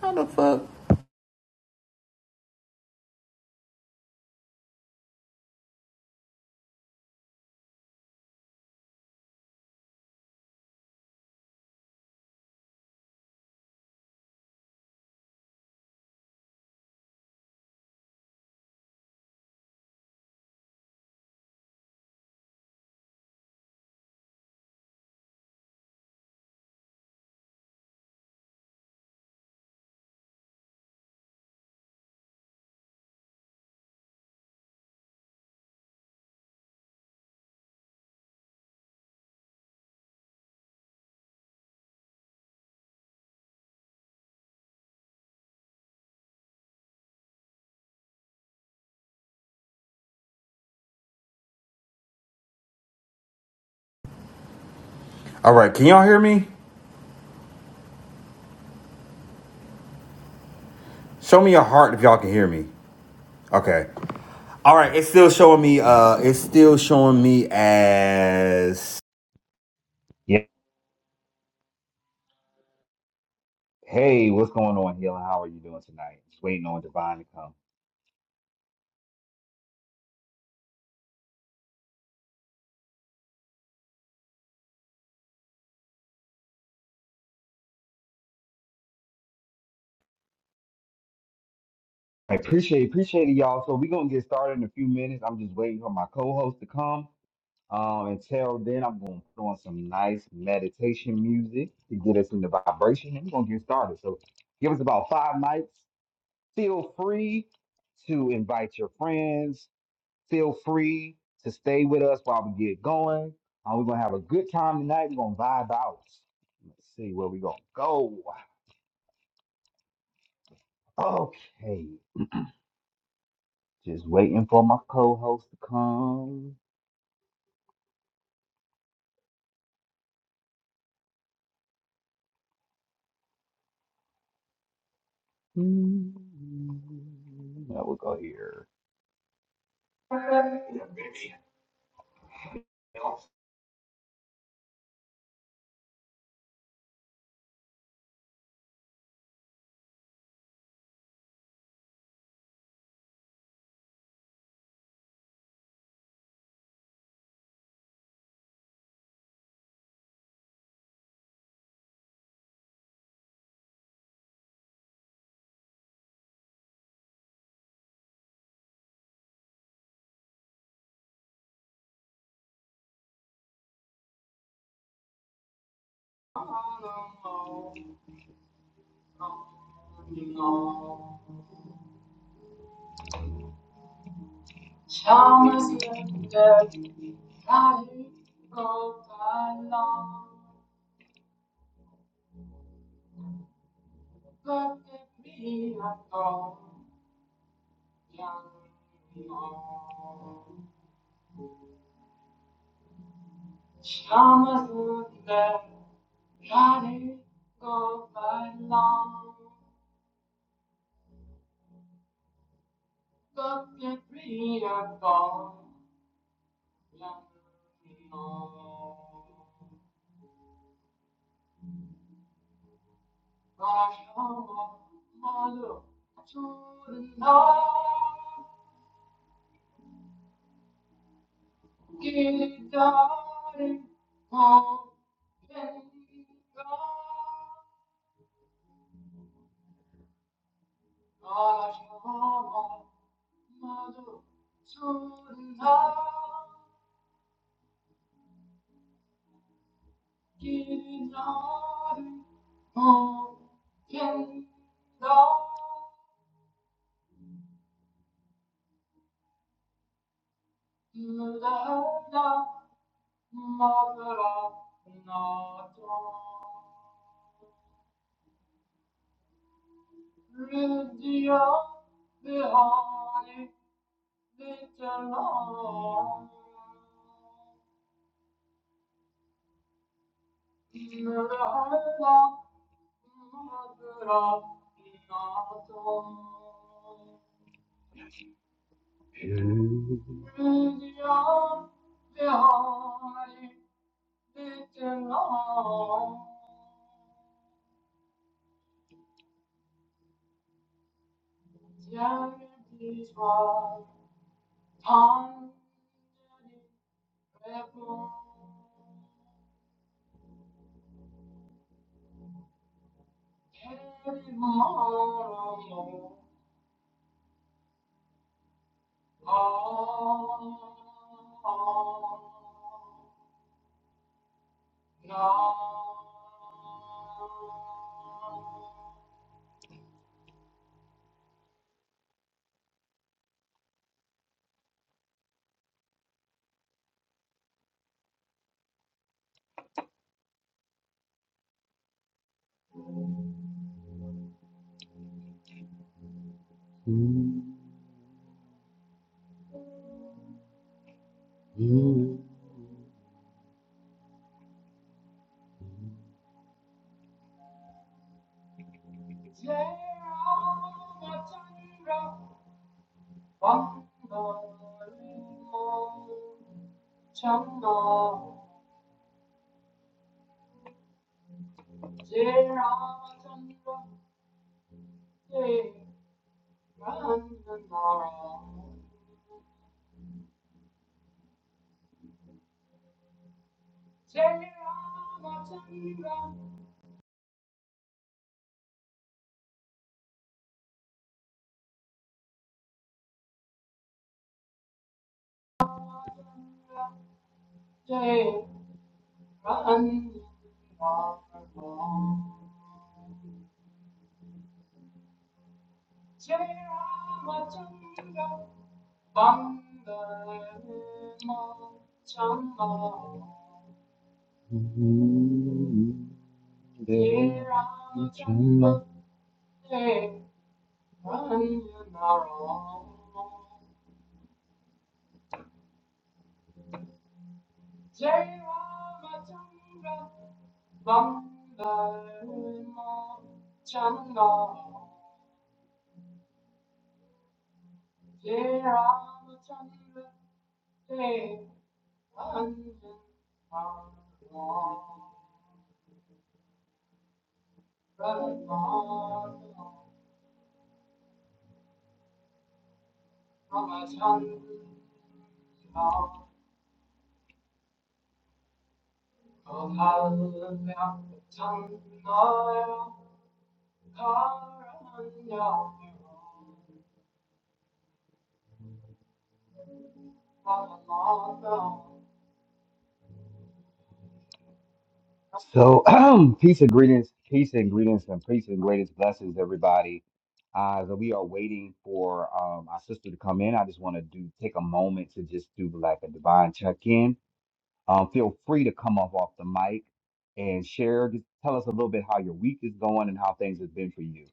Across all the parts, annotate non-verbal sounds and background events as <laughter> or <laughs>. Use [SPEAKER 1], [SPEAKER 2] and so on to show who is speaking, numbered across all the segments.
[SPEAKER 1] How the fuck? All right, can y'all hear me? Show me your heart if y'all can hear me. Okay. All right, it's still showing me. Uh, it's still showing me as. Hey, what's going on, Hill? How are you doing tonight? Just waiting on Divine to come. I appreciate appreciate it, y'all. So we're gonna get started in a few minutes. I'm just waiting for my co-host to come. Um, until then, I'm gonna put on some nice meditation music to get us in the vibration, and we're gonna get started. So give us about five mics, feel free to invite your friends. Feel free to stay with us while we get going. Uh, we're gonna have a good time tonight. We're gonna vibe out. Let's see where we gonna go. Okay, just waiting for my co-host to come. Now we'll go here. Yeah, baby. So, <clears throat> peace and greetings, peace and greetings, and peace and greatest blessings, everybody. Uh, so we are waiting for um, our sister to come in. I just want to do take a moment to just do like a divine check in. Um, feel free to come up off the mic and share. Just tell us a little bit how your week is going and how things have been for you.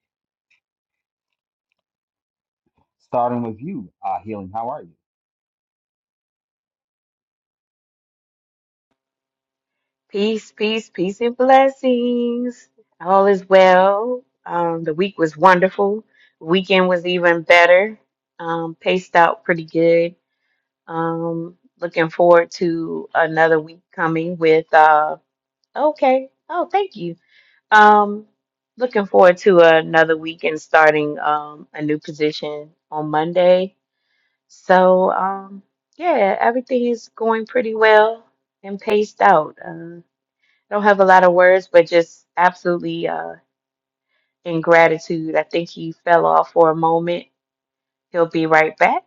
[SPEAKER 1] Starting with you, uh, healing. How are you?
[SPEAKER 2] Peace, peace, peace, and blessings. All is well. Um, the week was wonderful. Weekend was even better. Um, paced out pretty good. Um, looking forward to another week coming with uh okay. Oh, thank you. Um, looking forward to another week and starting um a new position on Monday. So um yeah, everything is going pretty well and paced out. Uh, don't have a lot of words, but just absolutely uh, in gratitude. I think he fell off for a moment. He'll be right back.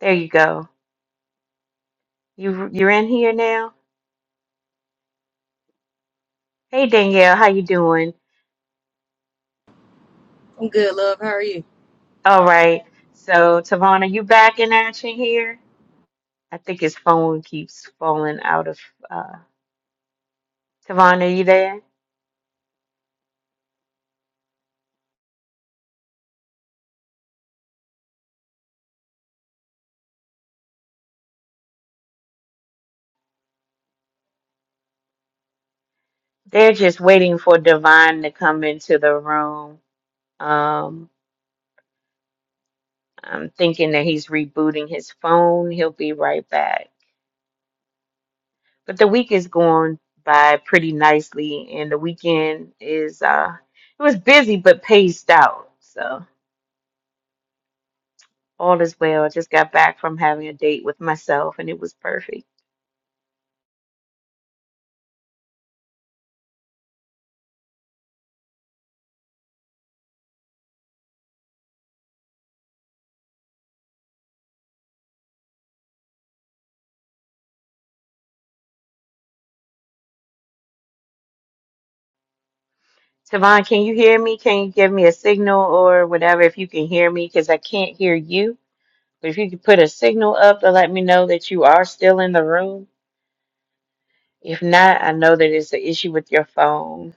[SPEAKER 2] There you go. You you're in here now. Hey Danielle, how you doing?
[SPEAKER 3] I'm good, love. How are you?
[SPEAKER 2] All right. So Tavon, are you back in action here? I think his phone keeps falling out of. Uh, Tavon, are you there? They're just waiting for Divine to come into the room. Um, I'm thinking that he's rebooting his phone. He'll be right back. But the week is going by pretty nicely, and the weekend is uh, it was busy but paced out. So all is well. I just got back from having a date with myself, and it was perfect. Tavon, can you hear me? Can you give me a signal or whatever if you can hear me? Because I can't hear you. But if you could put a signal up to let me know that you are still in the room. If not, I know that it's an issue with your phone.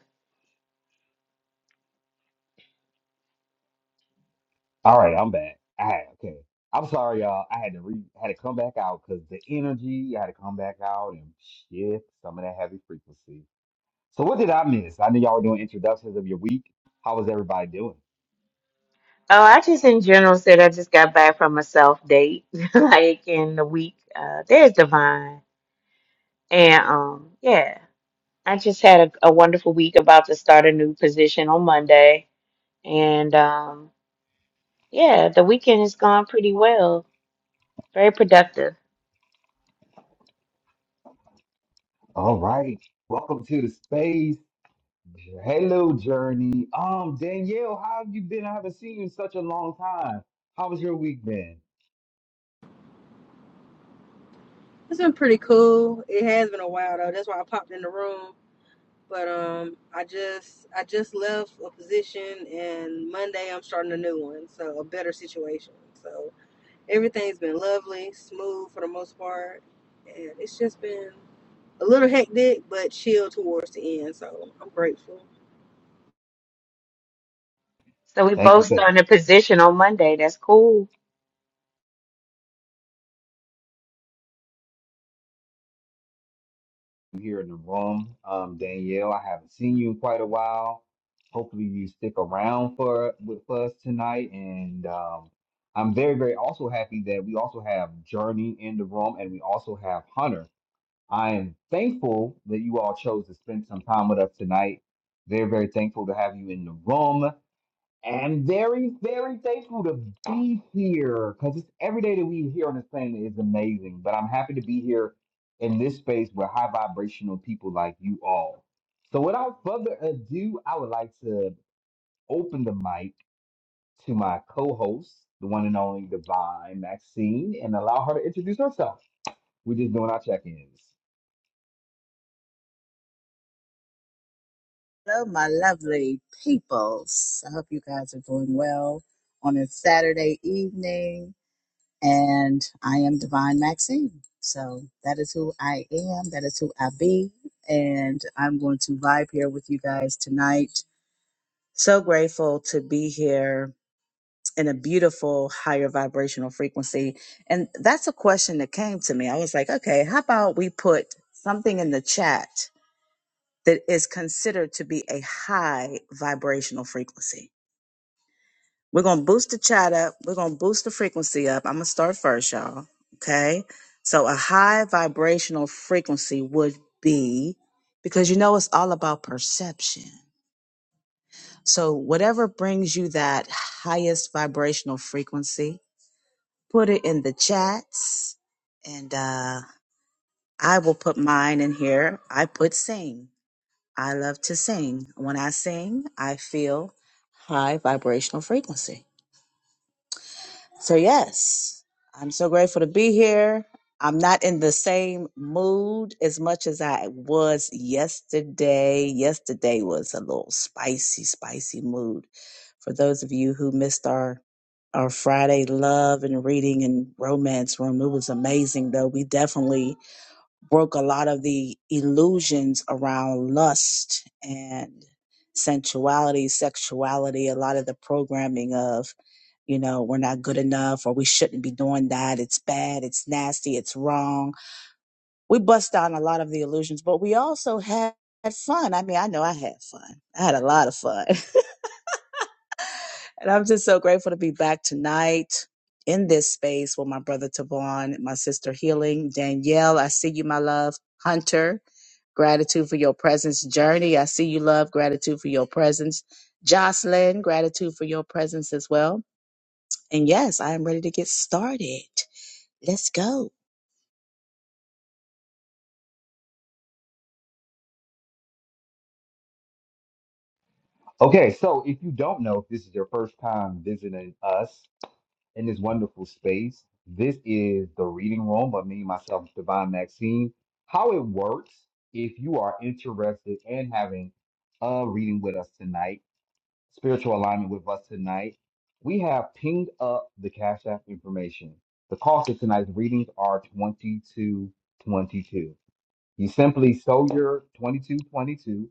[SPEAKER 1] All right, I'm back. All right, okay. I'm sorry, y'all. I had to re had to come back out because the energy. I had to come back out and shift some of that heavy frequency. So what did I miss? I know y'all were doing introductions of your week. How was everybody doing?
[SPEAKER 2] Oh, I just in general said I just got back from a self date, <laughs> like in the week. Uh, there's Divine, and um, yeah, I just had a, a wonderful week. About to start a new position on Monday, and um, yeah, the weekend has gone pretty well. Very productive.
[SPEAKER 1] All right. Welcome to the space. Hello, Journey. Um, Danielle, how have you been? I haven't seen you in such a long time. How was your week been?
[SPEAKER 3] It's been pretty cool. It has been a while though. That's why I popped in the room. But um, I just I just left a position, and Monday I'm starting a new one, so a better situation. So everything's been lovely, smooth for the most part, and it's just been a little hectic, but chill towards the end. So I'm grateful.
[SPEAKER 2] So we
[SPEAKER 1] Thank you
[SPEAKER 2] both
[SPEAKER 1] for
[SPEAKER 2] starting a position on Monday. That's cool.
[SPEAKER 1] being here in the room. Um, Danielle, I haven't seen you in quite a while. Hopefully you stick around for with us tonight. And um, I'm very, very also happy that we also have Journey in the room and we also have Hunter. I am thankful that you all chose to spend some time with us tonight. Very, very thankful to have you in the room. And very, very thankful to be here because it's every day that we here on this planet is amazing. But I'm happy to be here in this space with high vibrational people like you all. So, without further ado, I would like to open the mic to my co host, the one and only Divine Maxine, and allow her to introduce herself. We're just doing our check ins.
[SPEAKER 4] Hello, my lovely peoples. I hope you guys are doing well on a Saturday evening. And I am Divine Maxine. So that is who I am. That is who I be. And I'm going to vibe here with you guys tonight. So grateful to be here in a beautiful higher vibrational frequency. And that's a question that came to me. I was like, okay, how about we put something in the chat that is considered to be a high vibrational frequency. We're going to boost the chat up. We're going to boost the frequency up. I'm going to start first, y'all. Okay. So, a high vibrational frequency would be because you know it's all about perception. So, whatever brings you that highest vibrational frequency, put it in the chats and uh, I will put mine in here. I put sing. I love to sing. When I sing, I feel high vibrational frequency. So, yes, I'm so grateful to be here. I'm not in the same mood as much as I was yesterday. Yesterday was a little spicy, spicy mood. For those of you who missed our our Friday love and reading and romance room, it was amazing though. We definitely broke a lot of the illusions around lust and sensuality, sexuality, a lot of the programming of, you know, we're not good enough or we shouldn't be doing that. It's bad. It's nasty. It's wrong. We bust down a lot of the illusions, but we also had had fun. I mean, I know I had fun. I had a lot of fun. <laughs> And I'm just so grateful to be back tonight in this space with my brother Tavon, my sister Healing, Danielle. I see you, my love. Hunter, gratitude for your presence. Journey, I see you, love. Gratitude for your presence. Jocelyn, gratitude for your presence as well. And yes, I am ready to get started. Let's go.
[SPEAKER 1] Okay, so if you don't know, if this is your first time visiting us in this wonderful space, this is the reading room by me, myself, Divine Maxine. How it works, if you are interested in having a reading with us tonight, spiritual alignment with us tonight, we have pinged up the Cash App information. The cost of tonight's readings are twenty-two twenty-two. You simply sow your twenty-two twenty-two.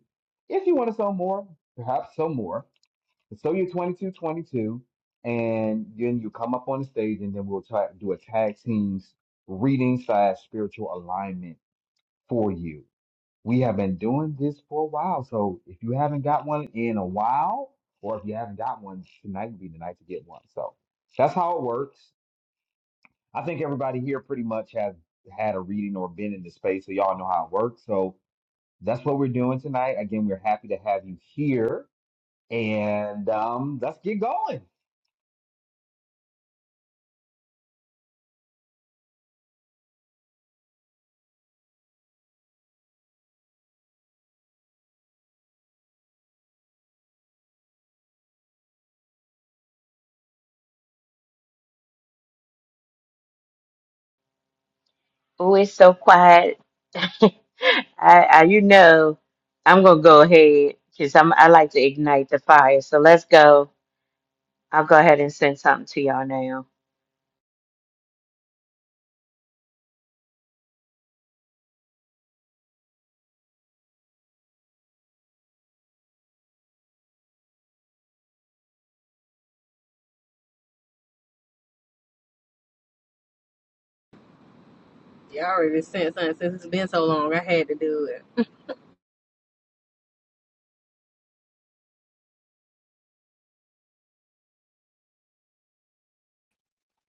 [SPEAKER 1] If you want to sow more, perhaps sow more so you're 22, 22, and then you come up on the stage, and then we'll try do a tag teams reading slash spiritual alignment for you. We have been doing this for a while, so if you haven't got one in a while, or if you haven't got one, tonight would be the night to get one. So that's how it works. I think everybody here pretty much has had a reading or been in the space, so y'all know how it works. So that's what we're doing tonight. Again, we're happy to have you here, and um, let's get going.
[SPEAKER 2] Oh, it's so quiet. <laughs> I, I, you know, I'm gonna go ahead because I'm. I like to ignite the fire. So let's go. I'll go ahead and send something to y'all now.
[SPEAKER 3] Yeah, I already sent something since it's been so long. I had to do it.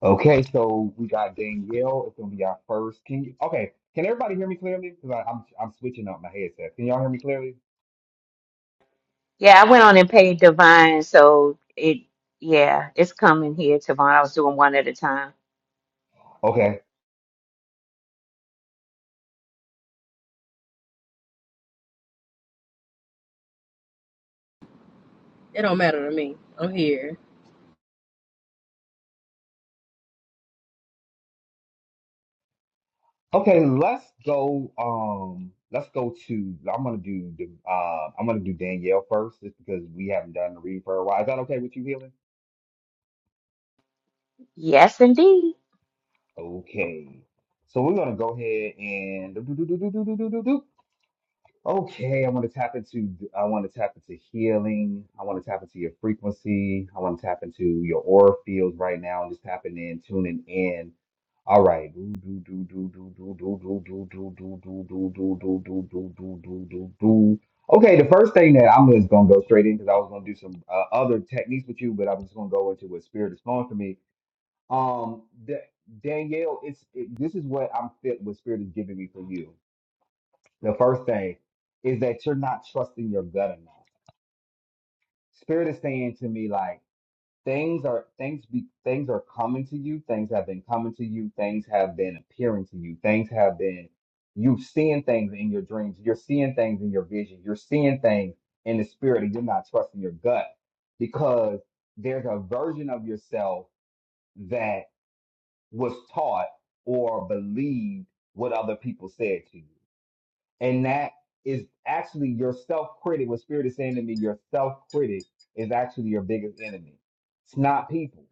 [SPEAKER 1] Okay, so we got Danielle. It's gonna be our first. Can you, okay? Can everybody hear me clearly? Because I'm I'm switching up my headset. Can y'all hear me clearly?
[SPEAKER 2] Yeah, I went on and paid Divine, so it yeah, it's coming here tomorrow. I was doing one at a time.
[SPEAKER 1] Okay.
[SPEAKER 3] It don't matter to me. I'm here.
[SPEAKER 1] Okay. Let's go. Um. Let's go to. I'm gonna do the. Uh, I'm gonna do Danielle first, just because we haven't done the read for a while. Is that okay with you, Healing?
[SPEAKER 2] Yes, indeed.
[SPEAKER 1] Okay. So we're gonna go ahead and. okay, I want to tap into I want to tap into healing. I want to tap into your frequency. I want to tap into your aura fields right now and just tapping in, tuning in. All right. Do do do do do do do do do do do do do do do do do do do do do. Okay, the first thing that I'm just gonna go straight in because I was gonna do some uh, other techniques with you, but I'm just gonna go into what spirit is flowing for me. Um, Da- Danielle, it's it, this is what I'm fit. What spirit is giving me for you. The first thing is that you're not trusting your gut enough. Spirit is saying to me like things are things be things are coming to you. Things have been coming to you. Things have been appearing to you. Things have been you seeing things in your dreams. You're seeing things in your vision. You're seeing things in the spirit, and you're not trusting your gut because there's a version of yourself that was taught or believed what other people said to you. And that is actually your self critic. What Spirit is saying to me, your self critic is actually your biggest enemy. It's not people.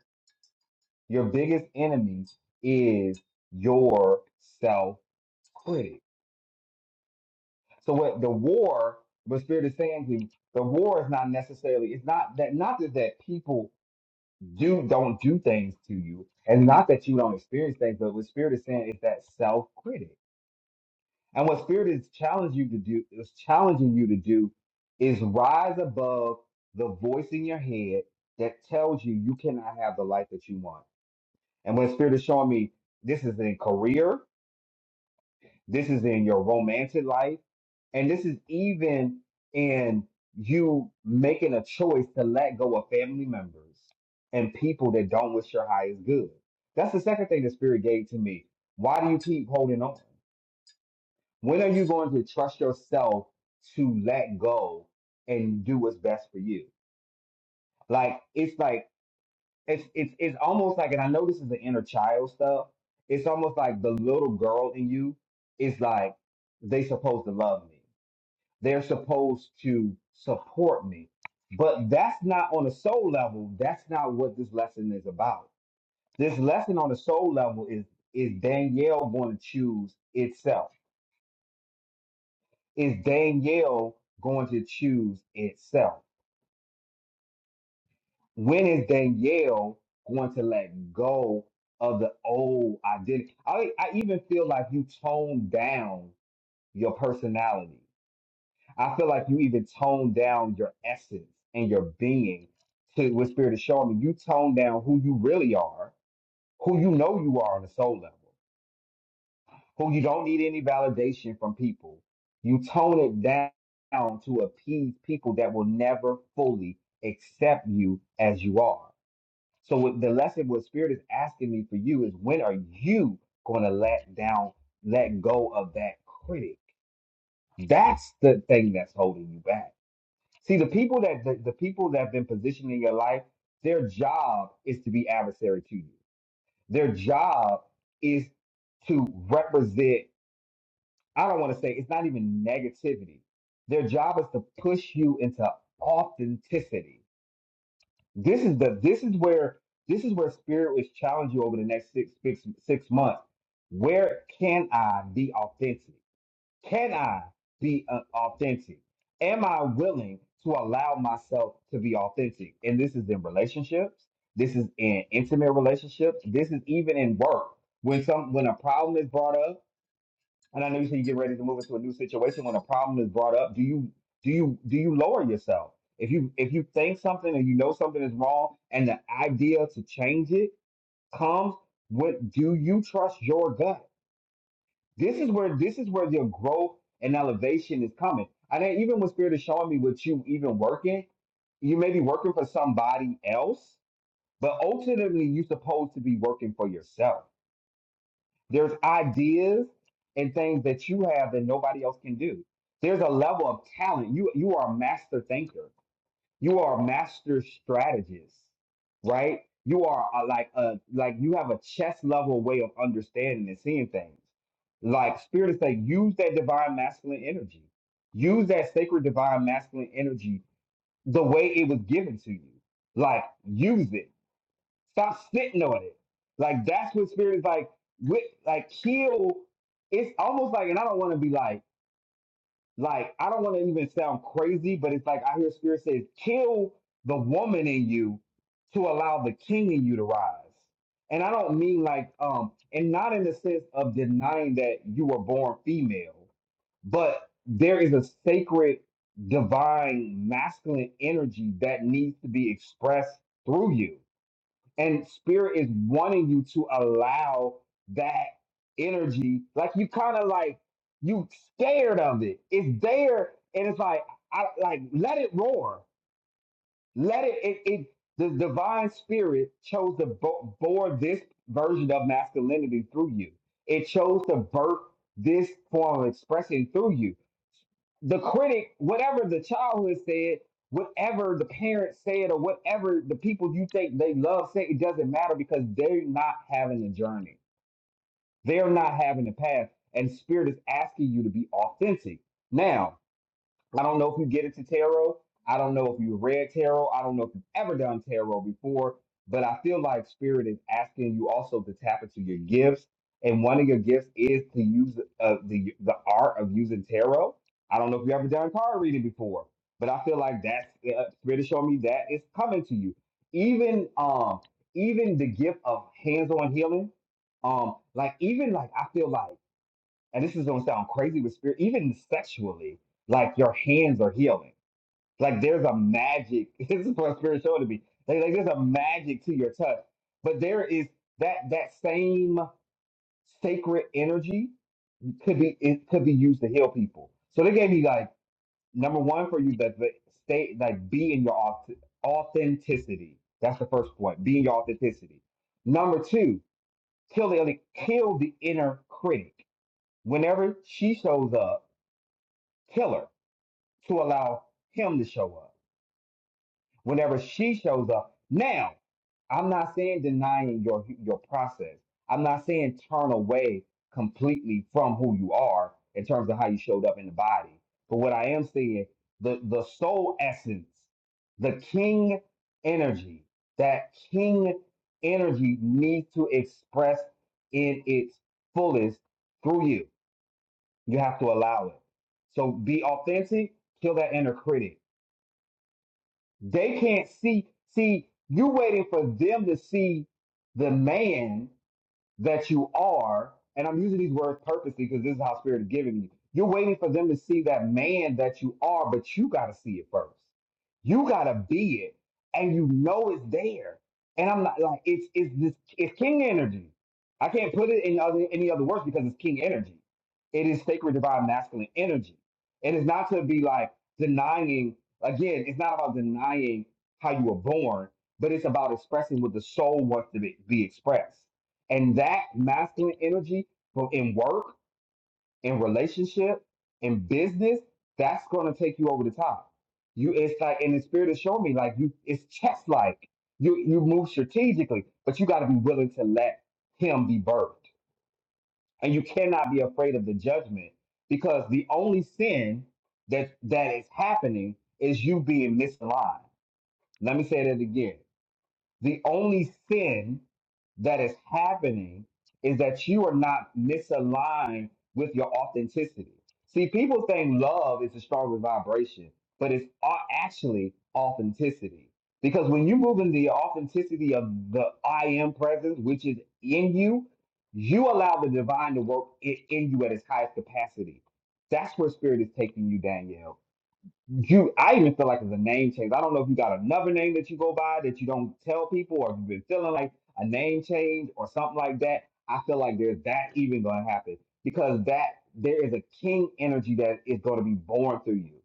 [SPEAKER 1] Your biggest enemy is your self critic. So what the war, what Spirit is saying to you, the war is not necessarily, it's not that not that, that people do don't do things to you, and not that you don't experience things, but what Spirit is saying is that self critic. And what spirit is challenging you to do is challenging you to do is rise above the voice in your head that tells you you cannot have the life that you want. And when spirit is showing me this is in career, this is in your romantic life, and this is even in you making a choice to let go of family members and people that don't wish your highest good. That's the second thing the spirit gave to me. Why do you keep holding on? When are you going to trust yourself to let go and do what's best for you? Like it's like it's it's it's almost like, and I know this is the inner child stuff. It's almost like the little girl in you is like they supposed to love me. They're supposed to support me. But that's not on a soul level. That's not what this lesson is about. This lesson on a soul level is is Danielle going to choose itself? is Danielle going to choose itself? When is Danielle going to let go of the old identity? I, I even feel like you toned down your personality. I feel like you even toned down your essence and your being to what Spirit is showing me. You toned down who you really are, who you know you are on a soul level. who you don't need any validation from people. You tone it down to appease people that will never fully accept you as you are. So what the lesson what spirit is asking me for you is when are you going to let down, let go of that critic? That's the thing that's holding you back. See, the people that the, the people that have been positioned in your life, their job is to be adversary to you. Their job is to represent I don't want to say it's not even negativity. Their job is to push you into authenticity. This is the this is where this is where spirit will challenge you over the next six six six months. Where can I be authentic? Can I be uh, authentic? Am I willing to allow myself to be authentic? And this is in relationships. This is in intimate relationships. This is even in work. When some when a problem is brought up and I know you said you get ready to move into a new situation when a problem is brought up. Do you do you do you lower yourself? If you if you think something and you know something is wrong and the idea to change it comes, what do you trust your gut? This is where this is where your growth and elevation is coming. And then even when spirit is showing me what you even working, you may be working for somebody else, but ultimately you're supposed to be working for yourself there's ideas and things that you have that nobody else can do. There's a level of talent. You you are a master thinker. You are a master strategist, right? You are a, like a like you have a chess level way of understanding and seeing things. Like spirit is saying, use that divine masculine energy. Use that sacred divine masculine energy the way it was given to you. Like use it Stop sitting on it. Like that's what spirit is like. With like kill, it's almost like, and I don't want to be like, like I don't want to even sound crazy, but it's like I hear spirit says, kill the woman in you to allow the king in you to rise. And I don't mean like, um, and not in the sense of denying that you were born female, but there is a sacred, divine, masculine energy that needs to be expressed through you and spirit is wanting you to allow that energy like you kind of like you scared of it it's there and it's like i like let it roar let it it, it the divine spirit chose to bo- bore this version of masculinity through you it chose to birth this form of expression through you the critic, whatever the child has said, whatever the parents said, or whatever the people you think they love said, it doesn't matter because they're not having a journey. They're not having a path. And spirit is asking you to be authentic. Now, I don't know if you get into tarot. I don't know if you read tarot. I don't know if you've ever done tarot before, but I feel like spirit is asking you also to tap into your gifts. And one of your gifts is to use uh, the the art of using tarot. I don't know if you've ever done card reading before, but I feel like that's uh, spirit is showing me that it's coming to you. Even um even the gift of hands-on healing, um like even like I feel like and this is gonna sound crazy with spirit, even sexually, like your hands are healing. Like there's a magic. <laughs> This is what spirit showed to me. Like, like there's a magic to your touch, but there is that that same sacred energy could be it could be used to heal people. So they gave me like number one for you that the state like be in your auth- authenticity. That's the first point. Be in your authenticity. Number two, kill the kill the inner critic. Whenever she shows up killer to allow him to show up. Whenever she shows up, now I'm not saying denying your your process. I'm not saying turn away completely from who you are in terms of how you showed up in the body. But what I am saying, the the soul essence, the king energy, that king energy needs to express in its fullest through you you have to allow it. So be authentic, kill that inner critic. They can't see, see, you're waiting for them to see the man that you are, and I'm using these words purposely because this is how Spirit is giving me. You're waiting for them to see that man that you are, but you got to see it first. You got to be it, and you know it's there. And I'm not like it's it's this it's king energy. I can't put it in other, any other words because it's king energy. It is sacred divine masculine energy. It is not to be like denying again. It's not about denying how you were born, but it's about expressing what the soul wants to be, be expressed and that masculine energy from in work, in relationship, in business, that's gonna take you over the top. You it's like and the spirit has shown me like you it's chess like. You you move strategically, but you gotta be willing to let him be birthed. And you cannot be afraid of the judgment because the only sin that that is happening is you being misaligned. Let me say that again. The only sin that is happening is that you are not misaligned with your authenticity. See, people think love is a stronger vibration, but it's a- actually authenticity. Because when you move in the authenticity of the I am presence, which is in you, you allow the divine to work i- in you at its highest capacity. That's where spirit is taking you, Danielle you I even feel like it's a name change. I don't know if you got another name that you go by that you don't tell people, or if you've been feeling like a name change or something like that. I feel like there's that even gonna happen because that there is a king energy that is gonna be born through you.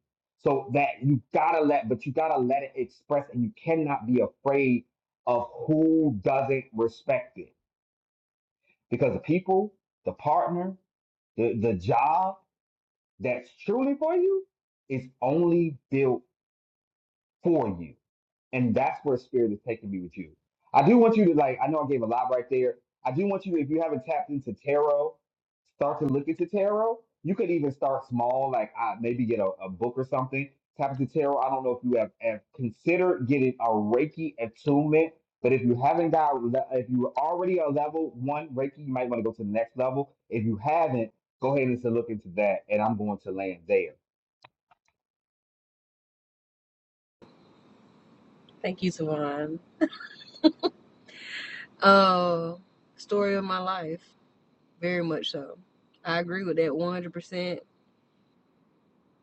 [SPEAKER 1] So that you gotta let, but you gotta let it express, and you cannot be afraid of who doesn't respect it because the people, the partner, the the job that's truly for you is only built for you And that's where spirit is taking me with you. I do want you to like, I know I gave a lot right there. I do want you, if you haven't tapped into tarot, start to look into tarot. You could even start small, like uh, maybe get a, a book or something. Tap into tarot. I don't know if you have, have considered getting a Reiki attunement, but if you haven't got, le- if you were already a level one Reiki, you might want to go to the next level. If you haven't, go ahead and to look into that. And I'm going to land there
[SPEAKER 3] Thank you, Savon. Oh, story of my life. Very much so. I agree with that 100%.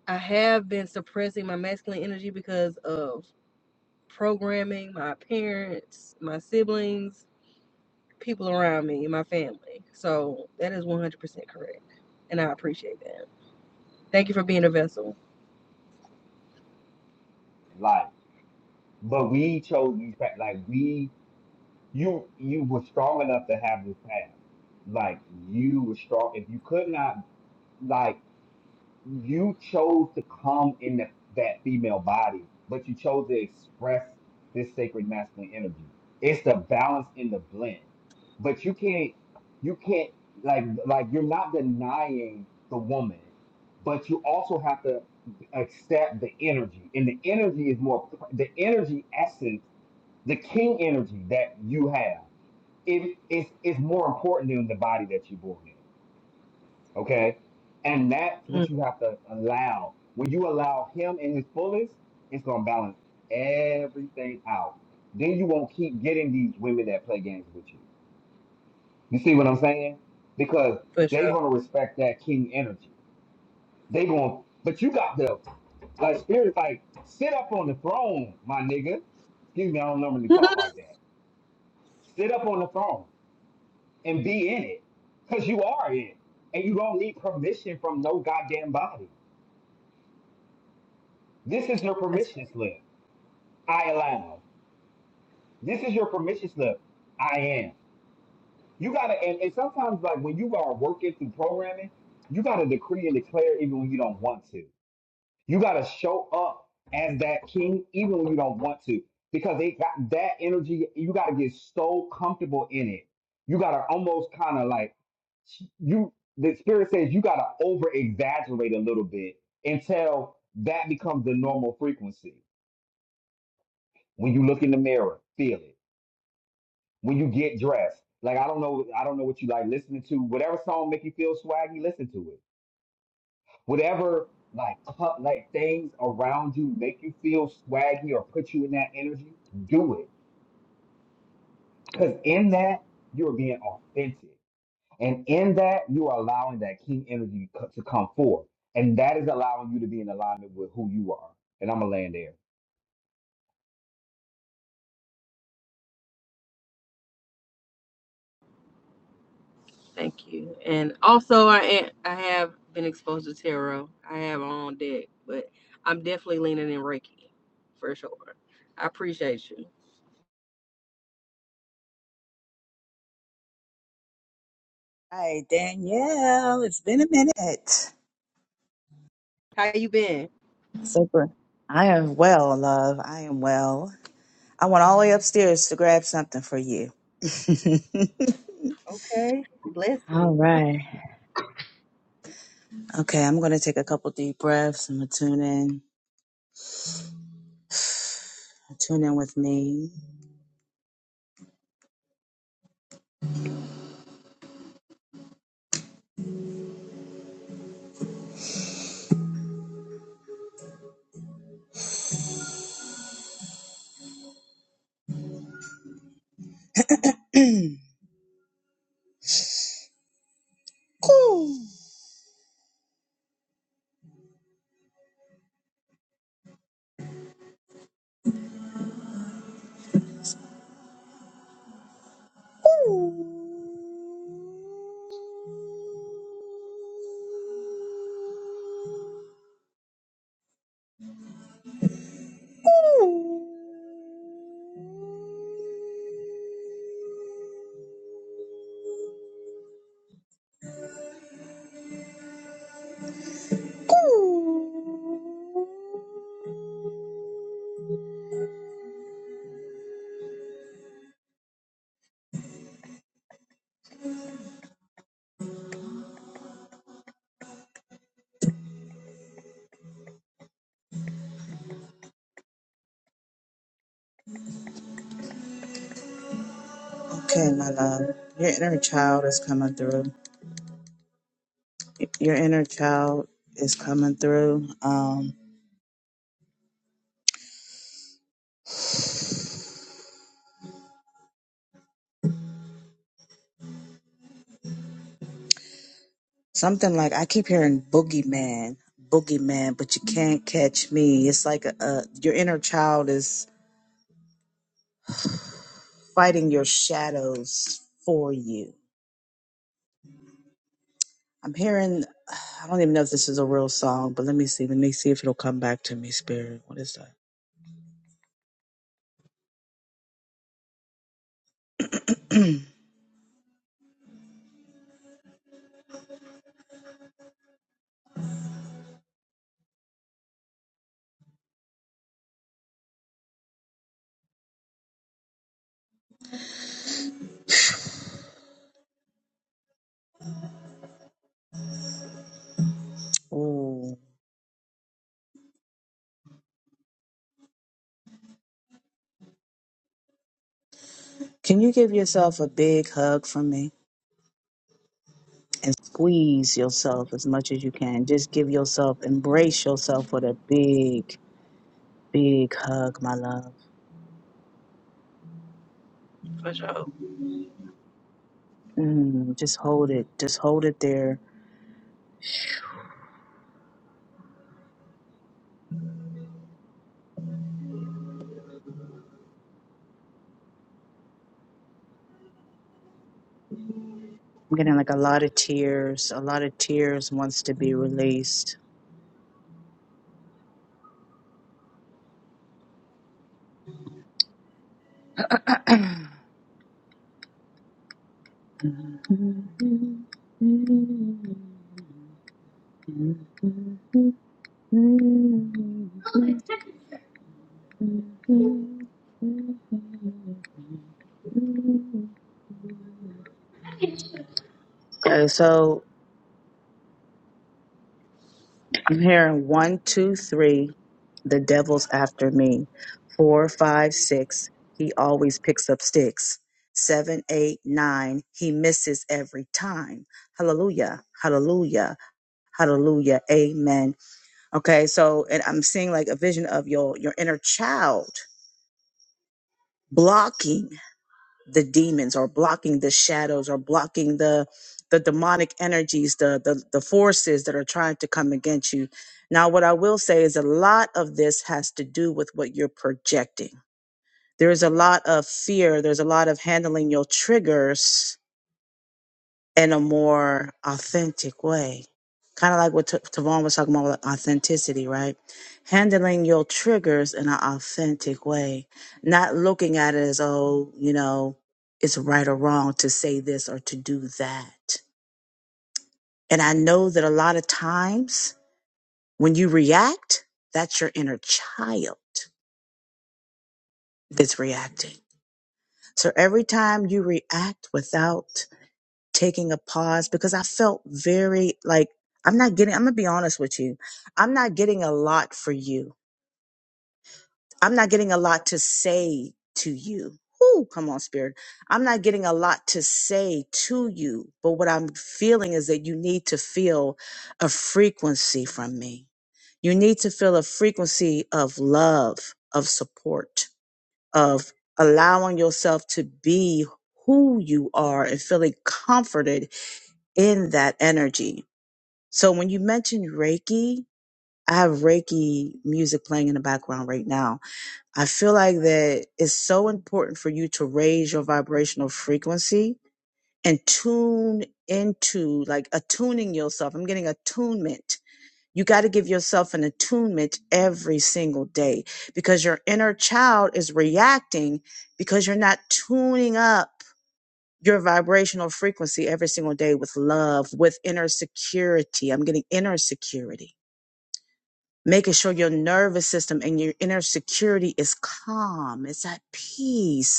[SPEAKER 3] I have been suppressing my masculine energy because of programming, my parents, my siblings, people around me, and my family. So that is 100% correct. And I appreciate that. Thank you for being a vessel.
[SPEAKER 1] in life. But we chose these, pa- like we you you were strong enough to have this path. Like you were strong. If you could not, like you chose to come in that that female body, but you chose to express this sacred masculine energy. It's the balance in the blend. But you can't, you can't like like you're not denying the woman, but you also have to accept the energy, and the energy is more the energy essence, the king energy that you have it, it's it's more important than the body that you're born in. Okay, and that's what
[SPEAKER 3] Mm,
[SPEAKER 1] you have to allow. When you allow Him in His fullest, it's gonna balance everything out. Then you won't keep getting these women that play games with you. You see what I'm saying? Because
[SPEAKER 3] for
[SPEAKER 1] they're
[SPEAKER 3] sure.
[SPEAKER 1] gonna respect that king energy. They gonna, but you got the like spirit like sit up on the throne, my nigga. Excuse me, I don't
[SPEAKER 3] <laughs>
[SPEAKER 1] normally talk like that. Sit up on the throne. and be in it because you are it and you don't need permission from no goddamn body. This is your
[SPEAKER 3] That's fair.
[SPEAKER 1] permission slip. I allow. This is your permission slip. I am. You gotta, and, and sometimes like when you are working through programming, you gotta decree and declare even when you don't want to. You got to show up as that king, even when you don't want to, because they got that energy. You got to get so comfortable in it. You got to almost kind of like you. The spirit says you got to over exaggerate a little bit until that becomes the normal frequency. When you look in the mirror, feel it. When you get dressed, like I don't know, I don't know what you like listening to. Whatever song make you feel swaggy, listen to it whatever like cu- like things around you make you feel swaggy or put you in that energy, do it. Because in that you're being authentic, and in that you're allowing that king energy co- to come forth, and that is allowing you to be in alignment with who you are. And I'm gonna land there.
[SPEAKER 3] Thank you. And also, I I have been exposed to tarot. I have on deck, but I'm definitely leaning in Reiki for sure. I appreciate you.
[SPEAKER 4] Hi, Danielle. It's been a minute.
[SPEAKER 3] How you been?
[SPEAKER 4] Super. I am well, love. I am well. I went all the way upstairs to grab something for you. <laughs>
[SPEAKER 3] Okay. Bless
[SPEAKER 4] All
[SPEAKER 3] me.
[SPEAKER 4] right. okay, I'm going to take a couple deep breaths. I'm going to tune in. Tune in with me. <clears throat> Coo, coo. okay, my love. Your inner child is coming through. Your inner child is coming through. Um, something like I keep hearing boogeyman, boogeyman, but you can't catch me. It's like a, a your inner child is fighting your shadows for you. I'm hearing, I don't even know if this is a real song, but let me see. Let me see if it'll come back to me, Spirit. What is that? Ooh. Can you give yourself a big hug from me and squeeze yourself as much as you can? Just give yourself, embrace yourself with a big, big hug, my love.
[SPEAKER 3] for sure.
[SPEAKER 4] Mm, just hold it. Just hold it there. I'm getting like a lot of tears. A lot of tears wants to be released. <clears throat> Okay, so I'm hearing one, two, three, the devil's after me. Four, five, six, he always picks up sticks. Seven, eight, nine, he misses every time. Hallelujah, hallelujah, hallelujah, amen. Okay, so and I'm seeing like a vision of your your inner child. blocking the demons or blocking the shadows or blocking the the demonic energies the, the the forces that are trying to come against you now what i will say is a lot of this has to do with what you're projecting there is a lot of fear there's a lot of handling your triggers in a more authentic way. Kind of like what Ta- Tavon was talking about with authenticity, right? Handling your triggers in an authentic way, not looking at it as, oh, you know, it's right or wrong to say this or to do that. And I know that a lot of times when you react, that's your inner child that's reacting. So every time you react without taking a pause because I felt very like I'm not getting I'm going to be honest with you. I'm not getting a lot for you. I'm not getting a lot to say to you. Ooh, come on spirit. I'm not getting a lot to say to you, but what I'm feeling is that you need to feel a frequency from me. You need to feel a frequency of love, of support, of allowing yourself to be who you are and feeling comforted in that energy. So when you mentioned Reiki, I have Reiki music playing in the background right now. I feel like that it's so important for you to raise your vibrational frequency and tune into like attuning yourself. I'm getting attunement. You got to give yourself an attunement every single day because your inner child is reacting because you're not tuning up your vibrational frequency every single day with love, with inner security. I'm getting inner security. Making sure your nervous system and your inner security is calm, it's at peace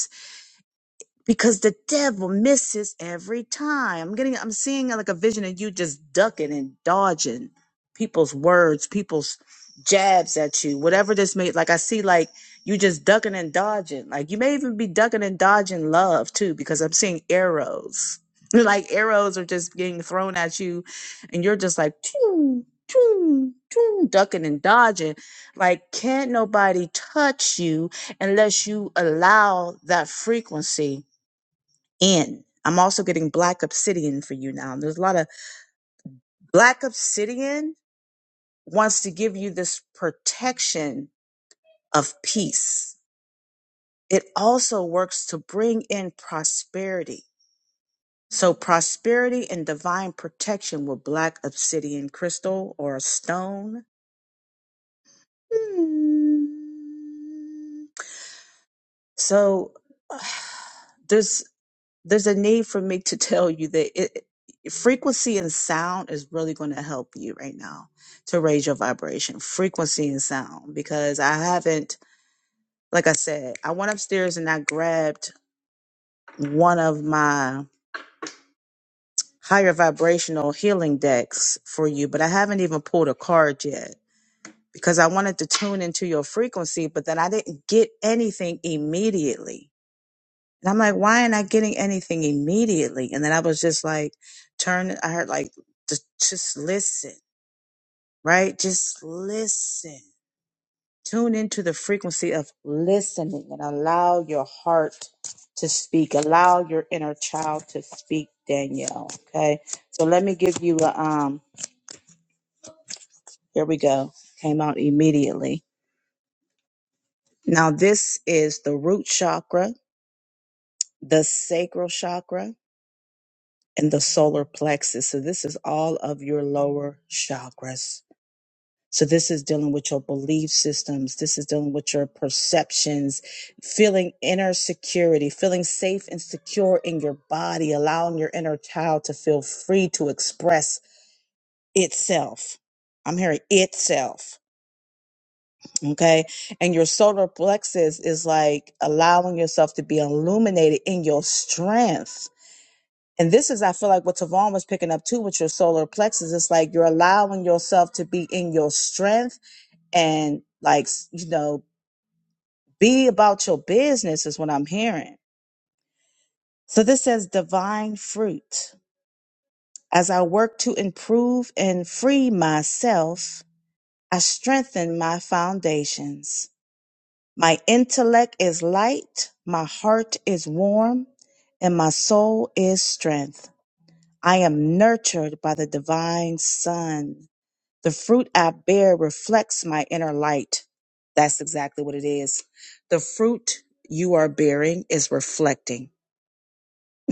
[SPEAKER 4] because the devil misses every time. I'm getting, I'm seeing like a vision of you just ducking and dodging people's words, people's jabs at you, whatever this may, like I see like you just ducking and dodging. Like you may even be ducking and dodging love too, because I'm seeing arrows. <laughs> Like arrows are just being thrown at you and you're just like, choom, choom, choom, ducking and dodging. Like can't nobody touch you unless you allow that frequency in. I'm also getting black obsidian for you now. There's a lot of black obsidian wants to give you this protection of peace. It also works to bring in prosperity. So prosperity and divine protection with black obsidian crystal or a stone. Hmm. So <sighs> there's there's a need for me to tell you that it, frequency and sound is really going to help you right now to raise your vibration. Frequency and sound, because I haven't, like I said, I went upstairs and I grabbed one of my higher vibrational healing decks for you, but I haven't even pulled a card yet because I wanted to tune into your frequency, but then I didn't get anything immediately And I'm like, why am I getting anything immediately? And then I was just like, turn, I heard like, just, just listen, right? Just listen. Tune into the frequency of listening and allow your heart to speak. Allow your inner child to speak, Danielle. Okay. So let me give you a, um, here we go. Came out immediately. Now, this is the root chakra, the sacral chakra and the solar plexus. So this is all of your lower chakras. So this is dealing with your belief systems. This is dealing with your perceptions, feeling inner security, feeling safe and secure in your body, allowing your inner child to feel free to express itself. I'm hearing itself. Okay. And your solar plexus is like allowing yourself to be illuminated in your strength And this is, I feel like, what Tavon was picking up too with your solar plexus. It's like you're allowing yourself to be in your strength and, like, s- you know, be about your business, is what I'm hearing. So this says divine fruit. As I work to improve and free myself, I strengthen my foundations. My intellect is light, my heart is warm, and my soul is strength. I am nurtured by the divine sun. The fruit I bear reflects my inner light. That's exactly what it is. The fruit you are bearing is reflecting.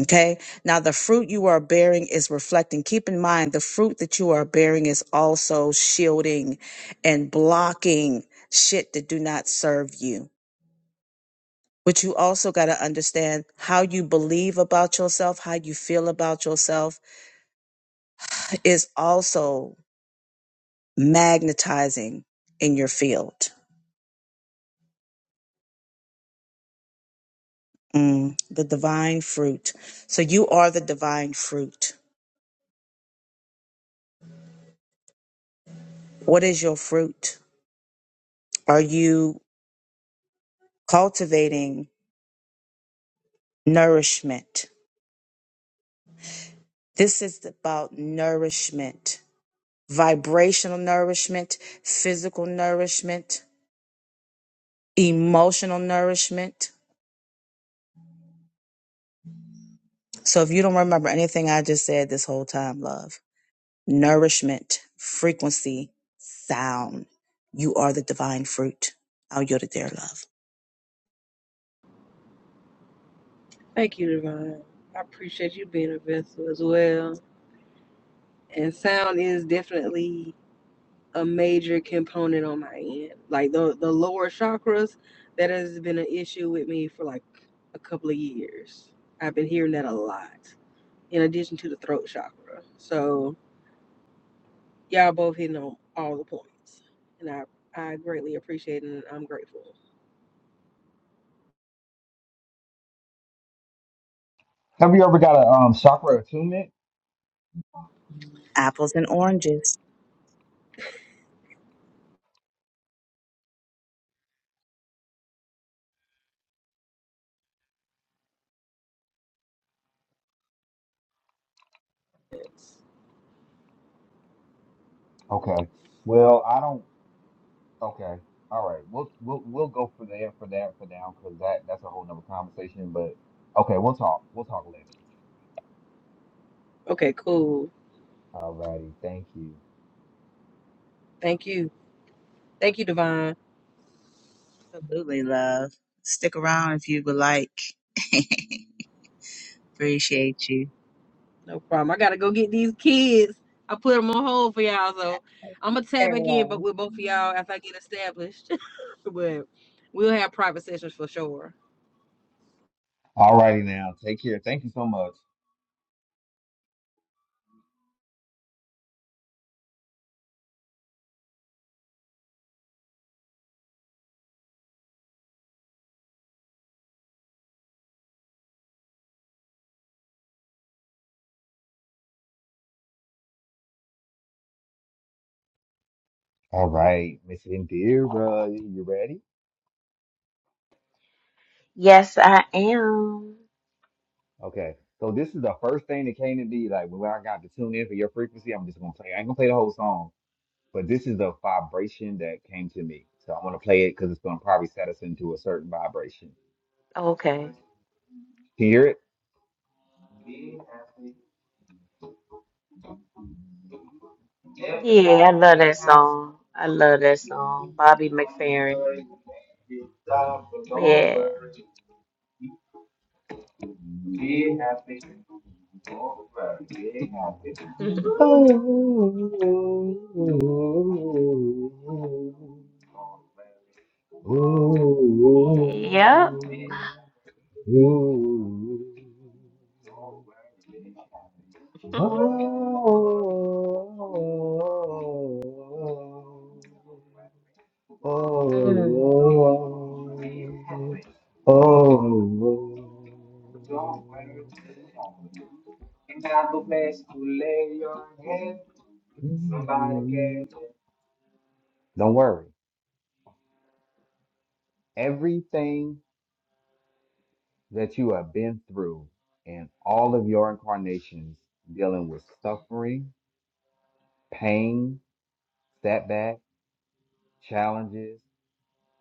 [SPEAKER 4] Okay. Now, the fruit you are bearing is reflecting. Keep in mind, the fruit that you are bearing is also shielding and blocking shit that do not serve you. But you also got to understand how you believe about yourself, how you feel about yourself is also magnetizing in your field. Mm, the divine fruit. So you are the divine fruit. What is your fruit? Are you cultivating nourishment? This is about nourishment, vibrational nourishment, physical nourishment, emotional nourishment. So if you don't remember anything I just said this whole time, love, nourishment, frequency, sound. You are the divine fruit. I'll yield it there, love.
[SPEAKER 3] Thank you, Divine. I appreciate you being a vessel as well. And sound is definitely a major component on my end. Like the the lower chakras, that has been an issue with me for like a couple of years. I've been hearing that a lot. In addition to the throat chakra. So y'all both hitting on all the points. And I I greatly appreciate it and I'm grateful.
[SPEAKER 1] Have you ever got a um, chakra
[SPEAKER 4] Apple,
[SPEAKER 1] attunement?
[SPEAKER 4] apples and oranges.
[SPEAKER 3] Yes.
[SPEAKER 1] Okay. Well, I don't. Okay. All right. We'll we'll we'll go for there for that for now because that that's a whole nother conversation. But okay, we'll talk. We'll talk later.
[SPEAKER 3] Okay, cool.
[SPEAKER 1] All righty. Thank you.
[SPEAKER 3] Thank you. Thank you, Divine.
[SPEAKER 4] Absolutely, love. Stick around if you would like. <laughs> Appreciate you.
[SPEAKER 3] No problem. I gotta go get these kids. I put them on hold for y'all, so I'm gonna
[SPEAKER 4] Yeah,
[SPEAKER 3] tap back in, but
[SPEAKER 4] love.
[SPEAKER 3] with both of y'all after I get established. <laughs> but we'll have private sessions for sure.
[SPEAKER 1] All righty now. Take care. Thank you so much. All right, Miss Indira, you ready?
[SPEAKER 2] Yes, I am.
[SPEAKER 1] Okay. So this is the first thing that came to me. Like when I got to tune in for your frequency, I'm just gonna play. I ain't gonna play the whole song, but this is the vibration that came to me. So I'm gonna play it because it's gonna probably set us into a certain vibration.
[SPEAKER 2] Okay.
[SPEAKER 1] Can you hear
[SPEAKER 2] Yeah, I love that song. I love that song. Bobby McFerrin. Yeah. <laughs> Yep.
[SPEAKER 1] it? <laughs> Don't
[SPEAKER 2] Mm.
[SPEAKER 1] worry. Everything that you have been through in all of your incarnations, dealing with suffering, pain, setback, challenges,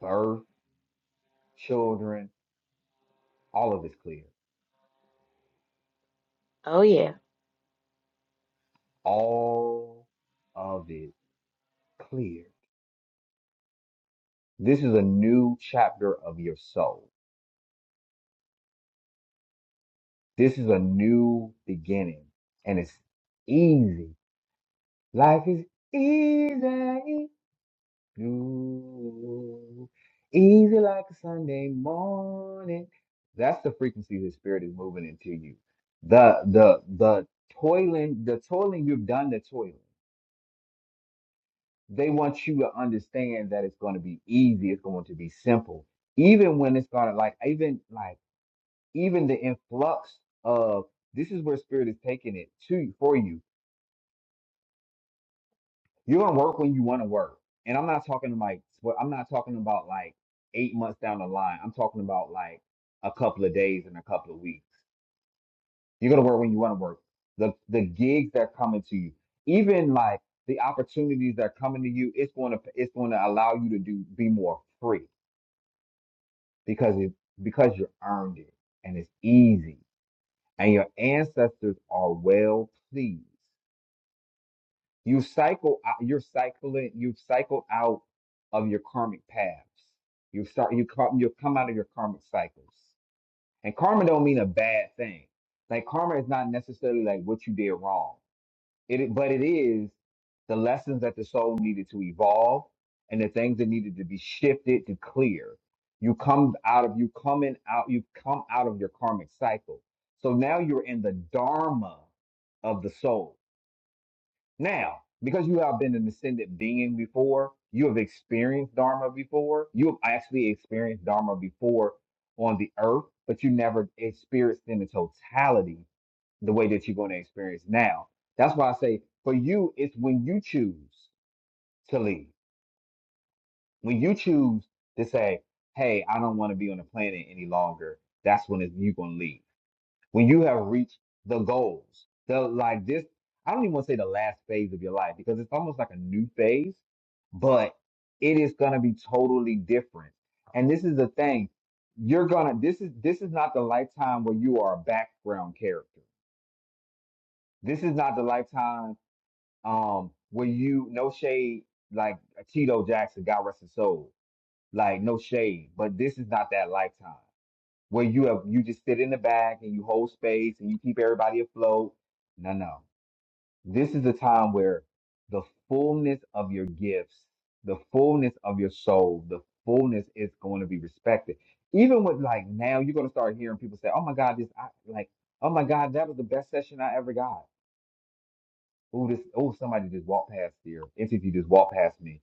[SPEAKER 1] birth, children, all of it's clear.
[SPEAKER 2] Oh yeah.
[SPEAKER 1] All of it clear. This is a new chapter of your soul. This is a new beginning. And it's easy. Life is easy. Ooh, Easy like a Sunday morning. That's the frequency the spirit is moving into you. The the the toiling, the toiling, you've done the toiling. They want you to understand that it's going to be easy, it's going to be simple. Even when it's going to like, even like even the influx of this is where spirit is taking it to you for you. You're gonna work when you want to work, and I'm not talking like what I'm not talking about like eight months down the line. I'm talking about like a couple of days and a couple of weeks. You're gonna work when you want to work. The the gigs that are coming to you, even like the opportunities that are coming to you, it's going to it's going to allow you to do be more free because it because you earned it and it's easy and your ancestors are well pleased. You cycle, out- you're cycling, you've cycled out of your karmic paths. You start, you come, you come out of your karmic cycles. And karma don't mean a bad thing. Like karma is not necessarily like what you did wrong. It, but it is the lessons that the soul needed to evolve and the things that needed to be shifted to clear. You come out of, you coming out, you come out of your karmic cycle. So now you're in the dharma of the soul. Now, because you have been an ascended being before, you have experienced Dharma before, you have actually experienced Dharma before on the earth, but you never experienced in the totality the way that you're going to experience now. That's why I say for you, it's when you choose to leave, when you choose to say, hey, I don't want to be on the planet any longer, that's when you're going to leave when you have reached the goals. The like this, I don't even want to say the last phase of your life because it's almost like a new phase, but it is gonna be totally different. And this is the thing. You're gonna this is this is not the lifetime where you are a background character. This is not the lifetime um where you no shade like Tito Jackson, God rest his soul. Like no shade, but this is not that lifetime where you have you just sit in the back and you hold space and you keep everybody afloat. No, no. This is a time where the fullness of your gifts, the fullness of your soul, the fullness is going to be respected. Even with like now, you're going to start hearing people say, "Oh my God, this I, like, oh my God, that was the best session I ever got." Oh, this, oh, somebody just walked past here. Entity just walked past me.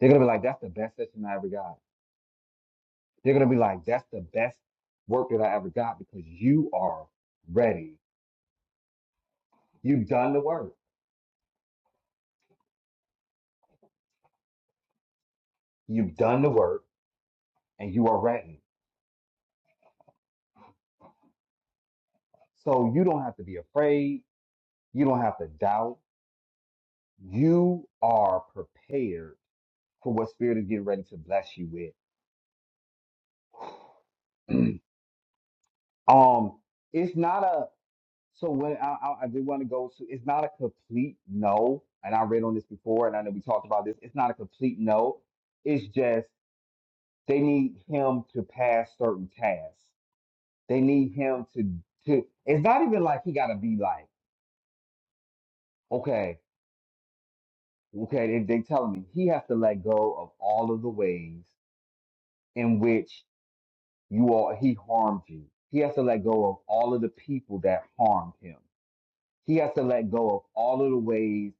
[SPEAKER 1] They're gonna be like, "That's the best session I ever got." They're gonna be like, "That's the best work that I ever got," because you are ready You've done the work. You've done the work and you are ready. So you don't have to be afraid. You don't have to doubt. You are prepared for what spirit is getting ready to bless you with. <clears throat> um, it's not a so when I, I, I do want to go to it's not a complete no. And I read on this before and I know we talked about this. It's not a complete no. It's just they need him to pass certain tasks. They need him to to it's not even like he gotta be like, okay. Okay, they, they telling me he has to let go of all of the ways in which you all he harmed you. He has to let go of all of the people that harmed him. He has to let go of all of the ways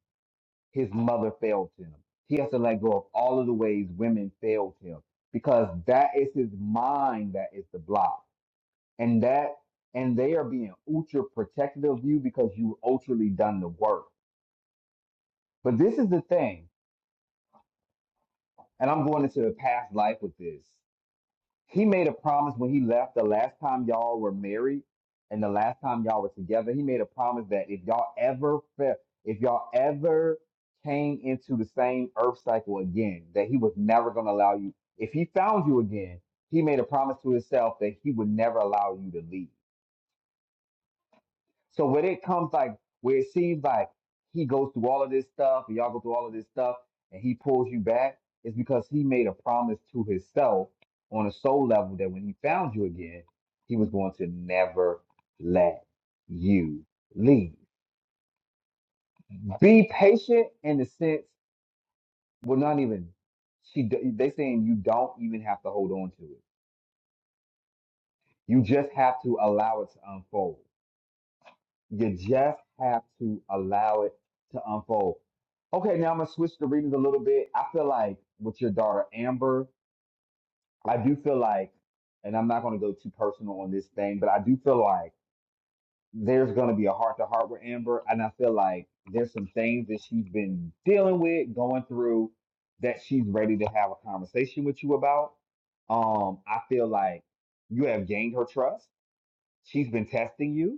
[SPEAKER 1] his mother failed him. He has to let go of all of the ways women failed him because that is his mind that is the block. And that and they are being ultra protective of you because you ultraly done the work. But this is the thing, and I'm going into a past life with this. He made a promise when he left the last time y'all were married and the last time y'all were together. He made a promise that if y'all ever fell, if y'all ever came into the same earth cycle again, that he was never going to allow you. If he found you again, he made a promise to himself that he would never allow you to leave. So when it comes like where it seems like he goes through all of this stuff, and y'all go through all of this stuff, and he pulls you back, it's because he made a promise to himself on a soul level that when he found you again, he was going to never let you leave. Be patient in the sense, well, not even she. They saying you don't even have to hold on to it. You just have to allow it to unfold. You just have to allow it to unfold. Okay, now I'm gonna switch the readings a little bit. I feel like with your daughter Amber, I do feel like, and I'm not gonna go too personal on this thing, but I do feel like there's gonna be a heart to heart with Amber, and I feel like there's some things that she's been dealing with, going through, that she's ready to have a conversation with you about. Um, I feel like you have gained her trust. She's been testing you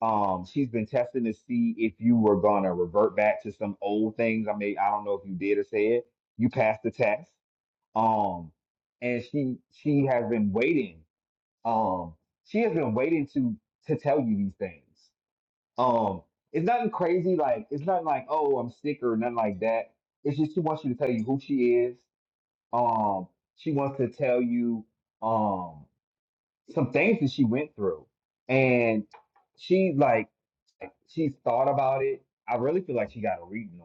[SPEAKER 1] um, she's been testing to see if you were gonna revert back to some old things. I mean, I don't know if you did or said you passed the test. Um, and she she has been waiting. Um, she has been waiting to to tell you these things. Um, it's nothing crazy. Like it's not like oh I'm sick or nothing like that. It's just she wants you to tell you who she is. Um, she wants to tell you um some things that she went through, and she like like she's thought about it. I really feel like she got a reading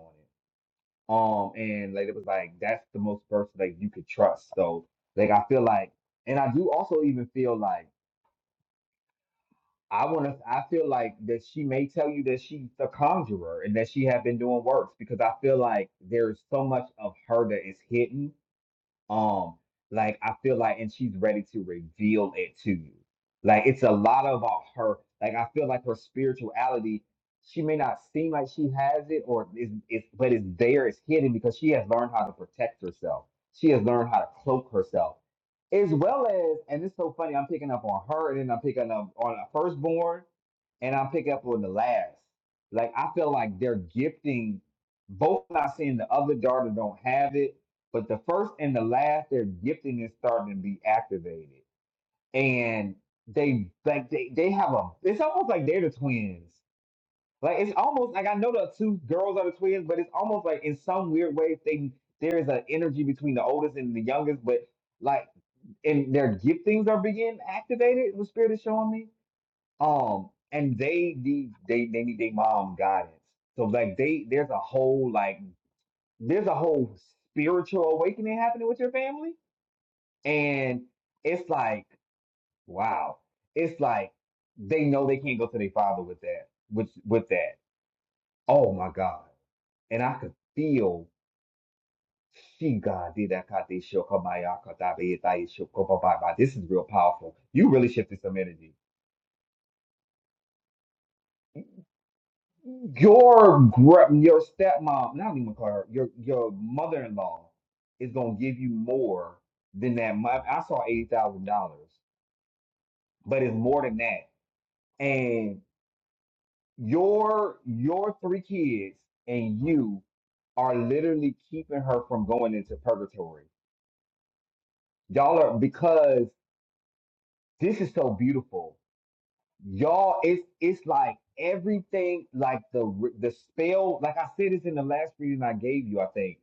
[SPEAKER 1] on it. Um, and like it was like that's the most person that you could trust. So like I feel like, and I do also even feel like I want to. I feel like that she may tell you that she's a conjurer and that she have been doing works because I feel like there's so much of her that is hidden um, like I feel like, and she's ready to reveal it to you. Like it's a lot about her. Like I feel like her spirituality, she may not seem like she has it, or is it's but it's there, it's hidden because she has learned how to protect herself. She has learned how to cloak herself, as well as, and it's so funny. I'm picking up on her, and then I'm picking up on a firstborn, and I'm picking up on the last. Like I feel like they're gifting both. Not saying the other daughter don't have it, but the first and the last, their gifting is starting to be activated, and they like they they have a. It's almost like they're the twins. Like it's almost like I know the two girls are the twins, but it's almost like in some weird way they there is an energy between the oldest and the youngest, but like and their giftings are being activated. The spirit is showing me. Um, and they need they they need their mom guidance. So like they there's a whole like there's a whole spiritual awakening happening with your family and it's like, wow. It's like they know they can't go to their father with that, with with that. Oh my God. And I could feel she God did that kate shokamaya katabe itai shokobababa. This is real powerful. You really shifted some energy. Your gr- your stepmom, not even call her, your your mother-in-law is gonna give you more than that. My, I saw eighty thousand dollars, but it's more than that. and. Your your three kids and you are literally keeping her from going into purgatory. Y'all are because this is so beautiful. Y'all, it's it's like everything, like the the spell. Like I said, this in the last reading I gave you. I think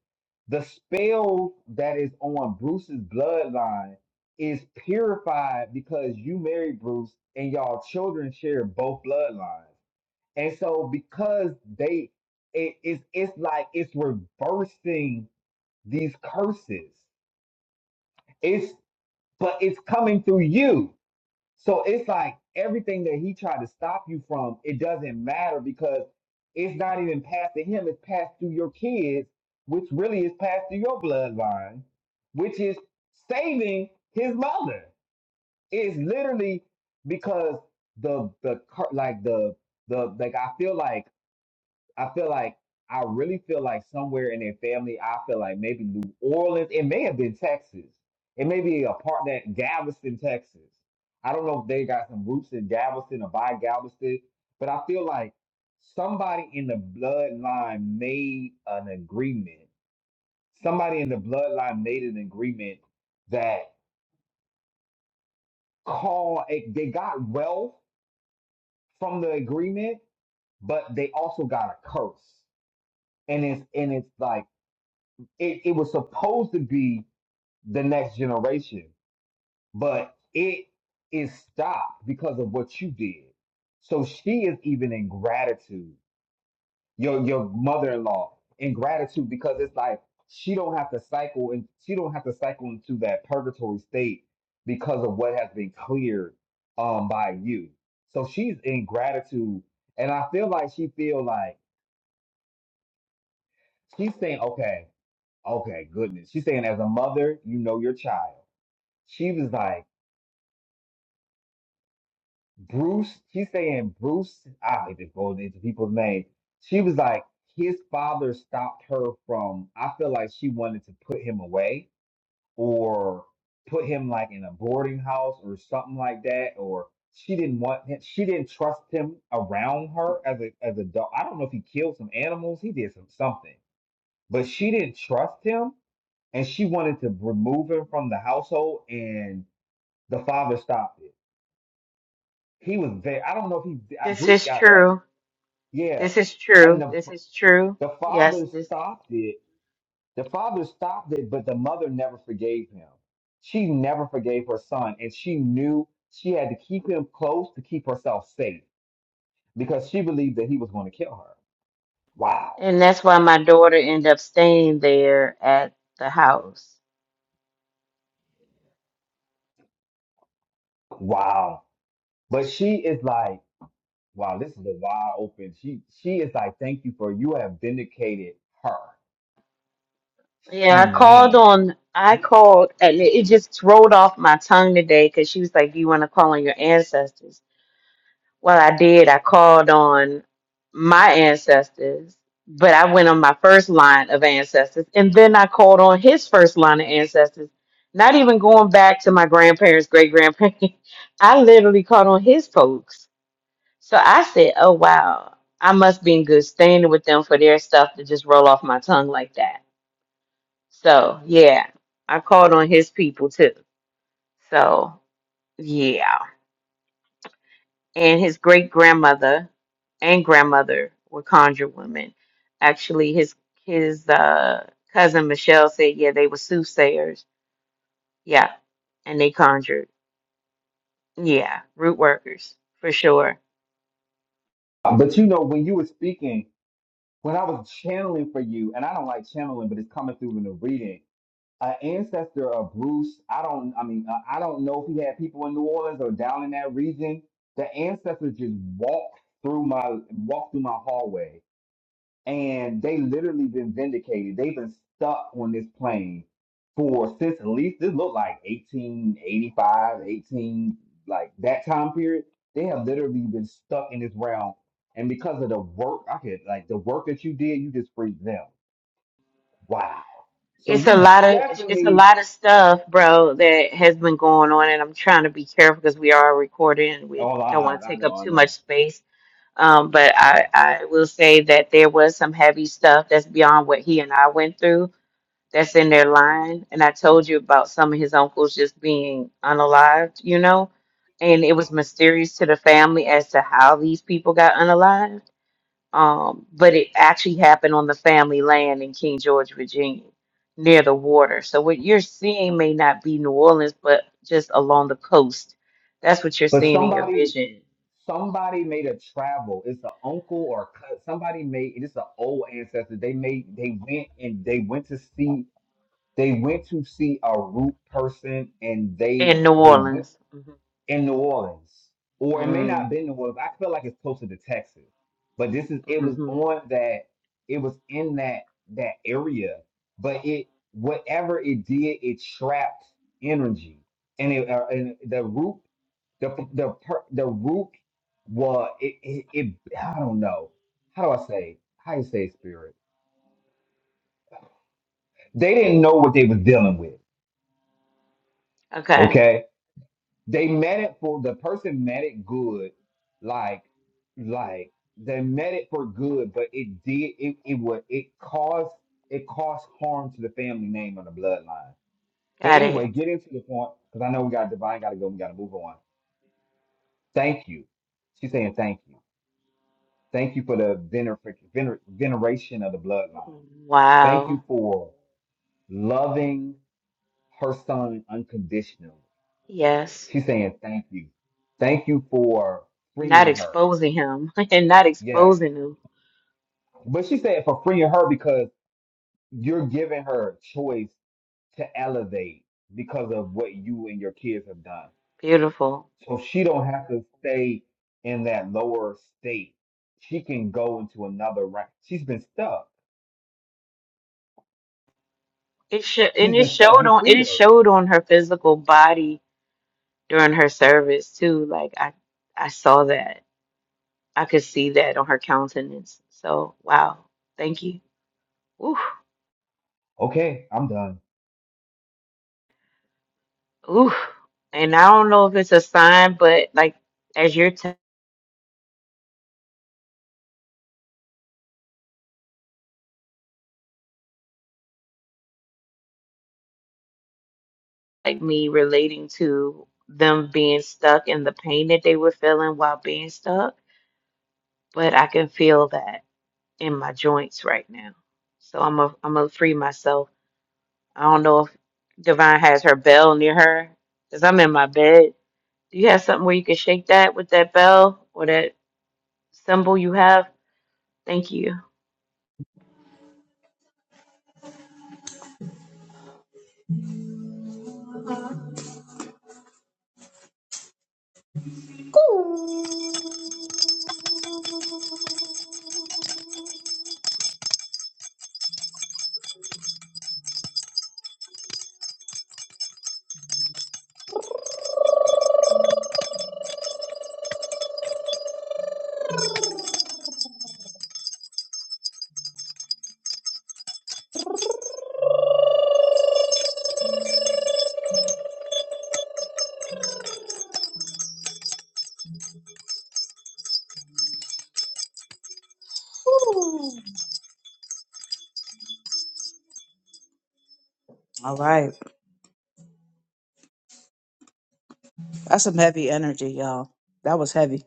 [SPEAKER 1] the spell that is on Bruce's bloodline is purified because you married Bruce and y'all children share both bloodlines. And so because they it, it's it's like it's reversing these curses. It's but it's coming through you. So it's like everything that he tried to stop you from, it doesn't matter because it's not even passed to him, it's passed through your kids, which really is passed through your bloodline, which is saving his mother. It's literally because the the cur- like the the like I feel like I feel like I really feel like somewhere in their family, I feel like maybe New Orleans. It may have been Texas. It may be a part that Galveston, Texas. I don't know if they got some roots in Galveston or by Galveston, but I feel like somebody in the bloodline made an agreement. Somebody in the bloodline made an agreement that call it, they got wealth from the agreement, but they also got a curse. And it's and it's like it, it was supposed to be the next generation, but it is stopped because of what you did. So she is even in gratitude, your your mother-in-law in gratitude because it's like she don't have to cycle and she don't have to cycle into that purgatory state because of what has been cleared um by you. So she's in gratitude. And I feel like she feel like she's saying, okay, okay, goodness. She's saying as a mother, you know your child She was like, Bruce, she's saying Bruce, I don't even go into people's names. She was like, his father stopped her from, I feel like she wanted to put him away or put him like in a boarding house or something like that. Or she didn't want him, she didn't trust him around her as a as a dog. I don't know if he killed some animals, he did some something, but she didn't trust him and she wanted to remove him from the household and the father stopped it he was there. I don't know if he I-
[SPEAKER 2] This
[SPEAKER 1] Bruce
[SPEAKER 2] is
[SPEAKER 1] got like
[SPEAKER 2] true.
[SPEAKER 1] yeah,
[SPEAKER 2] This is
[SPEAKER 1] and
[SPEAKER 2] true.
[SPEAKER 1] the
[SPEAKER 2] This is true.
[SPEAKER 1] the
[SPEAKER 2] Yes,
[SPEAKER 1] father
[SPEAKER 2] this
[SPEAKER 1] stopped it. The father stopped it, but the mother never forgave him. She never forgave her son, and she knew she had to keep him close to keep herself safe because she believed that he was going to kill her. Wow,
[SPEAKER 2] and that's why my daughter ended up staying there at the house.
[SPEAKER 1] wow. But she is like, wow, this is a wide open. She she is like, thank you for you have vindicated her.
[SPEAKER 2] Yeah,
[SPEAKER 1] She
[SPEAKER 2] I called
[SPEAKER 1] man.
[SPEAKER 2] on, I called, and it it just rolled off my tongue today because she was like, Do you want to call on your ancestors? Well, I did. I called on my ancestors, but I went on my first line of ancestors, and then I called on his first line of ancestors, not even going back to my grandparents, great grandparents. <laughs> I literally called on his folks. So I said, Oh, wow, I must be in good standing with them for their stuff to just roll off my tongue like that. So yeah, I called on his people too. So yeah, and his great grandmother and grandmother were conjure women. Actually, his his uh, cousin Michelle said, yeah, they were soothsayers. Yeah, and they conjured. Yeah, root workers for sure.
[SPEAKER 1] But you know when you were speaking, when I was channeling for you, and I don't like channeling, but it's coming through in the reading. An ancestor of Bruce, I don't, I mean, uh, I don't know if he had people in New Orleans or down in that region. The ancestors just walked through my walked through my hallway and they literally been vindicated. They've been stuck on this plane for since at least this looked like 1885, 18 like that time period. They have literally been stuck in this realm, and because of the work, I could like the work that you did, you just freed them. Wow! So
[SPEAKER 2] It's a
[SPEAKER 1] you
[SPEAKER 2] lot of it's a
[SPEAKER 1] definitely.
[SPEAKER 2] lot of stuff, bro, that has been going on, and I'm trying to be careful because we are recording. and We
[SPEAKER 1] Oh,
[SPEAKER 2] don't
[SPEAKER 1] I,
[SPEAKER 2] want to
[SPEAKER 1] I
[SPEAKER 2] take
[SPEAKER 1] know,
[SPEAKER 2] up
[SPEAKER 1] I
[SPEAKER 2] too much
[SPEAKER 1] know.
[SPEAKER 2] space Um, but
[SPEAKER 1] Yeah.
[SPEAKER 2] I, I will say that there was some heavy stuff that's beyond what he and I went through that's in their line. And I told you about some of his uncles just being unalived, you know, and it was mysterious to the family as to how these people got unalived. Um, but it actually happened on the family land in King George, Virginia, near the water. So what you're seeing may not be New Orleans, but just along the coast. That's what you're
[SPEAKER 1] But
[SPEAKER 2] seeing in your
[SPEAKER 1] somebody
[SPEAKER 2] vision
[SPEAKER 1] somebody made a travel. It's an uncle or a cousin. Somebody made it's an old ancestor. They made they went and they went to see they went to see a root person and they
[SPEAKER 2] in New
[SPEAKER 1] they went
[SPEAKER 2] Orleans. Mm-hmm.
[SPEAKER 1] in New Orleans. Or it may not have
[SPEAKER 2] Mm,
[SPEAKER 1] been New Orleans. I feel like it's closer to Texas. But this is it was
[SPEAKER 2] mhm.
[SPEAKER 1] on that it was in that that area. But it whatever it did, it trapped energy. And it uh, and the root the the per, the root was it, it it I don't know how do I say how you say spirit. They didn't know what they was dealing with.
[SPEAKER 2] Okay,
[SPEAKER 1] Okay, they meant it for the person meant it good, like like they meant it for good, but it did it it was it caused it caused harm to the family name on the bloodline. But
[SPEAKER 2] got
[SPEAKER 1] anyway,
[SPEAKER 2] it.
[SPEAKER 1] get into the point because I know we got divine, got to go, we got to move on. Thank you. She's saying thank you. Thank you for the vener- vener- veneration of the bloodline. Thank you
[SPEAKER 2] Wow.
[SPEAKER 1] for loving her son unconditionally.
[SPEAKER 2] Yes.
[SPEAKER 1] She's saying thank you. Thank you for
[SPEAKER 2] Not
[SPEAKER 1] freeing her.
[SPEAKER 2] exposing him <laughs> and not
[SPEAKER 1] Yes.
[SPEAKER 2] exposing him.
[SPEAKER 1] But she said for freeing her because you're giving her choice to elevate because of what you and your kids have done.
[SPEAKER 2] Beautiful.
[SPEAKER 1] So she don't have to stay in that lower state. She can go into another rank. She's been stuck.
[SPEAKER 2] It should
[SPEAKER 1] She's
[SPEAKER 2] and it
[SPEAKER 1] been stuck.
[SPEAKER 2] showed
[SPEAKER 1] You
[SPEAKER 2] on
[SPEAKER 1] freed
[SPEAKER 2] it
[SPEAKER 1] her.
[SPEAKER 2] showed on her physical body during her service too. Like I I saw that. I could see that on her countenance. So wow. Thank you. Ooh,
[SPEAKER 1] Okay, I'm done.
[SPEAKER 2] ooh. And I don't know if it's a sign, but like as you're like me relating to them being stuck and the pain that they were feeling while being stuck, but I can feel that in my joints right now. So I'm a I'm gonna free myself. I don't know if Divine has her bell near her because I'm in my bed. Do you have something where you can shake that with that bell or that symbol you have? Thank you.
[SPEAKER 4] Ooh. All right. That's some heavy energy, y'all. That was heavy.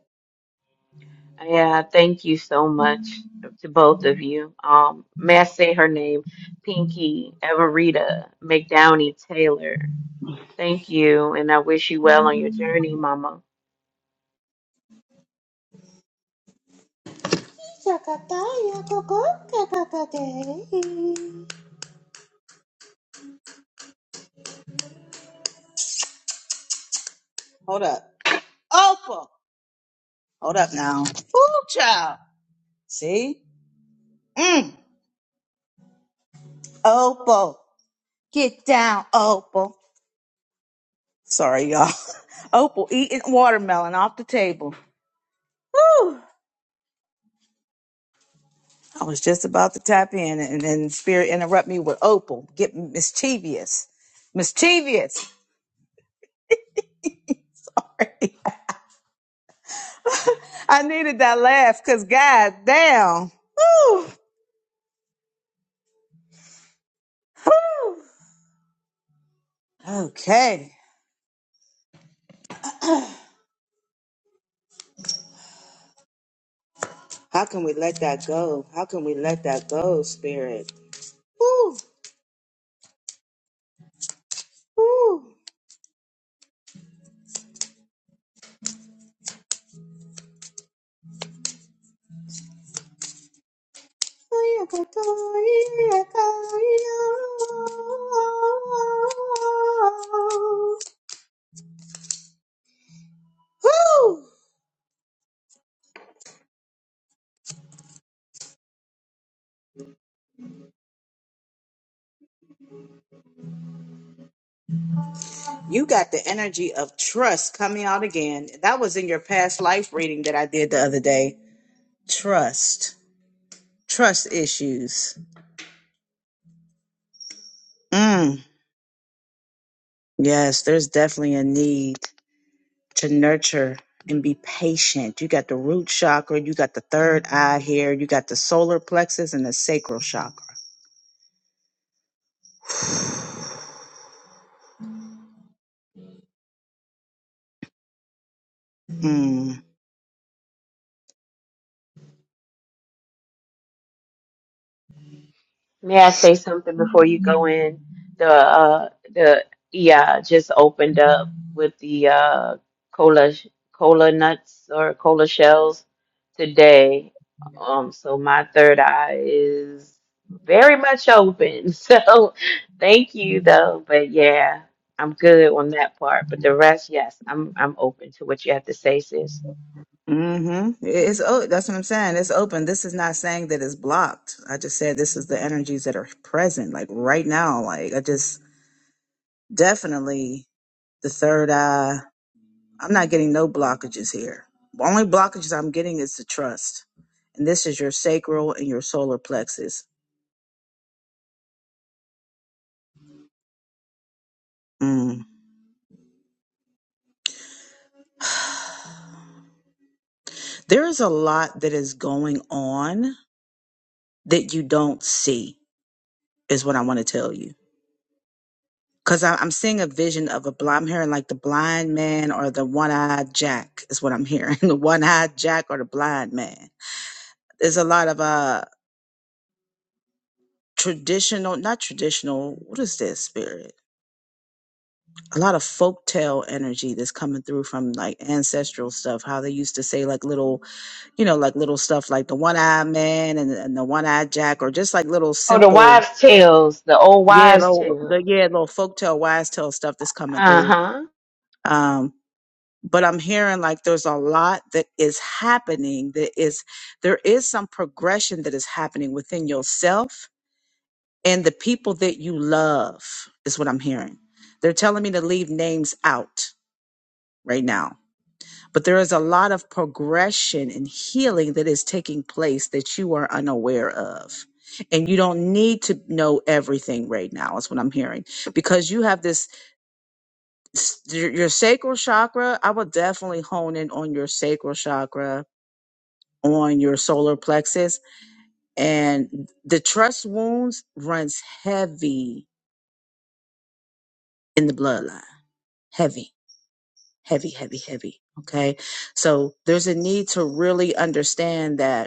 [SPEAKER 2] Yeah, thank you so much to both of you. Um, may I say her name? Pinky, Everita, McDowney, Taylor. Thank you, and I wish you well on your journey, Mama.
[SPEAKER 4] Hold up. Opal. Hold up now. Ooh, child. See? Mm. Opal. Get down, Opal. Sorry, y'all. <laughs> Opal eating watermelon off the table. Woo! I was just about to tap in, and then Spirit interrupt me with Opal. Get mischievous, mischievous. <laughs> I needed that laugh, cause God damn. Woo, woo. Okay, how can we let that go? How can we let that go, Spirit? Woo, woo. You got the energy of trust coming out again. That was in your past life reading that I did the other day. Trust, trust issues. Mm, yes, there's definitely a need to nurture and be patient. You got the root chakra, you got the third eye here, you got the solar plexus and the sacral chakra. Mm.
[SPEAKER 2] May I say something before you go in? The uh the yeah just opened up with the uh cola cola nuts or cola shells today. Um, so my third eye is very much open. <laughs> So thank you though, but yeah, I'm good on that part. But the rest, yes, I'm I'm open to what you have to say, sis.
[SPEAKER 4] Mm-hmm. It's oh, that's what I'm saying. It's open. This is not saying that it's blocked. I just said this is the energies that are present, like right now. Like I just Definitely the third eye. I'm not getting no blockages here. The only blockages I'm getting is the trust. And this is your sacral and your solar plexus. Mm. There is a lot that is going on that you don't see, is what I want to tell you. Because I'm seeing a vision of a blind, I'm hearing like the blind man or the one eyed jack, is what I'm hearing. <laughs> the one eyed jack or the blind man. There's a lot of uh, traditional, not traditional, what is this spirit? a lot of folktale energy that's coming through from like ancestral stuff. How they used to say like little, you know, like little stuff like the one eyed man and, and the one eyed jack, or just like little
[SPEAKER 2] Oh, the
[SPEAKER 4] simple,
[SPEAKER 2] wives' tales, the old
[SPEAKER 4] yeah,
[SPEAKER 2] wives'
[SPEAKER 4] little, the
[SPEAKER 2] tales.
[SPEAKER 4] yeah, little folktale, wise tale stuff that's coming through.
[SPEAKER 2] Uh-huh.
[SPEAKER 4] Um, but I'm hearing like there's a lot that is happening. That is, there is some progression that is happening within yourself and the people that you love. Is what I'm hearing. They're telling me to leave names out right now but there is a lot of progression and healing that is taking place that you are unaware of. And you don't need to know everything right now, is what I'm hearing, because you have this s- your your sacral chakra. I would definitely hone in on your sacral chakra, on your solar plexus, and the trust wounds runs heavy in the bloodline, heavy, heavy, heavy, heavy. Okay, so there's a need to really understand that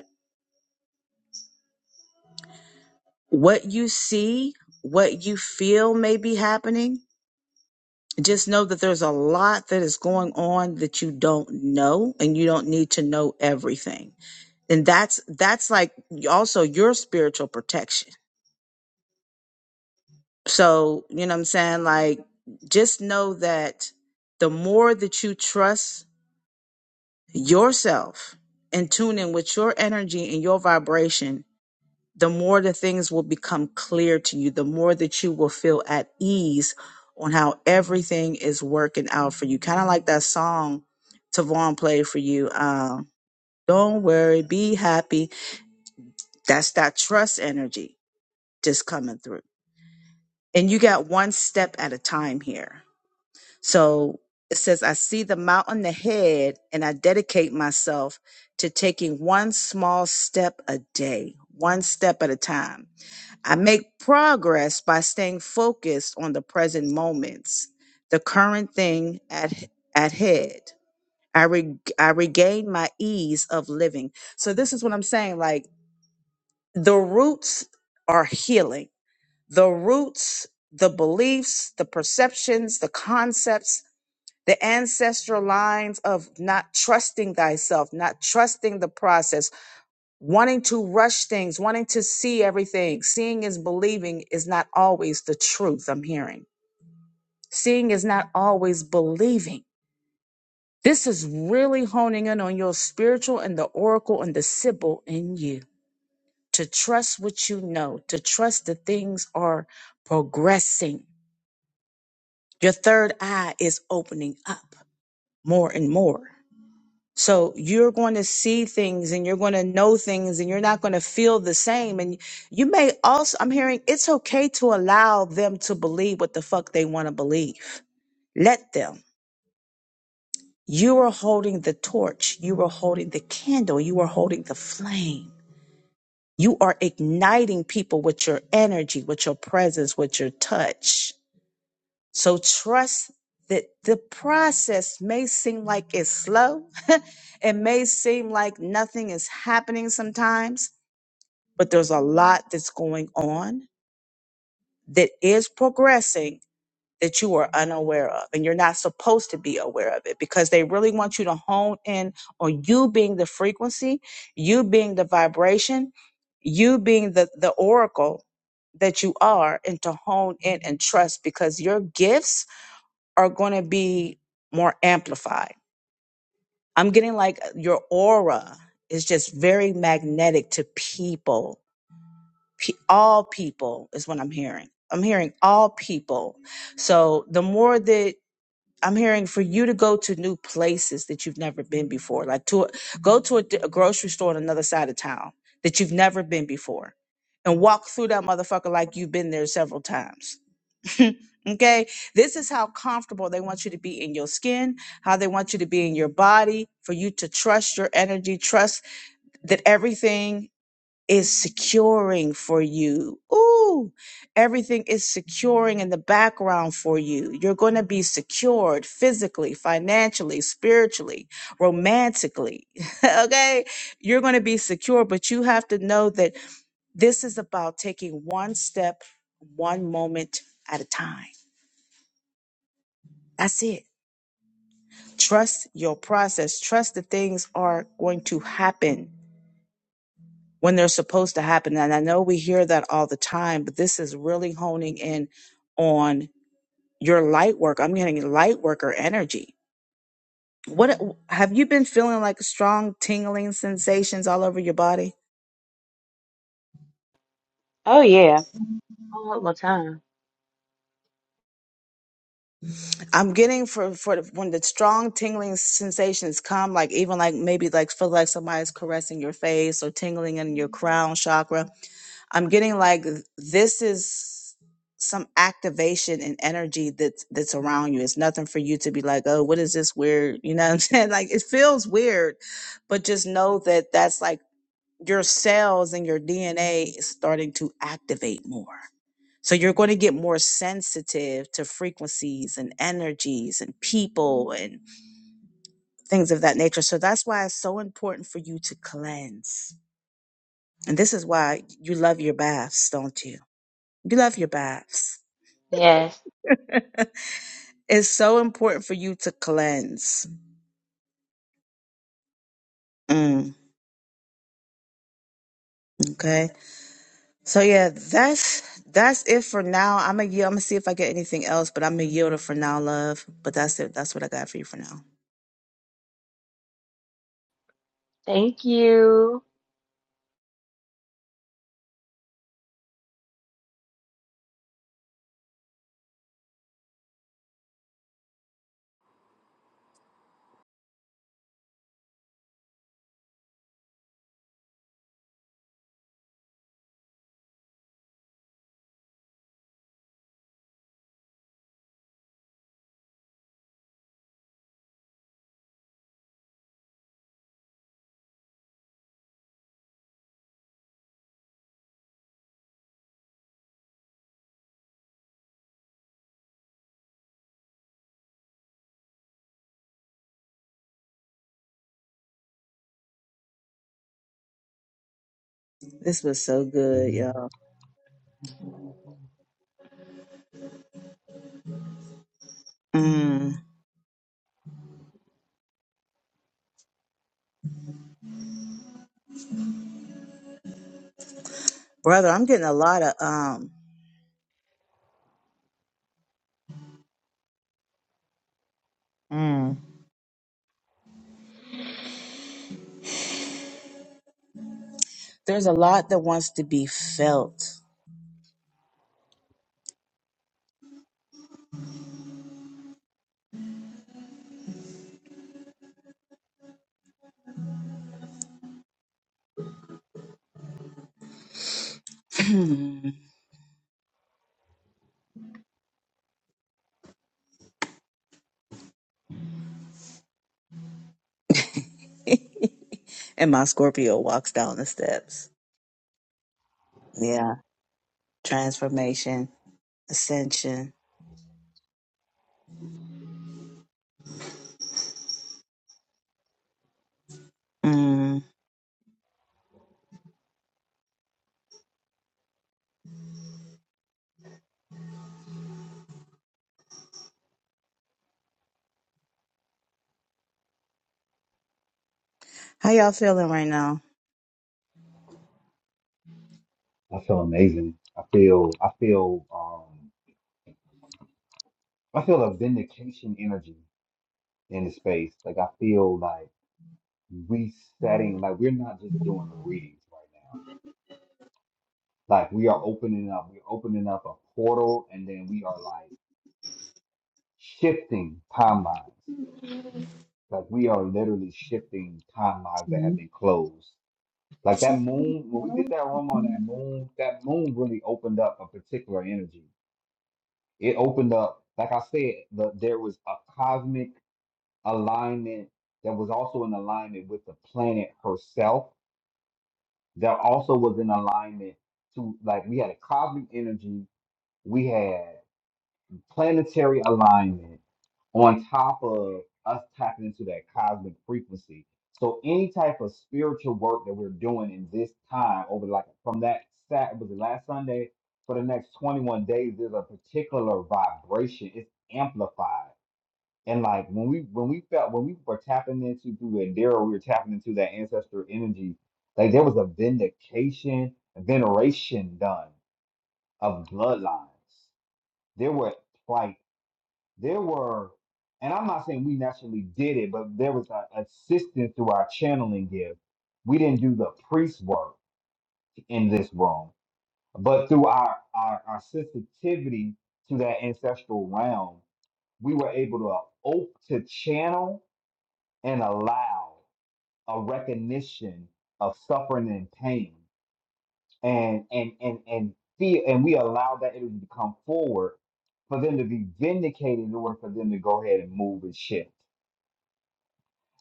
[SPEAKER 4] what you see, what you feel may be happening, just know that there's a lot that is going on that you don't know and you don't need to know everything. And that's that's like also your spiritual protection. So, you know what I'm saying? Like just know that the more that you trust yourself and tune in with your energy and your vibration the more the things will become clear to you, the more that you will feel at ease on how everything is working out for you. Kind of like that song Tavon played for you. Um, Don't worry, be happy. That's that trust energy just coming through. And you got one step at a time here. So it says, I see the mountain ahead and I dedicate myself to taking one small step a day, one step at a time. I make progress by staying focused on the present moments, the current thing at at head. I re, I regain my ease of living. So this is what I'm saying like the roots are healing. The roots, the beliefs, the perceptions, the concepts, the ancestral lines of not trusting thyself, not trusting the process wanting to rush things, wanting to see everything. Seeing is believing is not always the truth I'm hearing. Seeing is not always believing. This is really honing in on your spiritual and the oracle and the sibyl in you to trust what you know, to trust that things are progressing. Your third eye is opening up more and more. So you're going to see things and you're going to know things and you're not going to feel the same. And you may also, I'm hearing it's okay to allow them to believe what the fuck they want to believe. Let them. You are holding the torch. You are holding the candle. You are holding the flame. You are igniting people with your energy, with your presence, with your touch. So trust that the process may seem like it's slow. <laughs> it may seem like nothing is happening sometimes, but there's a lot that's going on that is progressing that you are unaware of and you're not supposed to be aware of it because they really want you to hone in on you being the frequency, you being the vibration, you being the the oracle that you are and to hone in and trust because your gifts are going to be more amplified. I'm getting like your aura is just very magnetic to people. Pe- all people is what I'm hearing. I'm hearing all people. So the more that I'm hearing for you to go to new places that you've never been before, like to go to a, d- a grocery store on another side of town that you've never been before and walk through that motherfucker like you've been there several times <laughs> okay? This is how comfortable they want you to be in your skin, how they want you to be in your body, for you to trust your energy, trust that everything is securing for you. Ooh, everything is securing in the background for you. You're going to be secured physically, financially, spiritually, romantically. <laughs> okay? You're going to be secure, but you have to know that this is about taking one step, one moment at a time that's it. Trust your process. Trust that things are going to happen when they're supposed to happen. And I know we hear that all the time, but this is really honing in on your light work. I'm getting light worker energy. What have you been feeling like strong tingling sensations all over your body?
[SPEAKER 2] Oh yeah. All the time.
[SPEAKER 4] I'm getting for for the- when the strong tingling sensations come, like even like maybe like feel like somebody's caressing your face or tingling in your crown chakra I'm getting like this is some activation and energy that's that's around you. It's nothing for you to be like, oh, what is this weird? You know what I'm <laughs> saying? Like it feels weird, but just know that that's like your cells and your DNA is starting to activate more. So you're going to get more sensitive to frequencies and energies and people and things of that nature. So that's why it's so important for you to cleanse. And this is why you love your baths, don't you? You love your baths.
[SPEAKER 2] Yes.
[SPEAKER 4] <laughs> it's so important for you to cleanse. Mm, okay. So yeah, that's that's it for now. I'm gonna yield. I'm gonna see if I get anything else, but I'm gonna yield it for now, love. But that's it. That's what I got for you for now.
[SPEAKER 2] Thank you.
[SPEAKER 4] This was so good, y'all. Mm, brother, I'm getting a lot of um. mm, there's a lot that wants to be felt. <laughs> and my Scorpio walks down the steps. Yeah, transformation, ascension Mm. How y'all feeling right now?
[SPEAKER 1] I feel amazing. I feel I feel um I feel a vindication energy in the space. Like I feel like resetting, like we're not just doing readings right now. Like we are opening up, we're opening up a portal and then we are like shifting timelines. Like we are literally shifting timelines that have
[SPEAKER 4] Mhm.
[SPEAKER 1] been closed. Like that moon, when we did that room on that moon, that moon really opened up a particular energy It opened up, like I said, the, there was a cosmic alignment that was also in alignment with the planet herself. That also was in alignment to, like, we had a cosmic energy. We had planetary alignment on top of us tapping into that cosmic frequency. So any type of spiritual work that we're doing in this time over like from that sat was it last Sunday for the next 21 days, there's a particular vibration. It's amplified. And like when we when we felt when we were tapping into through Adira, we were tapping into that ancestor energy, like there was a vindication, a veneration done of bloodlines. There were like there were, and I'm not saying we naturally did it, but there was a assistance through our channeling gift. We didn't do the priest work in this room, but through our, our, our sensitivity to that ancestral realm, we were able to op- to channel and allow a recognition of suffering and pain, and and and and feel, and we allowed that energy to come forward for them to be vindicated in order for them to go ahead and move and shift.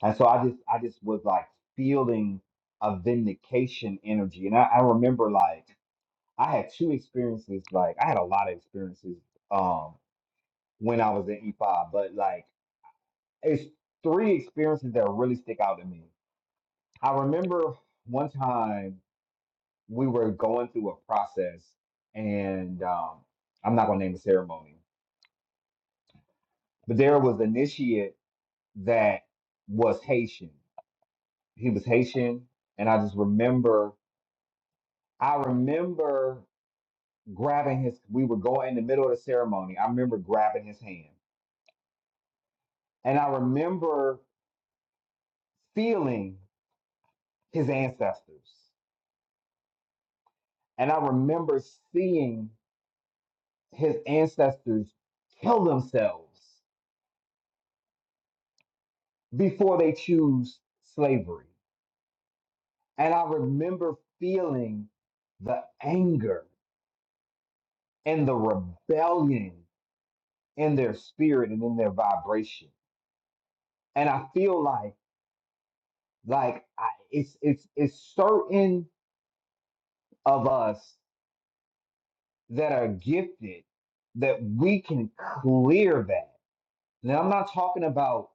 [SPEAKER 1] And so I just I just was like feeling a vindication energy. And I, I remember like I had two experiences, like I had a lot of experiences um when I was in E5, but like it's three experiences that really stick out to me. I remember one time we were going through a process and um I'm not gonna name the ceremony, but there was an initiate that was Haitian. He was Haitian, and I just remember I remember grabbing his, we were going in the middle of the ceremony. I remember grabbing his hand. And I remember feeling his ancestors. And I remember seeing his ancestors kill themselves before they choose slavery. And I remember feeling the anger and the rebellion in their spirit and in their vibration. And I feel like like I, it's it's it's certain of us that are gifted that we can clear that. Now, I'm not talking about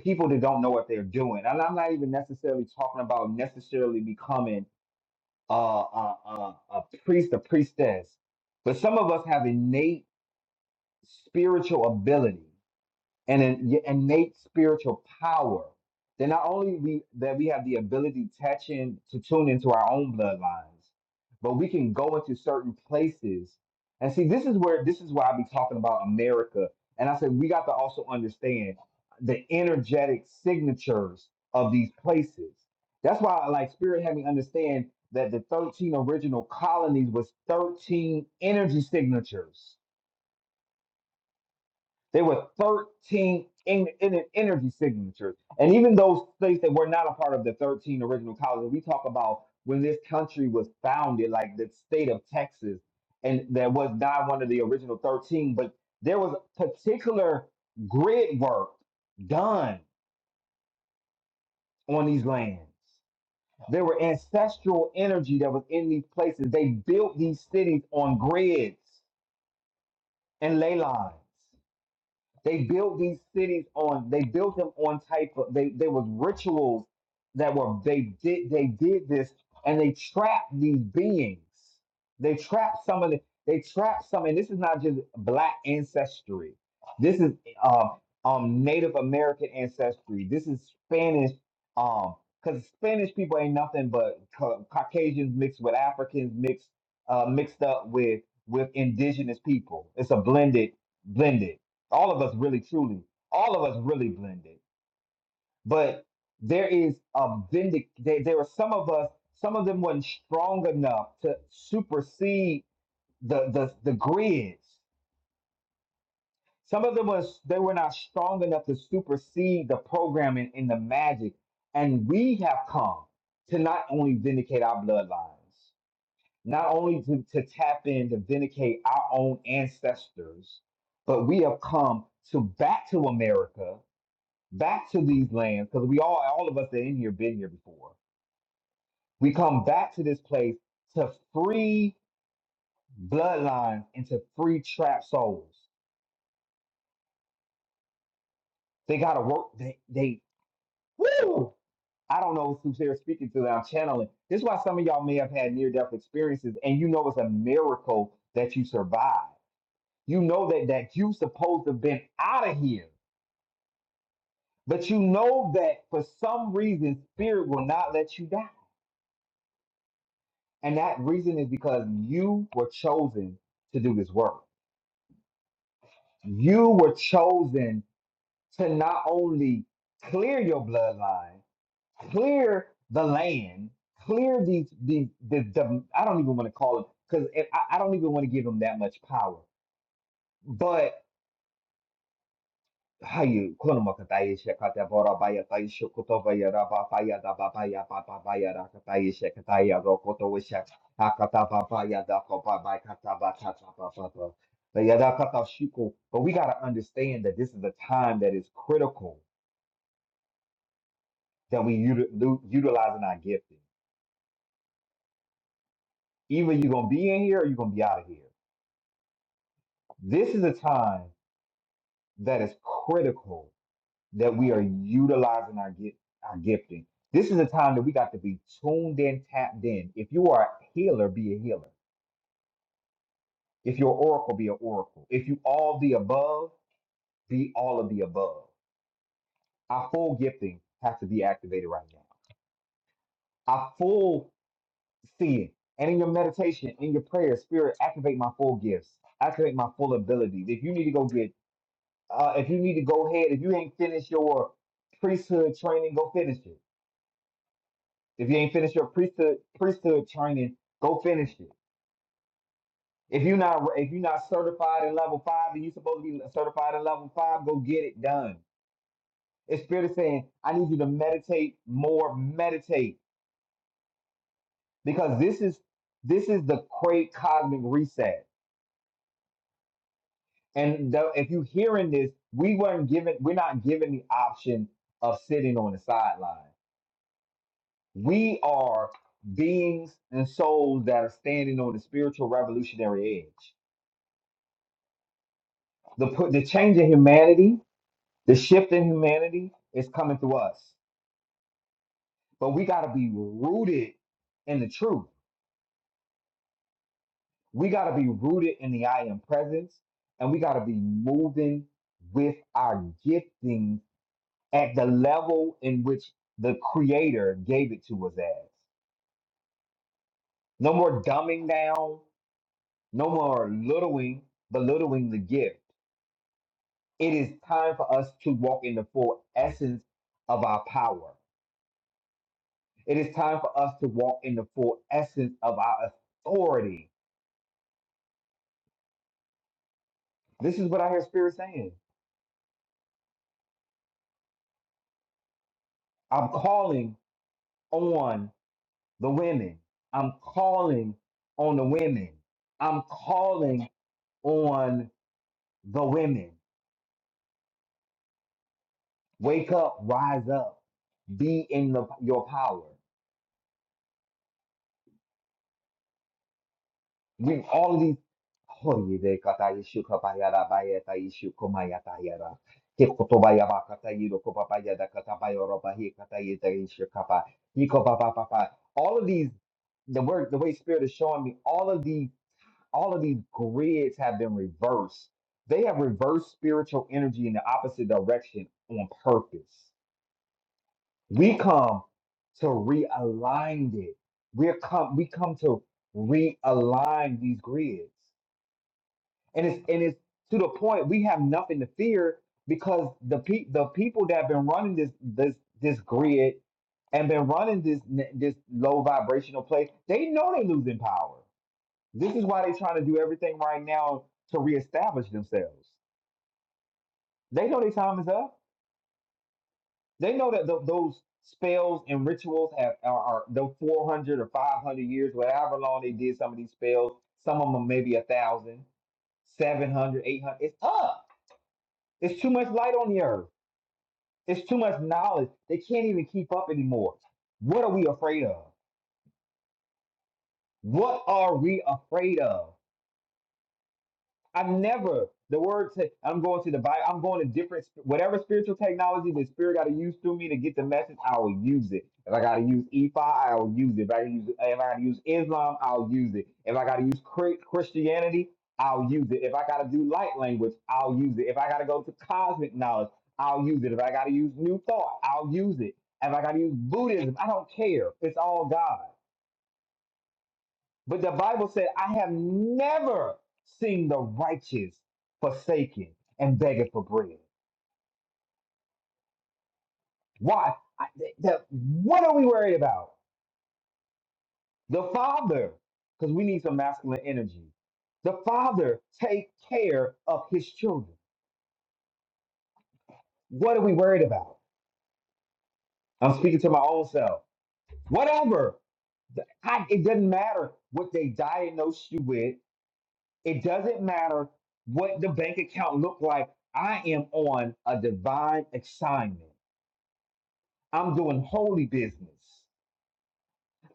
[SPEAKER 1] people that don't know what they're doing. And I'm not even necessarily talking about necessarily becoming a, a, a, a priest, a priestess. But some of us have innate spiritual ability and an innate spiritual power that not only we that we have the ability to touch in to tune into our own bloodlines, but we can go into certain places. And see, this is where this is why I be talking about America. And I said we got to also understand the energetic signatures of these places. That's why I like spirit had me understand that the 13 original colonies was 13 energy signatures they were 13 in, in in energy signatures. And even those states that were not a part of the 13 original colonies, we talk about when this country was founded, like the state of Texas, and that was not one of the original 13, but there was particular grid work done on these lands. There were ancestral energy that was in these places. They built these cities on grids and ley lines. They built these cities on they built them on type of they there was rituals that were they did they did this and they trapped these beings. They trapped some of the they trapped some and this is not just black ancestry. This is uh, um Native American ancestry. This is Spanish um because Spanish people ain't nothing but ca- Caucasians mixed with Africans mixed uh mixed up with with indigenous people. It's a blended blended all of us really truly all of us really blended but there is a vindic there, there were some of us some of them weren't strong enough to supersede the the, the grids some of them was they were not strong enough to supersede the programming and the magic and we have come to not only vindicate our bloodlines not only to, to tap in to vindicate our own ancestors but we have come to back to america back to these lands because we all all of us that in here been here before. We come back to this place to free bloodlines and to free trapped souls. They gotta work. They they woo. I don't know who's here speaking to that I'm channeling. This is why some of y'all may have had near death experiences, and you know it's a miracle that you survived. You know that that you supposed to have been out of here, but you know that for some reason spirit will not let you die And that reason is because you were chosen to do this work. You were chosen to not only clear your bloodline, clear the land, clear these, the, the, the, I don't even want to call it, because I, I don't even want to give them that much power. but. Hayu Kunamakatayesha Katavora Baya Taisha Kotovaya Raba Baya Daba Rakatayesha Kataya Rokoto Hakataba Baya Dako Baba Kataba Kataba Bayada Kata Shuko. But we gotta understand that this is a time that is critical that we uti- lu- utilizing our gifting. Either you're gonna be in here or you're gonna be out of here. This is a time that is critical that we are utilizing our gift, our gifting. This is a time that we got to be tuned in, tapped in. If you are a healer, be a healer. If you're oracle, be an oracle. If you all the above, be all of the above. Our full gifting has to be activated right now. Our full seeing and in your meditation, in your prayer, spirit, activate my full gifts, activate my full abilities. If you need to go get, uh, if you need to go ahead, if you ain't finished your priesthood training, go finish it If you ain't finished your priesthood priesthood training, go finish it. If you're not if you're not certified in level five and you're supposed to be certified in level five, go get it done. It's spirit is saying, I need you to meditate more, meditate because this is this is the great cosmic reset. And the, if you're hearing this, we weren't given we're not given the option of sitting on the sideline. We are beings and souls that are standing on the spiritual revolutionary edge The put the change in humanity, the shift in humanity is coming through us. But we gotta be rooted in the truth. We gotta be rooted in the I am presence, and we gotta be moving with our gifting at the level in which the creator gave it to us as. No more dumbing down, no more littling, belittling the gift. It is time for us to walk in the full essence of our power. It is time for us to walk in the full essence of our authority. This is what I hear Spirit saying. I'm calling on the women. I'm calling on the women. I'm calling on the women. Wake up, rise up, be in the, your power. We all of these. Oh, ye de kata yeshu kabayara bayata yeshu komayata yara. Ke kotobayaba kata yiro kopapaya da kata bayoro bahi kata yeta yeshu kapa. Hiko papa papa. All of these, the word, the way Spirit is showing me, all of these, all of these grids have been reversed. They have reversed spiritual energy in the opposite direction on purpose. We come to realign it. we come, we come to realign these grids and it's and it's to the point we have nothing to fear because the pe- the people that have been running this this this grid and been running this n- this low vibrational place, they know they're losing power. This is why they're trying to do everything right now to reestablish themselves. They know their time is up. They know that th- those spells and rituals have are, are the 400 or 500 years, whatever long they did some of these spells. Some of them maybe a thousand, seven hundred, eight hundred. It's up It's too much light on the earth. It's too much knowledge. They can't even keep up anymore. What are we afraid of? What are we afraid of? I've never the word say I'm going to the Bible. I'm going to different sp- whatever spiritual technology the spirit got to use through me to get the message. I will use it. If I got to use Efi, I will use it. If I gotta use if I got to use Islam, I'll use it. If I got to use Chri- Christianity, I'll use it. If I got to do light language, I'll use it. If I got to go to cosmic knowledge, I'll use it. If I got to use new thought, I'll use it. If I got to use Buddhism, I don't care. It's all God. But the Bible said, I have never seen the righteous forsaken and begging for bread. Why? I, th- th- what are we worried about? The Father, because we need some masculine energy. The Father take care of his children. What are we worried about? I'm speaking to my own self. Whatever. Th- I, it doesn't matter what they diagnose you with. It doesn't matter what the bank account looked like. I am on a divine assignment. I'm doing holy business.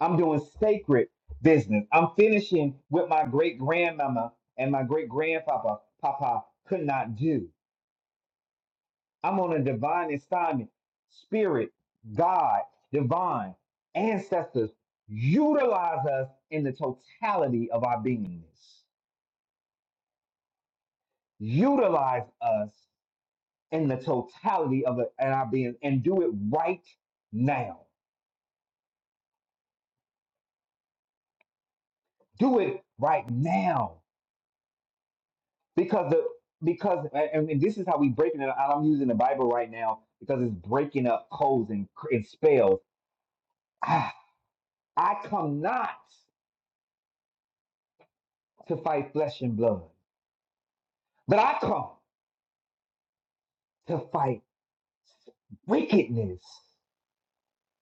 [SPEAKER 1] I'm doing sacred business. I'm finishing what my great grandmama and my great grandpapa papa could not do. I'm on a divine assignment. Spirit, God, divine, ancestors, utilize us in the totality of our beingness. Utilize us in the totality of it and our being and do it right now. Do it right now. Because the because and, and this is how we breaking it. out. I'm using the Bible right now because it's breaking up codes and, and spells. Ah, I come not to fight flesh and blood, but I come to fight wickedness,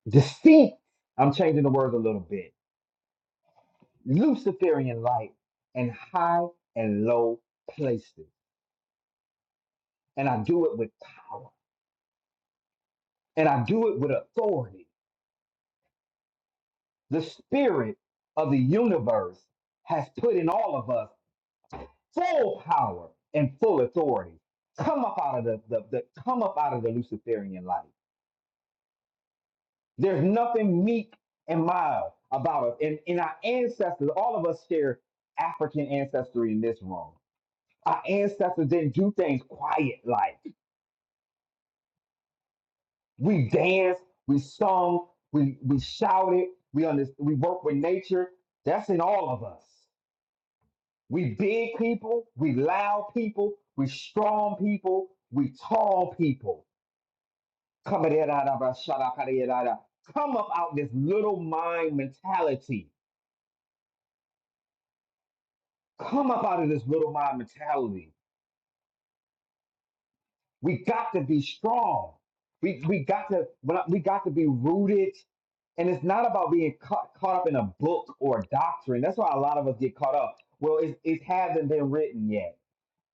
[SPEAKER 1] deceit. I'm changing the words a little bit. Luciferian light and high and low places. And I do it with power and I do it with authority. The spirit of the universe has put in all of us full power and full authority. Come up out of the, the, the come up out of the Luciferian light. There's nothing meek and mild about us. And in our ancestors, all of us share African ancestry in this room. Our ancestors didn't do things quiet like we danced, we sung, we we shouted, we under, we worked with nature. That's in all of us. We big people, we loud people, we strong people, we tall people. Come it, out of our shut up, out of it, out Come up out this little mind mentality. Come up out of this little mind mentality. We got to be strong. We we got to well, we got to be rooted. And it's not about being caught, caught up in a book or a doctrine. That's why a lot of us get caught up. Well, it, it hasn't been written yet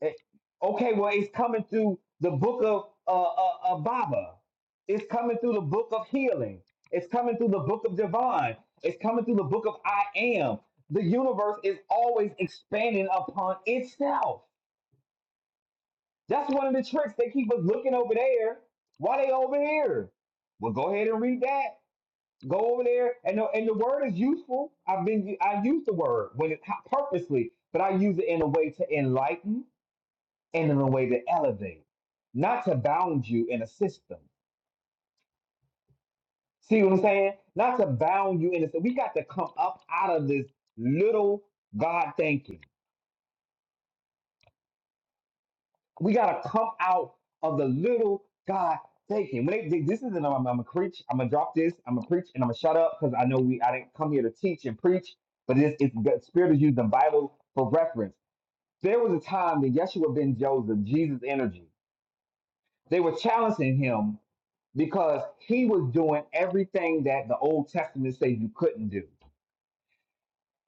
[SPEAKER 1] Eh, Okay, well, it's coming through the book of uh, uh, uh, Baba. It's coming through the book of healing. It's coming through the book of divine. It's coming through the book of I am. The universe is always expanding upon itself. That's one of the tricks. They keep us looking over there. Why they over here? Well, go ahead and read that. Go over there, and the, and the word is useful. I've been I use the word when it purposely, but I use it in a way to enlighten and in a way to elevate, not to bound you in a system. See what I'm saying? Not to bound you in a system. We got to come up out of this little God thinking. We got to come out of the little God thinking. When they, they- this isn't, I'm, I'm gonna preach. I'm gonna drop this. I'm gonna preach, and I'm gonna shut up because I know we. I didn't come here to teach and preach, but it's, it's the Spirit is using the Bible for reference. There was a time that Yeshua ben Joseph, Jesus' energy. They were challenging him because he was doing everything that the Old Testament says you couldn't do,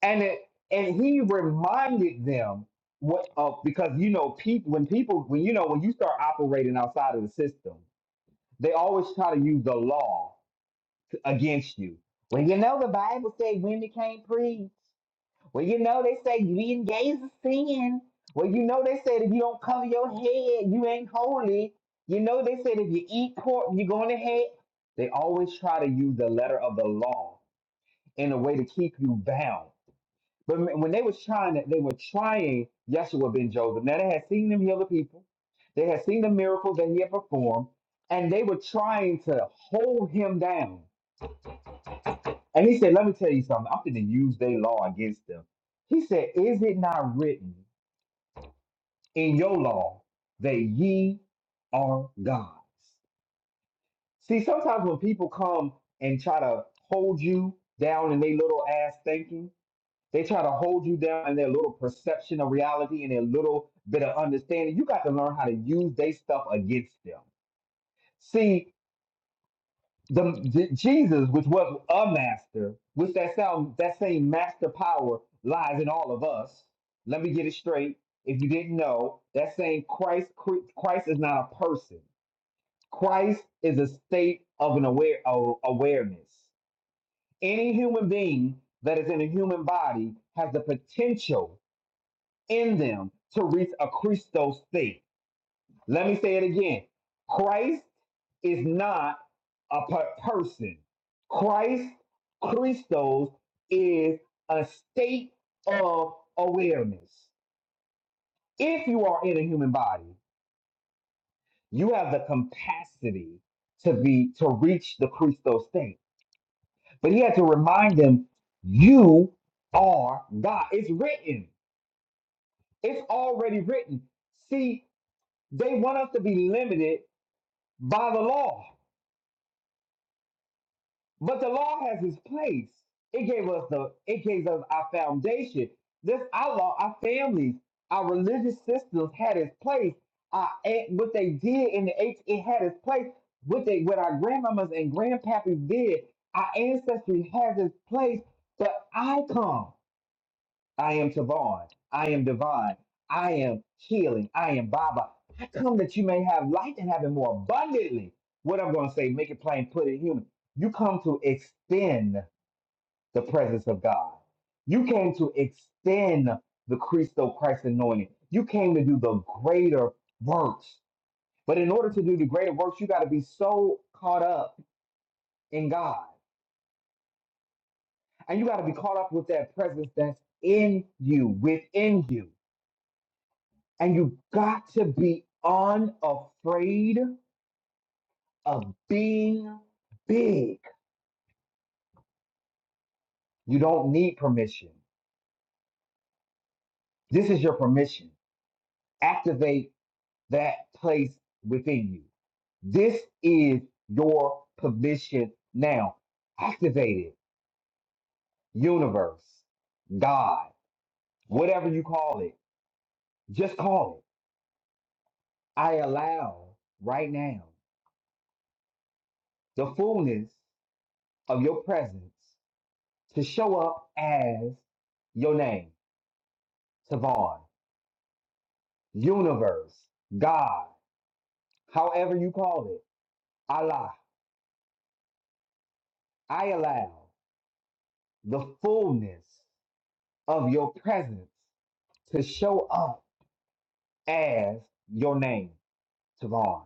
[SPEAKER 1] and it and he reminded them what of because you know people when people when you know when you start operating outside of the system, they always try to use the law to- against you. Well, you know the Bible says women can't preach. Well, you know, they say being gay is a sin. Well, you know, they said if you don't cover your head, you ain't holy. You know, they said if you eat pork, you're going to hell. They always try to use the letter of the law in a way to keep you bound. But m- when they was trying, to, they were trying Yeshua ben Joseph. Now they had seen him heal the people. They had seen the miracles that he had performed, and they were trying to hold him down. And he said, "Let me tell you something. I'm going to use their law against them." He said, Is it not written? in your law that ye are gods. See, sometimes when people come and try to hold you down in their little ass thinking, they try to hold you down in their little perception of reality and their little bit of understanding. You got to learn how to use their stuff against them. See, the, the Jesus, which was a master, which that sound that same master power lies in all of us. Let me get it straight. If you didn't know, that same Christ Christ is not a person. Christ is a state of an aware of awareness. Any human being that is in a human body has the potential in them to reach a Christos state. Let me say it again. Christ is not a per- person. Christ, Christos, is a state of awareness. If you are in a human body, you have the capacity to be to reach the Christos state. But he had to remind them, you are God. It's written. It's already written. See, they want us to be limited by the law. But the law has its place. It gave us the it gave us our foundation. This our law, our families, our religious systems had its place. Our aunt, what they did in the eight, it had its place. What they what our grandmamas and grandpappies did, our ancestry has its place. But I come. I am Tavon. I am divine. I am healing. I am Baba. I come that you may have life and have it more abundantly. What I'm going to say, make it plain, put it human. You come to extend the presence of God. You came to extend the Christo Christ anointing. You came to do the greater works. But in order to do the greater works, you got to be so caught up in God. And you got to be caught up with that presence that's in you, within you. And you got to be unafraid of being big. You don't need permission. This is your permission. Activate that place within you. This is your permission now. Activate it. Universe, God, whatever you call it, just call it. I allow right now the fullness of your presence to show up as your name. Tavon, universe, God, however you call it, Allah, I allow the fullness of your presence to show up as your name, Tavon.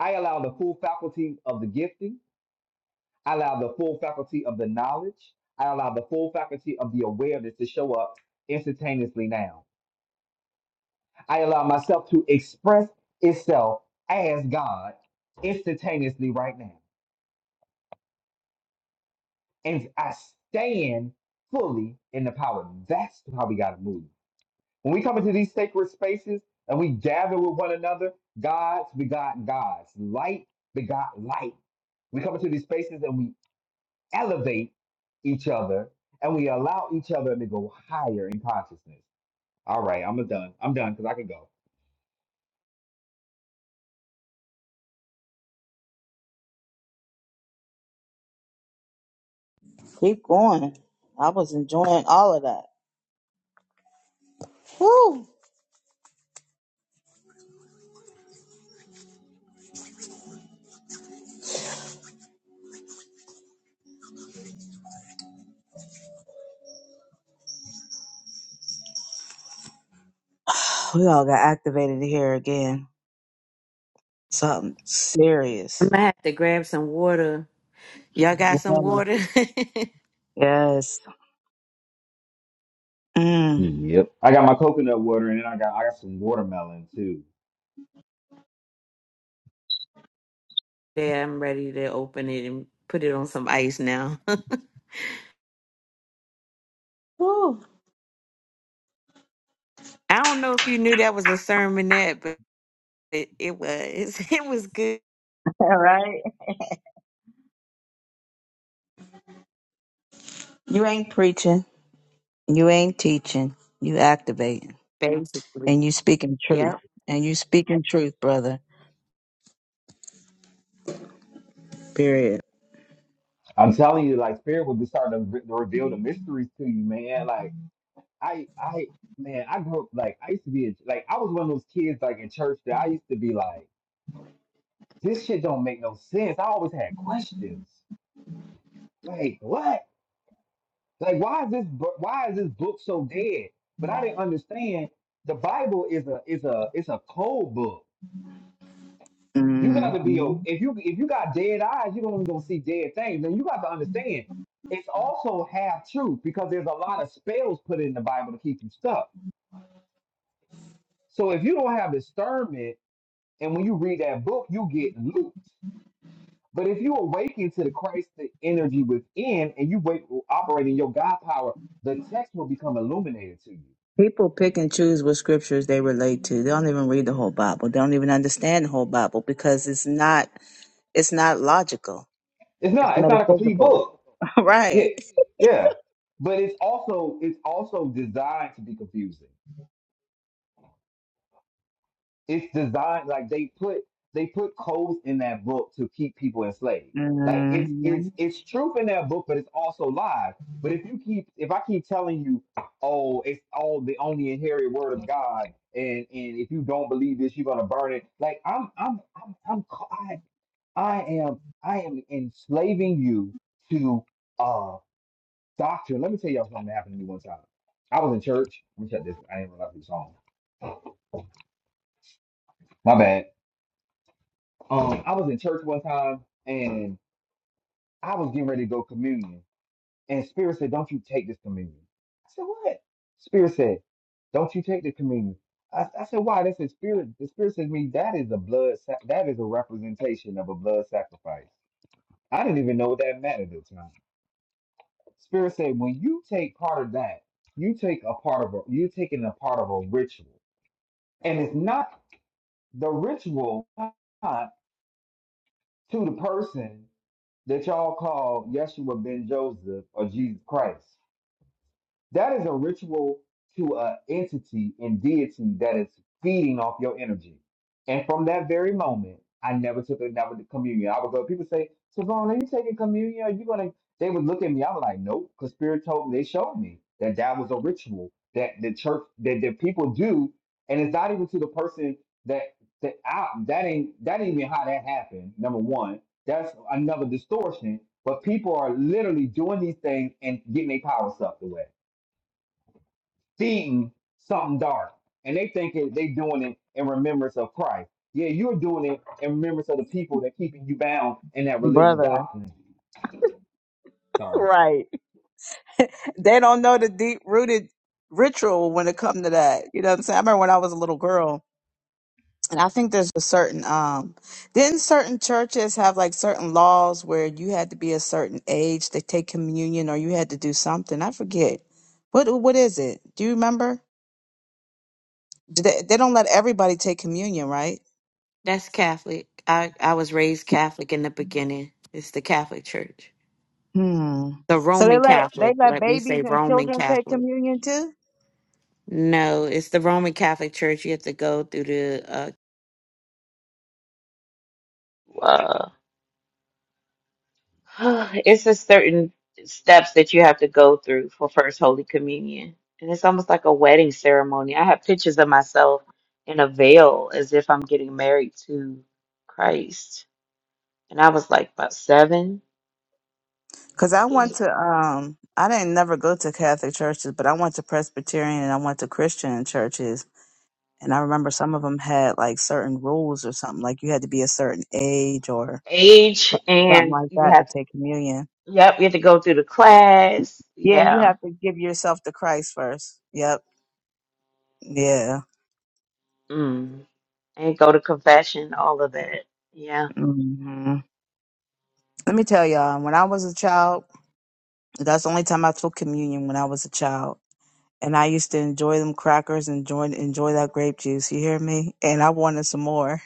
[SPEAKER 1] I allow the full faculty of the gifting. I allow the full faculty of the knowledge. I allow the full faculty of the awareness to show up instantaneously now. I allow myself to express itself as God instantaneously right now. and I stand fully in the power. That's how we got to move. When we come into these sacred spaces and we gather with one another, gods begot gods, light begot light. We come into these spaces and we elevate each other and we allow each other to go higher in consciousness. All right, I'm done. I'm done because I can go.
[SPEAKER 4] Keep going. I was enjoying all of that. Woo! We all got activated here again. Something
[SPEAKER 2] I'm
[SPEAKER 4] serious.
[SPEAKER 2] gonna have to grab some water. Y'all got some water? <laughs>
[SPEAKER 4] Yes. Mm.
[SPEAKER 1] Yep. I got my coconut water and then I got I got some watermelon too.
[SPEAKER 2] yeah, I'm ready to open it and put it on some ice now. <laughs> I
[SPEAKER 4] Woo.
[SPEAKER 2] don't know if you knew that was a sermonette, but it, it was. <laughs> It was good.
[SPEAKER 4] All right. You ain't preaching. You ain't teaching. You activating.
[SPEAKER 2] Basically.
[SPEAKER 4] And you speaking truth.
[SPEAKER 2] Yep.
[SPEAKER 4] And you speaking truth, brother. Period.
[SPEAKER 1] I'm telling you, like spirit will be starting to re- to reveal the mysteries to you, man. Like I I man, I grew up like I used to be a, like I was one of those kids like in church that I used to be like, this shit don't make no sense. I always had questions. Like what? Like why is this bu- why is this book so dead? But I didn't understand the Bible is a is a it's a cold book. You got to be a,
[SPEAKER 4] hmm
[SPEAKER 1] if you if you got dead eyes, you're only gonna see dead things. And you got to understand it's also half truth because there's a lot of spells put in the Bible to keep you stuck. So if you don't have discernment And when you read that book, you get looped. But if you awaken to the Christ the energy within and you wait operate in your God power, the text will become illuminated to you.
[SPEAKER 4] People pick and choose what scriptures they relate to. They don't even read the whole Bible. They don't even understand the whole Bible because it's not it's not logical.
[SPEAKER 1] It's
[SPEAKER 4] It's
[SPEAKER 1] not, it's not a complete
[SPEAKER 4] metaphysical.
[SPEAKER 1] book.
[SPEAKER 4] <laughs>
[SPEAKER 1] Yeah.
[SPEAKER 4] right.
[SPEAKER 1] Yeah. But it's also it's also designed to be confusing. it's designed like they put they put codes in that book to keep people enslaved. Like it's
[SPEAKER 4] hmm
[SPEAKER 1] it's it's truth in that book, but it's also lies. But if you keep if I keep telling you, oh, it's all the only inherited word of God, and and if you don't believe this, you're gonna burn it. Like I'm I'm I'm I'm ca- I, I am I am enslaving you to uh doctrine. Let me tell y'all something that happened to me one time. I was in church. Let me check this. I didn't realize it song. My bad. Um, I was in church one time and I was getting ready to go communion. And Spirit said, Don't you take this communion. I said, What? Spirit said, Don't you take the communion. I, I said, Why? That's the Spirit. The Spirit said to me, That is a blood, sac- that is a representation of a blood sacrifice. I didn't even know what that meant at the time. Spirit said, When you take part of that, you take a part of a, you're taking a part of a ritual. And it's not the ritual, not to the person. that y'all call Yeshua ben Joseph or Jesus Christ. That is a ritual to an entity and deity that is feeding off your energy. And from that very moment, I never took another communion. I would go, people say, Savon, are you taking communion? Are you gonna they would look at me, I was like, Nope, because spirit told me they showed me that that was a ritual that the church that the people do, and it's not even to the person that that I, that ain't that ain't even how that happened, number one. That's another distortion. But people are literally doing these things and getting their power sucked away seeing something dark and they thinking they doing it in remembrance of Christ. Yeah, you're doing it in remembrance of the people that keeping you bound in that religious
[SPEAKER 4] Brother.
[SPEAKER 1] doctrine. Sorry.
[SPEAKER 4] Right. They don't know the deep rooted ritual when it comes to that. You know what I'm saying? I remember when I was a little girl And I think there's a certain um didn't certain churches have like certain laws where you had to be a certain age to take communion or you had to do something. I forget. What what is it? Do you remember? Do They, they don't let everybody take communion, right?
[SPEAKER 2] That's Catholic. I, I was raised Catholic in the beginning. It's the Catholic Church.
[SPEAKER 4] Hmm.
[SPEAKER 2] The
[SPEAKER 4] So they
[SPEAKER 2] Roman
[SPEAKER 4] let they
[SPEAKER 2] Catholic.
[SPEAKER 4] let
[SPEAKER 2] Let me say
[SPEAKER 4] babies and
[SPEAKER 2] Roman
[SPEAKER 4] children take
[SPEAKER 2] Catholic.
[SPEAKER 4] communion too?
[SPEAKER 2] No, it's the Roman Catholic Church. You have to go through the uh, Uh, <sighs> it's a certain steps that you have to go through for First Holy Communion. And it's almost like a wedding ceremony. I have pictures of myself in a veil as if I'm getting married to Christ. And I was like about seven
[SPEAKER 4] Cuz I went
[SPEAKER 2] okay,
[SPEAKER 4] to um I didn't never go to Catholic churches, but I went to Presbyterian and I went to Christian churches. And I remember some of them had like certain rules or something, like you had to be a certain age or
[SPEAKER 2] age,
[SPEAKER 4] so, something
[SPEAKER 2] and
[SPEAKER 4] like
[SPEAKER 2] you
[SPEAKER 4] that to
[SPEAKER 2] have to,
[SPEAKER 4] take communion.
[SPEAKER 2] yep, you have to go through the class.
[SPEAKER 4] Yeah, and you
[SPEAKER 2] Yeah.
[SPEAKER 4] have to give yourself to Christ first. Yep. Yeah.
[SPEAKER 2] Mm. And go to confession, all of that. Yeah.
[SPEAKER 4] hmm Let me tell y'all, when I was a child, that's the only time I took communion when I was a child. And I used to enjoy them crackers and enjoy, enjoy that grape juice. You hear me? And I wanted some more.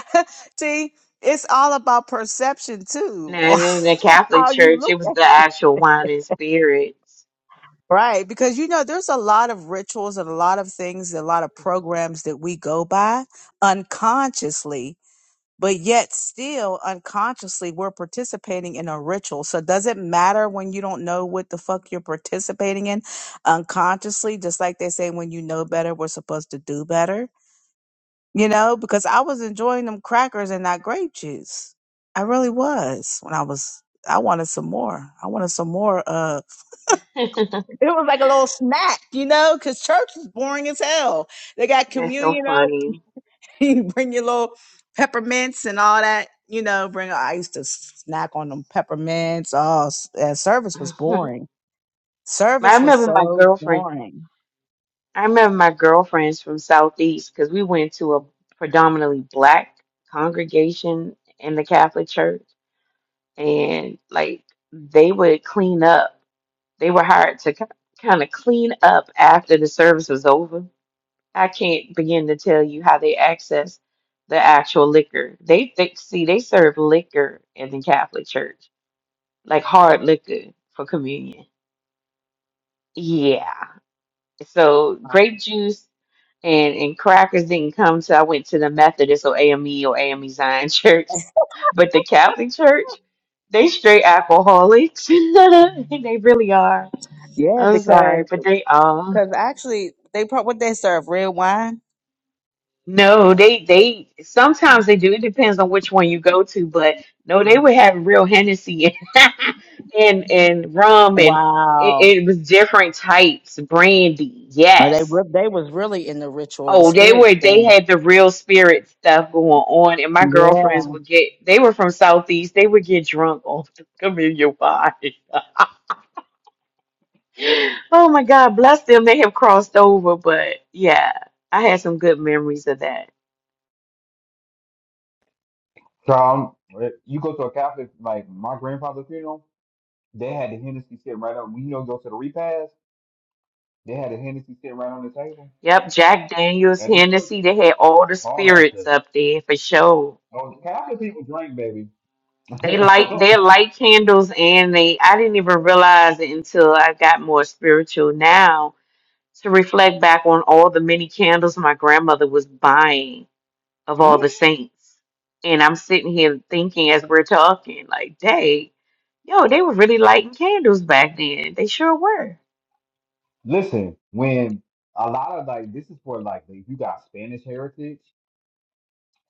[SPEAKER 4] <laughs> See, it's all about perception too,
[SPEAKER 2] No,
[SPEAKER 4] <laughs> on
[SPEAKER 2] in the Catholic
[SPEAKER 4] how you
[SPEAKER 2] Church,
[SPEAKER 4] look
[SPEAKER 2] it was the actual wine and spirits.
[SPEAKER 4] Right, because you know, there's a lot of rituals and a lot of things, a lot of programs that we go by unconsciously, but yet still unconsciously we're participating in a ritual. So does it matter when you don't know what the fuck you're participating in unconsciously? Just like they say, when you know better, we're supposed to do better, you know, because I was enjoying them crackers and that grape juice. I really was when I was, I wanted some more. I wanted some more, Uh.
[SPEAKER 2] <laughs> That's
[SPEAKER 4] It was like a little snack, you know, because church is boring as hell. They got communion,
[SPEAKER 2] so
[SPEAKER 4] you know,
[SPEAKER 2] funny.
[SPEAKER 4] <laughs> you bring your little peppermints and all that, you know, bring, I used to snack on them peppermints. Oh, s- uh,
[SPEAKER 2] <laughs>
[SPEAKER 4] service was
[SPEAKER 2] I
[SPEAKER 4] boring. Service was
[SPEAKER 2] remember my
[SPEAKER 4] so
[SPEAKER 2] girlfriend.
[SPEAKER 4] boring.
[SPEAKER 2] I remember my girlfriends from Southeast because we went to a predominantly black congregation in the Catholic Church, and like they would clean up. They were hired to kind of clean up after the service was over. I can't begin to tell you how they access the actual liquor. They, they see they serve liquor in the Catholic Church, like hard liquor for communion. Yeah. So grape juice and and crackers didn't come till I went to the Methodist or AME or AME Zion <laughs> Church, but the Catholic Church, they straight alcoholics. <laughs> They really are.
[SPEAKER 4] Yeah,
[SPEAKER 2] I'm sorry,
[SPEAKER 4] because,
[SPEAKER 2] but they are.
[SPEAKER 4] because actually they probably, what they serve, red wine?
[SPEAKER 2] No, they they sometimes they do. It depends on which one you go to, but no, they would have real Hennessy and <laughs> and, and rum and it,
[SPEAKER 4] Wow.
[SPEAKER 2] it was different types, brandy.
[SPEAKER 4] Oh, they,
[SPEAKER 2] Yes.
[SPEAKER 4] re- they was really in the ritual, the
[SPEAKER 2] Oh, they
[SPEAKER 4] spirit
[SPEAKER 2] were they
[SPEAKER 4] thing.
[SPEAKER 2] had the real spirit stuff going on, and my girlfriends
[SPEAKER 4] Yeah.
[SPEAKER 2] would get they were from Southeast. They would get drunk on <laughs> the Camellia Wine. <laughs> Oh my God, bless them. They have crossed over, but yeah, I had some good memories of that.
[SPEAKER 1] So um, you go to a Catholic like my grandfather's funeral, they had the Hennessy sitting right on. We you know go to the repast, they had the Hennessy sitting right on the table
[SPEAKER 2] Yep, Jack Daniels,
[SPEAKER 1] at the church.
[SPEAKER 2] Hennessy, they had all the
[SPEAKER 1] All that stuff.
[SPEAKER 2] spirits up there for sure.
[SPEAKER 1] Oh, Catholic people drink, baby.
[SPEAKER 2] They light
[SPEAKER 1] <laughs>
[SPEAKER 2] they light candles and they I didn't even realize it until I got more spiritual now to reflect back on all the many candles my grandmother was buying of all the
[SPEAKER 1] Hmm?
[SPEAKER 2] saints. And I'm sitting here thinking as we're talking, like, dang, yo, they were really lighting candles back then. They sure were.
[SPEAKER 1] Listen, when a lot of like this is for like if you got Spanish heritage.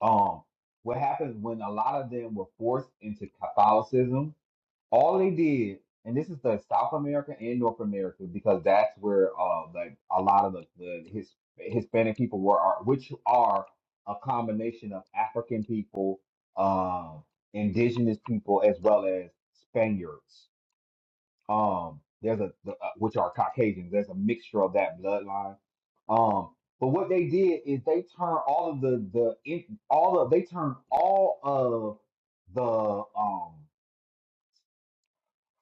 [SPEAKER 1] um what happens when a lot of them were forced into Catholicism, all they did, and this is the South America and North America, because that's where uh like a lot of the, the his Hispanic people were are, which are a combination of African people, um, indigenous people as well as Spaniards. Um there's a the, uh, which are Caucasians. There's a mixture of that bloodline um, but what they did is they turned all of the the in- all of they turned all of the um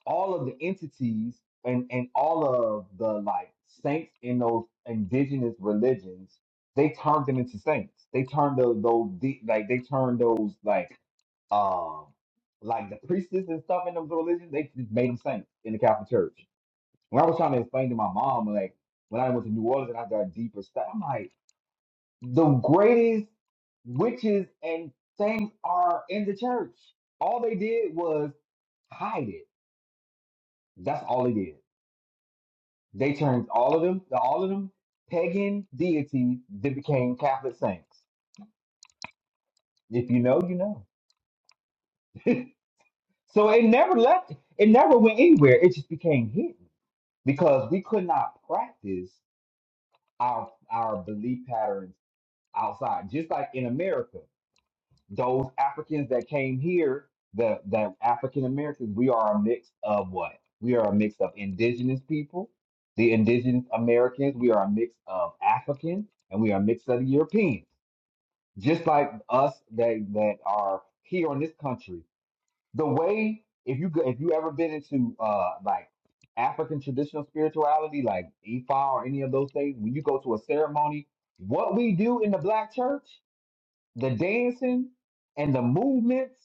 [SPEAKER 1] all of the entities and and all of the like saints in those indigenous religions they turned them into saints. They turned those those de- like they turned those like um like the priestess and stuff in those religions they just made them saints in the Catholic Church. When I was trying to explain to my mom like when I went to New Orleans and I got deeper stuff, I'm like. The greatest witches and things are in the church. All they did was hide it. That's all they did. They turned all of them, all of them pagan deities that became Catholic saints. If you know, you know. <laughs> so it never left, it never went anywhere. It just became hidden because we could not practice our our belief patterns outside. Just like in America. those Africans that came here, the the African Americans, we are a mix of what? We are a mix of indigenous people, the indigenous Americans, we are a mix of Africans, and we are a mix of Europeans. Just like us that that are here in this country. The way if you go- if you ever been into uh like African traditional spirituality like Ifa or any of those things, when you go to a ceremony, what we do in the black church the dancing and the movements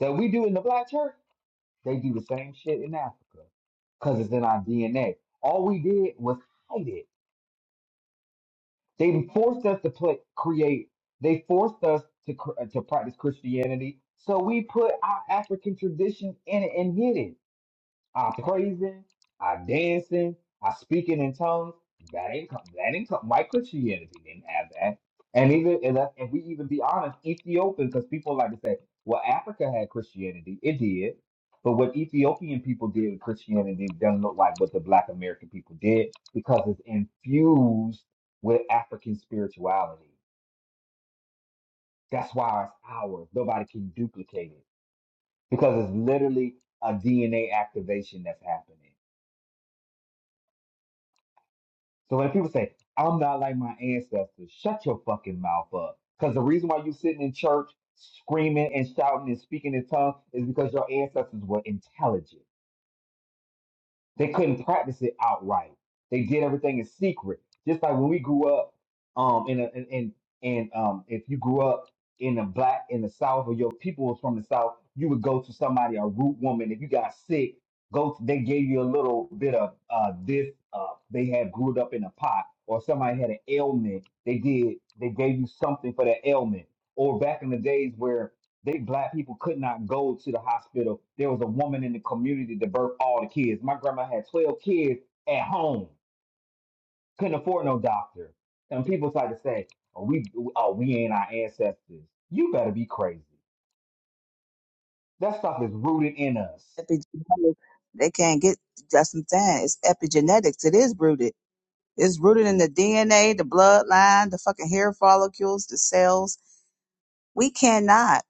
[SPEAKER 1] that we do in the black church, they do the same shit in Africa because it's in our DNA. All we did was hide it. They forced us to play, create. They forced us to cr- to practice Christianity, so we put our African traditions in it and hid it. I am praising, I am dancing, I am speaking in tongues. That ain't come. That ain't come. My Christianity didn't have that. And even and, that, and we even be honest, Ethiopian, because people like to say, well, Africa had Christianity. It did. But what Ethiopian people did with Christianity doesn't look like what the Black American people did because it's infused with African spirituality. That's why it's ours. Nobody can duplicate it because it's literally a DNA activation that's happening. So when people say, I'm not like my ancestors, shut your fucking mouth up. Because the reason why you sitting in church screaming and shouting and speaking in tongues is because your ancestors were intelligent. They couldn't practice it outright. They did everything in secret. Just like when we grew up, um, in a in in, in um, if you grew up in the black in the South or your people was from the South, you would go to somebody a root woman. If you got sick, go. To, they gave you a little bit of uh this uh they had brewed up in a pot, or somebody had an ailment. They did. They gave you something for that ailment. Or back in the days where they black people could not go to the hospital. There was a woman in the community that birthed all the kids. My grandma had 12 kids at home. Couldn't afford no doctor. And people try to say, oh, we oh, we ain't our ancestors. You better be crazy. That stuff is rooted in us.
[SPEAKER 4] Epigenetics. They can't get Justin Tan. It's epigenetics. It is rooted. It's rooted in the DNA, the bloodline, the fucking hair follicles, the cells. We cannot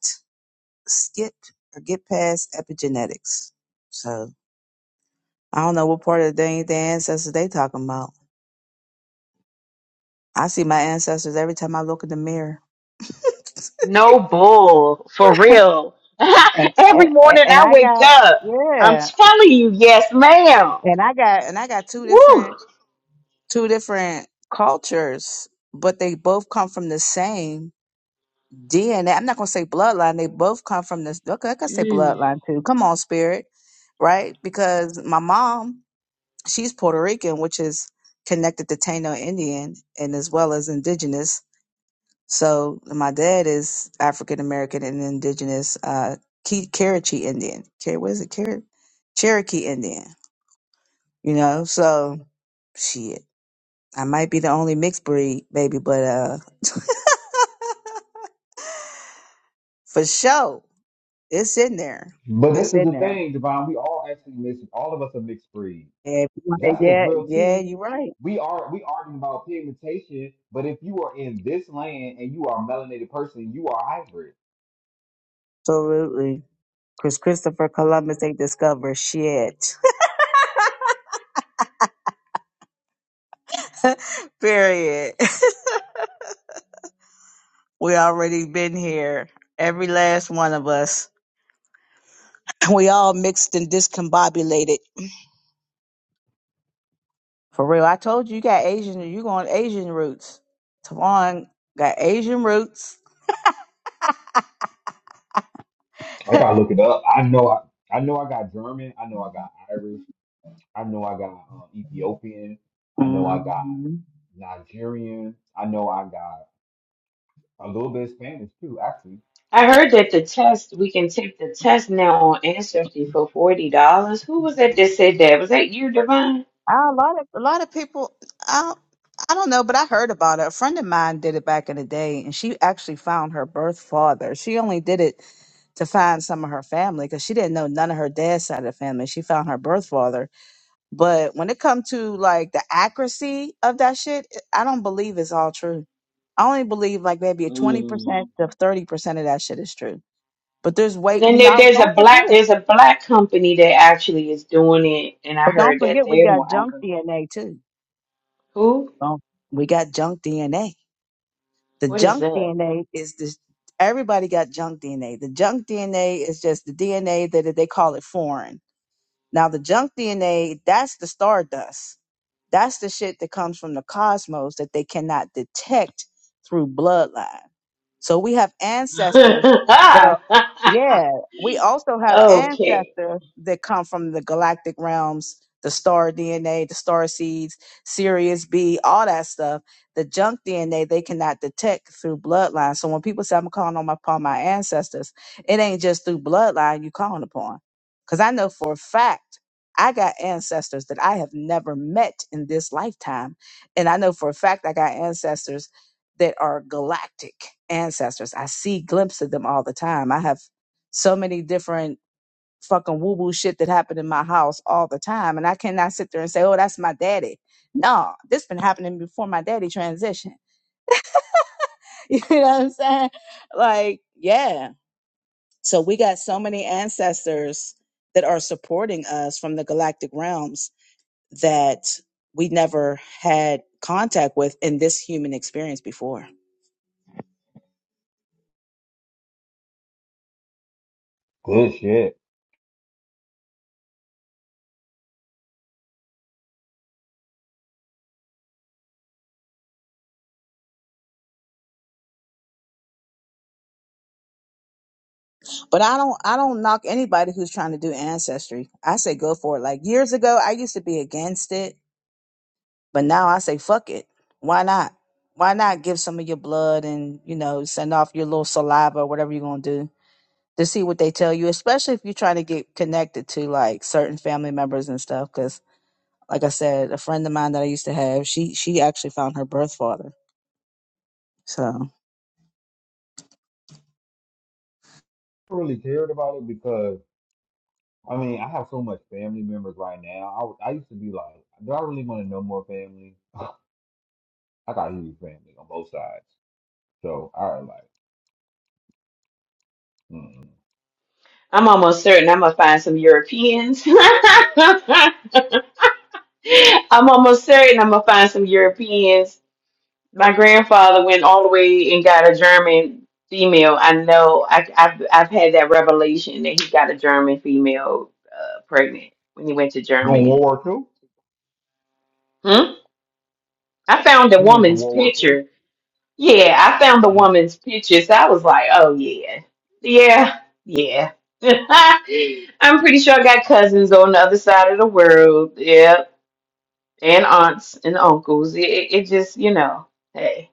[SPEAKER 4] skip or get past epigenetics. So I don't know what part of the dang the ancestors they talking about. I see my ancestors every time I look in the mirror.
[SPEAKER 2] No bull, for real.
[SPEAKER 4] And
[SPEAKER 2] <laughs> Every
[SPEAKER 4] and,
[SPEAKER 2] morning
[SPEAKER 4] and
[SPEAKER 2] I
[SPEAKER 4] I
[SPEAKER 2] wake
[SPEAKER 4] got
[SPEAKER 2] up, I'm
[SPEAKER 4] yeah.
[SPEAKER 2] telling you, yes, ma'am.
[SPEAKER 4] And I got and I got two
[SPEAKER 2] Woo.
[SPEAKER 4] different two different cultures, but they both come from the same DNA. I'm not gonna say bloodline. They both come from this. Okay, I could say
[SPEAKER 2] Mm.
[SPEAKER 4] bloodline too. Come on, spirit, right? Because my mom, she's Puerto Rican, which is connected to Taino Indian and as well as indigenous. So my dad is African American and indigenous, uh, Ke- Cherokee Indian. Cher- What is it? Cher- Cherokee Indian. You know, so shit. I might be the only mixed breed, baby, but uh, <laughs> for sure, it's in there.
[SPEAKER 1] But this
[SPEAKER 4] It's
[SPEAKER 1] is
[SPEAKER 4] in
[SPEAKER 1] the
[SPEAKER 4] there.
[SPEAKER 1] thing, Devon. We all actually mixed. All of us are mixed breed.
[SPEAKER 4] Yeah,
[SPEAKER 1] That's the
[SPEAKER 4] yeah,
[SPEAKER 1] real
[SPEAKER 4] yeah,
[SPEAKER 1] tea
[SPEAKER 4] you're right.
[SPEAKER 1] we are we arguing about pigmentation, but if you are in this land and you are a melanated person, you are hybrid.
[SPEAKER 4] Absolutely. Because Christopher Columbus ain't discovered shit. <laughs> Period. <laughs> we already been here. Every last one of us. <laughs> We all mixed and discombobulated. For real. I told you you got Asian you going Asian roots. Tavon got Asian roots.
[SPEAKER 1] Like, I gotta look it up. I know I, I know I got German. I know I got Irish. I know I got um, Ethiopian. I know I got
[SPEAKER 4] Mhm.
[SPEAKER 1] Nigerian. I know I got a little bit of Spanish too. Actually,
[SPEAKER 2] I heard that the test, we can take the test now on Ancestry for $40. Who was that that said that? Was that you, Divine?
[SPEAKER 4] Uh, a lot of a lot of people. I I don't know, but I heard about it. A friend of mine did it back in the day, and she actually found her birth father. She only did it to find some of her family because she didn't know none of her dad's side of the family. She found her birth father, but when it comes to like the accuracy of that shit, I don't believe it's all true. I only believe like maybe a twenty
[SPEAKER 2] Mm.
[SPEAKER 4] percent to thirty percent of that shit is true. But there's
[SPEAKER 2] But
[SPEAKER 4] way
[SPEAKER 2] then
[SPEAKER 4] you
[SPEAKER 2] there,
[SPEAKER 4] know.
[SPEAKER 2] there's a
[SPEAKER 4] Don't
[SPEAKER 2] black,
[SPEAKER 4] forget,
[SPEAKER 2] there's a black company that actually is doing it, and I
[SPEAKER 4] but don't
[SPEAKER 2] heard that
[SPEAKER 4] forget we
[SPEAKER 2] they're more
[SPEAKER 4] got junk
[SPEAKER 2] active.
[SPEAKER 4] DNA too.
[SPEAKER 2] Who?
[SPEAKER 4] Don't we got junk DNA? The
[SPEAKER 2] What is
[SPEAKER 4] junk
[SPEAKER 2] that?
[SPEAKER 4] DNA is this everybody got junk DNA. The junk DNA is just the DNA that they call it foreign. Now the junk DNA, that's the stardust. That's the shit that comes from the cosmos that they cannot detect through bloodline. So we have ancestors that are, yeah, we also
[SPEAKER 2] <laughs>
[SPEAKER 4] have
[SPEAKER 2] okay.
[SPEAKER 4] ancestors that come from the galactic realms, the star DNA, the star seeds, Sirius B, all that stuff. The junk DNA they cannot detect through bloodline. So when people say I'm calling on my, upon my ancestors, it ain't just through bloodline you calling upon. Because I know for a fact I got ancestors that I have never met in this lifetime. And I know for a fact I got ancestors that are galactic ancestors. I see glimpses of them all the time. I have so many different fucking woo woo shit that happened in my house all the time. And I cannot sit there and say, oh, that's my daddy. No, this been happening before my daddy transitioned. <laughs> You know what I'm saying? Like, yeah. So we got so many ancestors that are supporting us from the galactic realms that we never had contact with in this human experience before.
[SPEAKER 1] good shit.
[SPEAKER 4] But I don't I don't knock anybody who's trying to do ancestry. I say go for it. Like years ago I used to be against it But now I say, fuck it. Why not? Why not give some of your blood and, you know, send off your little saliva or whatever you're going to do to see what they tell you, especially if you're trying to get connected to like certain family members and stuff. Cause like I said, a friend of mine that I used to have, she, she actually found her birth father. So
[SPEAKER 1] I really cared about it because I mean I have so much family members right now. I was- I used to be like, do I really want to know more family? I got huge family on both sides. So I was like, mm.
[SPEAKER 2] I'm almost certain I'm gonna find some Europeans. <laughs> I'm almost certain I'm gonna find some Europeans. My grandfather went all the way and got a German female. I know I, I've I've had that revelation that he got a German female uh, pregnant when he went to
[SPEAKER 1] going World
[SPEAKER 2] Germany.
[SPEAKER 1] War Two.
[SPEAKER 2] Hmm? I found a
[SPEAKER 1] He went to
[SPEAKER 2] woman's
[SPEAKER 1] World War Two.
[SPEAKER 2] picture Yeah, I found the
[SPEAKER 1] Mm,
[SPEAKER 2] woman's pictures. I was like, oh yeah, yeah, yeah. <laughs> I'm pretty sure I got cousins on the other side of the world. Yeah, and aunts and uncles. It, it it just, you know, hey,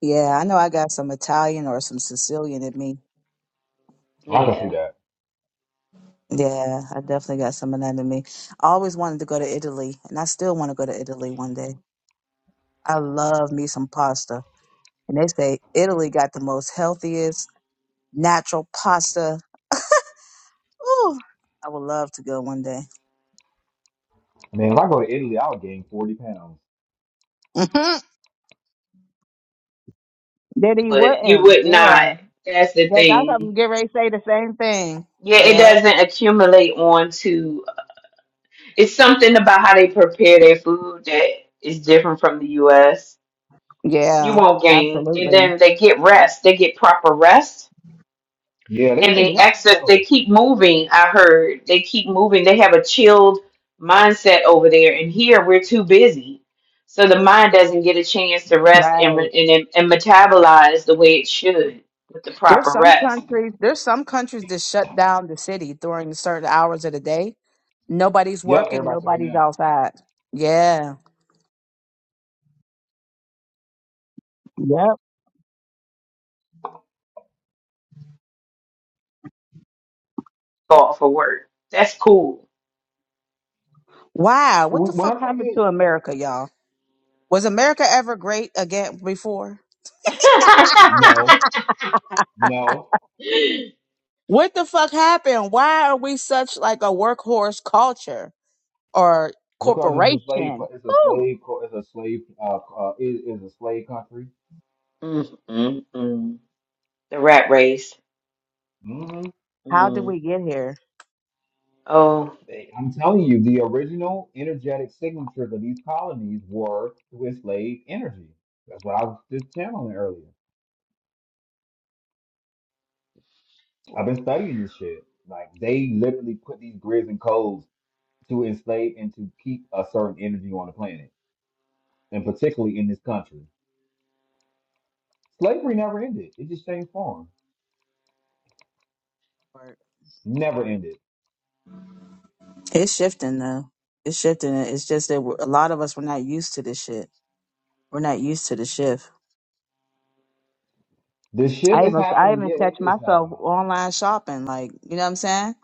[SPEAKER 4] yeah, I know I got some Italian or some Sicilian in me.
[SPEAKER 1] I can see
[SPEAKER 2] yeah.
[SPEAKER 1] that.
[SPEAKER 4] Yeah, I definitely got some of that in me. I always wanted to go to Italy and I still want to go to Italy one day. I love me some pasta. and they say Italy got the most healthiest natural pasta. Ooh, I would love to go one day. <laughs>
[SPEAKER 1] Man, if I go to Italy, I'll gain forty pounds.
[SPEAKER 4] Mhm. Diddy you
[SPEAKER 2] But you
[SPEAKER 4] wouldn't.
[SPEAKER 2] would not.
[SPEAKER 4] Yeah,
[SPEAKER 2] That's the
[SPEAKER 4] that that's what
[SPEAKER 2] thing.
[SPEAKER 4] I'm getting ready to say the same thing.
[SPEAKER 2] Yeah, it
[SPEAKER 4] Yep.
[SPEAKER 2] doesn't accumulate onto. It's something about how they prepare their food that is different from the U.S. You
[SPEAKER 4] Yeah,
[SPEAKER 2] won't gain, and
[SPEAKER 4] absolutely.
[SPEAKER 2] then they get rest. They get proper rest
[SPEAKER 1] Yeah, they
[SPEAKER 2] and
[SPEAKER 1] take
[SPEAKER 2] they
[SPEAKER 1] naps
[SPEAKER 2] access they
[SPEAKER 1] though.
[SPEAKER 2] keep moving i heard they keep moving they have a chilled mindset over there and here we're too busy so the mind doesn't get a chance to rest and
[SPEAKER 4] Right.
[SPEAKER 2] re- and, and metabolize the way it should with the proper
[SPEAKER 4] There's some
[SPEAKER 2] rest
[SPEAKER 4] countries. There's some countries that shut down the city during certain hours of the day. Nobody's
[SPEAKER 1] Yep,
[SPEAKER 4] working.
[SPEAKER 1] everybody took a
[SPEAKER 4] Nobody's
[SPEAKER 1] nap.
[SPEAKER 4] outside. Yeah. Yep.
[SPEAKER 2] for for work that's cool
[SPEAKER 4] Wow. What the
[SPEAKER 1] Wh- When
[SPEAKER 4] fuck
[SPEAKER 1] I'm trying to
[SPEAKER 4] happened to
[SPEAKER 1] get
[SPEAKER 4] America, y'all? Was America ever great again before?
[SPEAKER 2] <laughs> mm,
[SPEAKER 1] no, no,
[SPEAKER 4] What the fuck happened? Why are we such like a workhorse culture or
[SPEAKER 1] because it's a slave,
[SPEAKER 4] corporation?
[SPEAKER 1] it's a
[SPEAKER 4] Woo!
[SPEAKER 1] slave, co- it's a slave, uh, uh is is a slave country.
[SPEAKER 2] mm, mm. the rat race
[SPEAKER 1] hmm
[SPEAKER 4] How did
[SPEAKER 2] mm.
[SPEAKER 4] we get here?
[SPEAKER 2] oh
[SPEAKER 1] I'm telling you, the original energetic signatures of these colonies were to slave energy. That's what I was just channeling earlier. I've been studying this shit. Like they literally put these grids and codes to enslave and to keep a certain energy on the planet, and particularly in this country. Slavery never ended. It just changed form. Never ended.
[SPEAKER 4] It's shifting though. It's shifting. It's just that we're- a lot of us were not used to this shit. We're not used to the shift.
[SPEAKER 1] The shift
[SPEAKER 4] I
[SPEAKER 1] is
[SPEAKER 4] even I
[SPEAKER 1] happening.
[SPEAKER 4] even
[SPEAKER 1] Yeah, it
[SPEAKER 4] catch
[SPEAKER 1] is
[SPEAKER 4] myself
[SPEAKER 1] happening.
[SPEAKER 4] online shopping, like you know what I'm saying.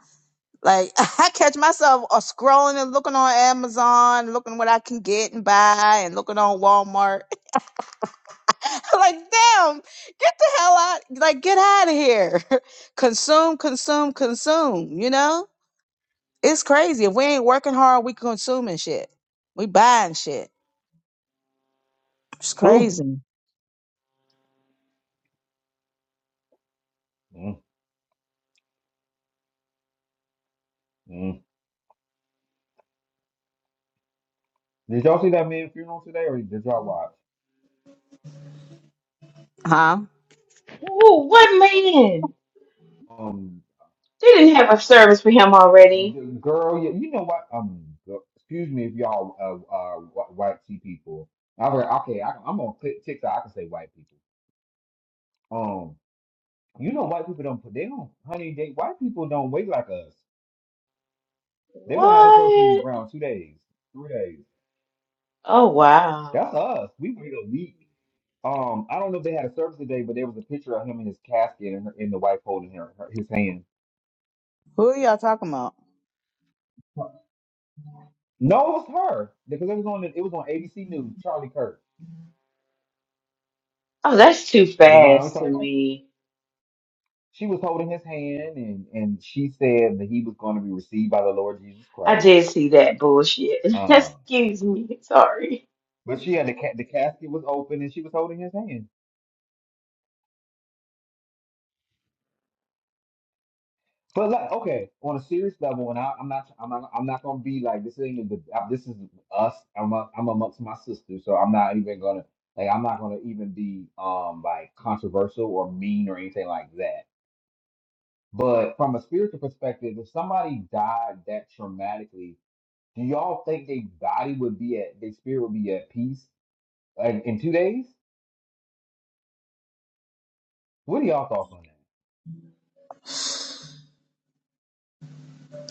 [SPEAKER 4] Like <laughs> I catch myself uh, scrolling and looking on Amazon, looking what I can get and buy, and looking on Walmart. <laughs> like, damn, get the hell out, like, get out of here. <laughs> consume, consume, consume, you know? It's crazy. If we ain't working hard, we consuming shit. We buying shit. It's
[SPEAKER 1] True.
[SPEAKER 4] crazy.
[SPEAKER 1] mm mm. Did y'all see that man funeral today, or did y'all watch?
[SPEAKER 4] Huh?
[SPEAKER 2] Ooh, what man
[SPEAKER 1] Um,
[SPEAKER 2] they didn't have a service for him already
[SPEAKER 1] the girl. Yeah, you know what? Um, go- excuse me if y'all uh, uh wh- white tea people. I've heard. Okay, I, I'm on Tik- TikTok. I can say white people. Um, you know white people don't put. They don't. Honey, they white people don't wait like us. They would have a person in the
[SPEAKER 2] what
[SPEAKER 1] ground two days, three days.
[SPEAKER 2] oh wow
[SPEAKER 1] That's us. We wait a week. Um, I don't know if they had a service today, but there was a picture of him in his casket and, her, and the wife holding her, her his hand.
[SPEAKER 4] Who are y'all talking about?
[SPEAKER 1] No, it was her because it was on it was on ABC News. Charlie Kirk,
[SPEAKER 2] Oh, that's too
[SPEAKER 1] Divine. We're
[SPEAKER 2] fast to
[SPEAKER 1] talking about.
[SPEAKER 2] me.
[SPEAKER 1] She was holding his hand, and and she said that he was going to be received by the Lord Jesus
[SPEAKER 2] I
[SPEAKER 1] Christ.
[SPEAKER 2] did see that bullshit. <laughs>
[SPEAKER 1] Um,
[SPEAKER 2] Excuse me. Sorry.
[SPEAKER 1] but she had the ca- the casket was open, and she was holding his hand. But like, okay, on a serious level, and I, I'm not, I'm not, I'm not gonna be like this ain't the, uh, this is us. I'm, a, I'm amongst my sisters, so I'm not even gonna like, I'm not gonna even be um like controversial or mean or anything like that. But from a spiritual perspective, if somebody died that traumatically, do y'all think their body would be at, their spirit would be at peace like in two days? What are y'all thoughts on that?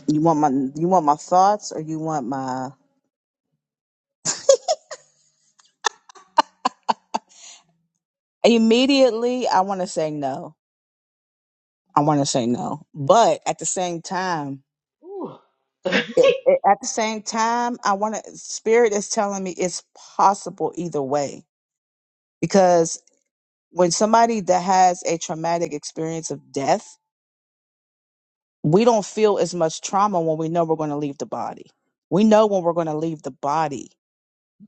[SPEAKER 4] You want my you want my thoughts or you want my immediately I wanna say no. I wanna say no. But at the same time,
[SPEAKER 2] Ooh. <laughs>
[SPEAKER 4] it, it- at the same time, I want to. Spirit is telling me it's possible either way because. when somebody that has a traumatic experience of death, we don't feel as much trauma when we know we're going to leave the body. We know when we're going to leave the body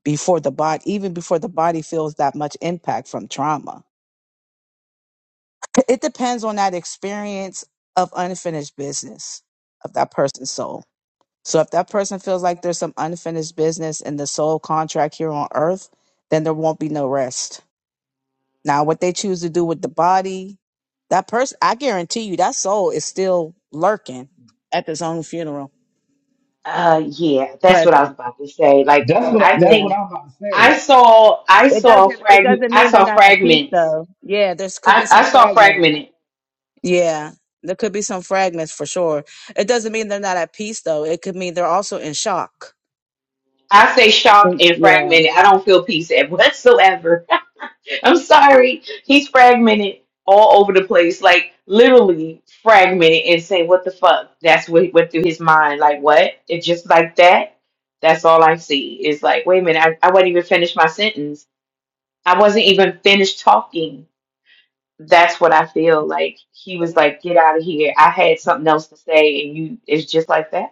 [SPEAKER 4] before the body, even before the body feels that much impact from trauma. It depends on that experience of unfinished business of that person's soul. So if that person feels like there's some unfinished business in the soul contract here on earth, then there won't be no rest Now, what they choose to do with the body, that person, I guarantee you, that soul is still lurking at this own funeral.
[SPEAKER 2] uh yeah, that's what I was
[SPEAKER 4] Present.
[SPEAKER 2] about to say. Like
[SPEAKER 1] That's what, I-
[SPEAKER 2] I
[SPEAKER 1] that's
[SPEAKER 4] Yeah.
[SPEAKER 1] what
[SPEAKER 2] think
[SPEAKER 1] I'm about to say.
[SPEAKER 2] I saw I
[SPEAKER 4] It
[SPEAKER 2] saw
[SPEAKER 4] doesn't. It
[SPEAKER 2] frag
[SPEAKER 4] doesn't
[SPEAKER 2] I
[SPEAKER 4] mean they're
[SPEAKER 2] saw
[SPEAKER 4] not at peace,
[SPEAKER 2] fragments.
[SPEAKER 4] though. Yeah, there's could be
[SPEAKER 2] I,
[SPEAKER 4] some
[SPEAKER 2] I saw
[SPEAKER 4] fragments.
[SPEAKER 2] fragmented.
[SPEAKER 4] Yeah, there could be some fragments for sure. It doesn't mean they're not at peace, though. It could mean they're also in shock.
[SPEAKER 2] I say
[SPEAKER 4] Mm,
[SPEAKER 2] shocked and
[SPEAKER 4] Yeah.
[SPEAKER 2] fragmented. I don't feel peace at <laughs> whatsoever. I'm sorry. He's fragmented all over the place, like literally fragmented and saying, What the fuck? That's what went through his mind. Like, what? It's just like that? That's all I see. It's like, wait a minute, I, I wasn't even finished my sentence. I wasn't even finished talking. That's what I feel like. He was like, Get out of here. I had something else to say, and you, it's just like that.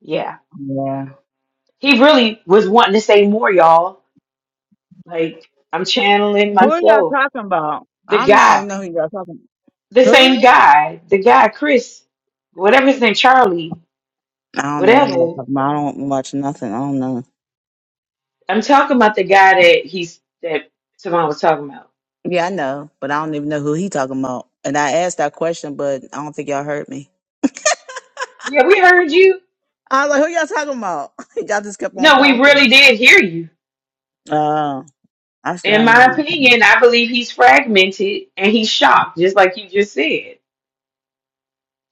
[SPEAKER 2] Yeah.
[SPEAKER 4] Yeah.
[SPEAKER 2] He really was wanting to say more, y'all. Like, I'm channeling
[SPEAKER 4] Who are y'all
[SPEAKER 2] myself.
[SPEAKER 4] talking about?
[SPEAKER 2] The
[SPEAKER 4] I'm not
[SPEAKER 2] guy.
[SPEAKER 4] even know who y'all talking.
[SPEAKER 2] the
[SPEAKER 4] about. Who?
[SPEAKER 2] same guy, the guy Chris, whatever his name, Charlie,
[SPEAKER 4] I don't even know who y'all
[SPEAKER 2] whatever.
[SPEAKER 4] talking about. I don't watch nothing. I don't know.
[SPEAKER 2] I'm talking about the guy that he's that Tavon was talking about.
[SPEAKER 4] Yeah, I know, but I don't even know who he talking about. And I asked that question, but I don't think y'all heard me.
[SPEAKER 2] Yeah, we heard you.
[SPEAKER 4] I was like, "Who y'all talking about?" <laughs> y'all just kept on
[SPEAKER 2] No, we
[SPEAKER 4] talking.
[SPEAKER 2] really did hear you.
[SPEAKER 4] Oh, I still
[SPEAKER 2] In
[SPEAKER 4] don't know.
[SPEAKER 2] my
[SPEAKER 4] who y'all talking about.
[SPEAKER 2] opinion, I believe he's fragmented and he's shocked, just like you just said.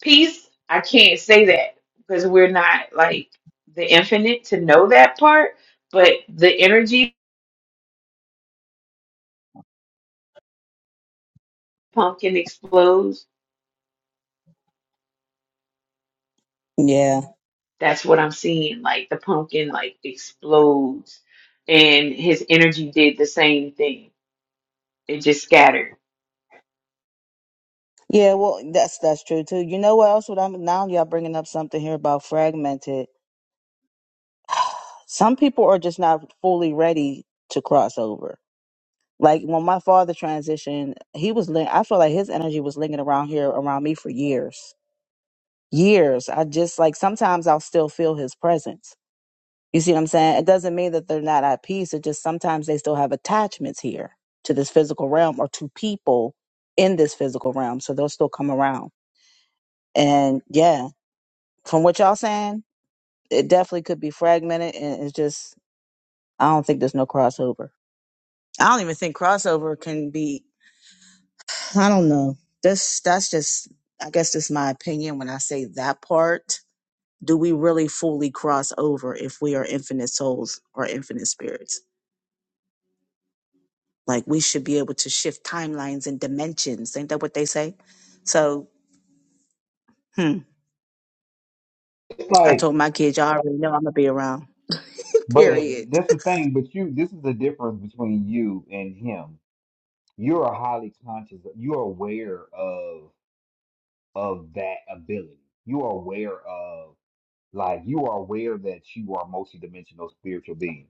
[SPEAKER 2] Peace, I can't say that because we're not like the infinite to know that part, but the energy pump can explode
[SPEAKER 4] Yeah,
[SPEAKER 2] That's what I'm seeing. Like the pumpkin like explodes and his energy did the same thing. It just scattered.
[SPEAKER 4] yeah. Well, that's that's true too. You know what else? What I'm now y'all bringing up something here about fragmented. Some people are just not fully ready to cross over. Like when my father transitioned, he was. lin- I feel like his energy was lingering around here around me for years, years. I just like sometimes I'll still feel his presence You see what I'm saying? It doesn't mean that they're not at peace. It just sometimes they still have attachments here to this physical realm or to people in this physical realm. So they'll still come around. And yeah, from what y'all saying, it definitely could be fragmented and it's just I don't think there's no crossover. I don't even think crossover can be I don't know. This that's just I guess that's my opinion when I say that part. Do we really fully cross over if we are infinite souls or infinite spirits? Like we should be able to shift timelines and dimensions. Ain't that what they say? So, hmm,
[SPEAKER 1] It's
[SPEAKER 4] I
[SPEAKER 1] like.
[SPEAKER 4] told my kids, y'all already know I'm gonna be around. <laughs>
[SPEAKER 1] But
[SPEAKER 4] Period.
[SPEAKER 1] that's the thing, but you this is the difference between you and him. You're a highly conscious, you're aware of of that ability. You are aware of like you are aware that you are multidimensional spiritual being.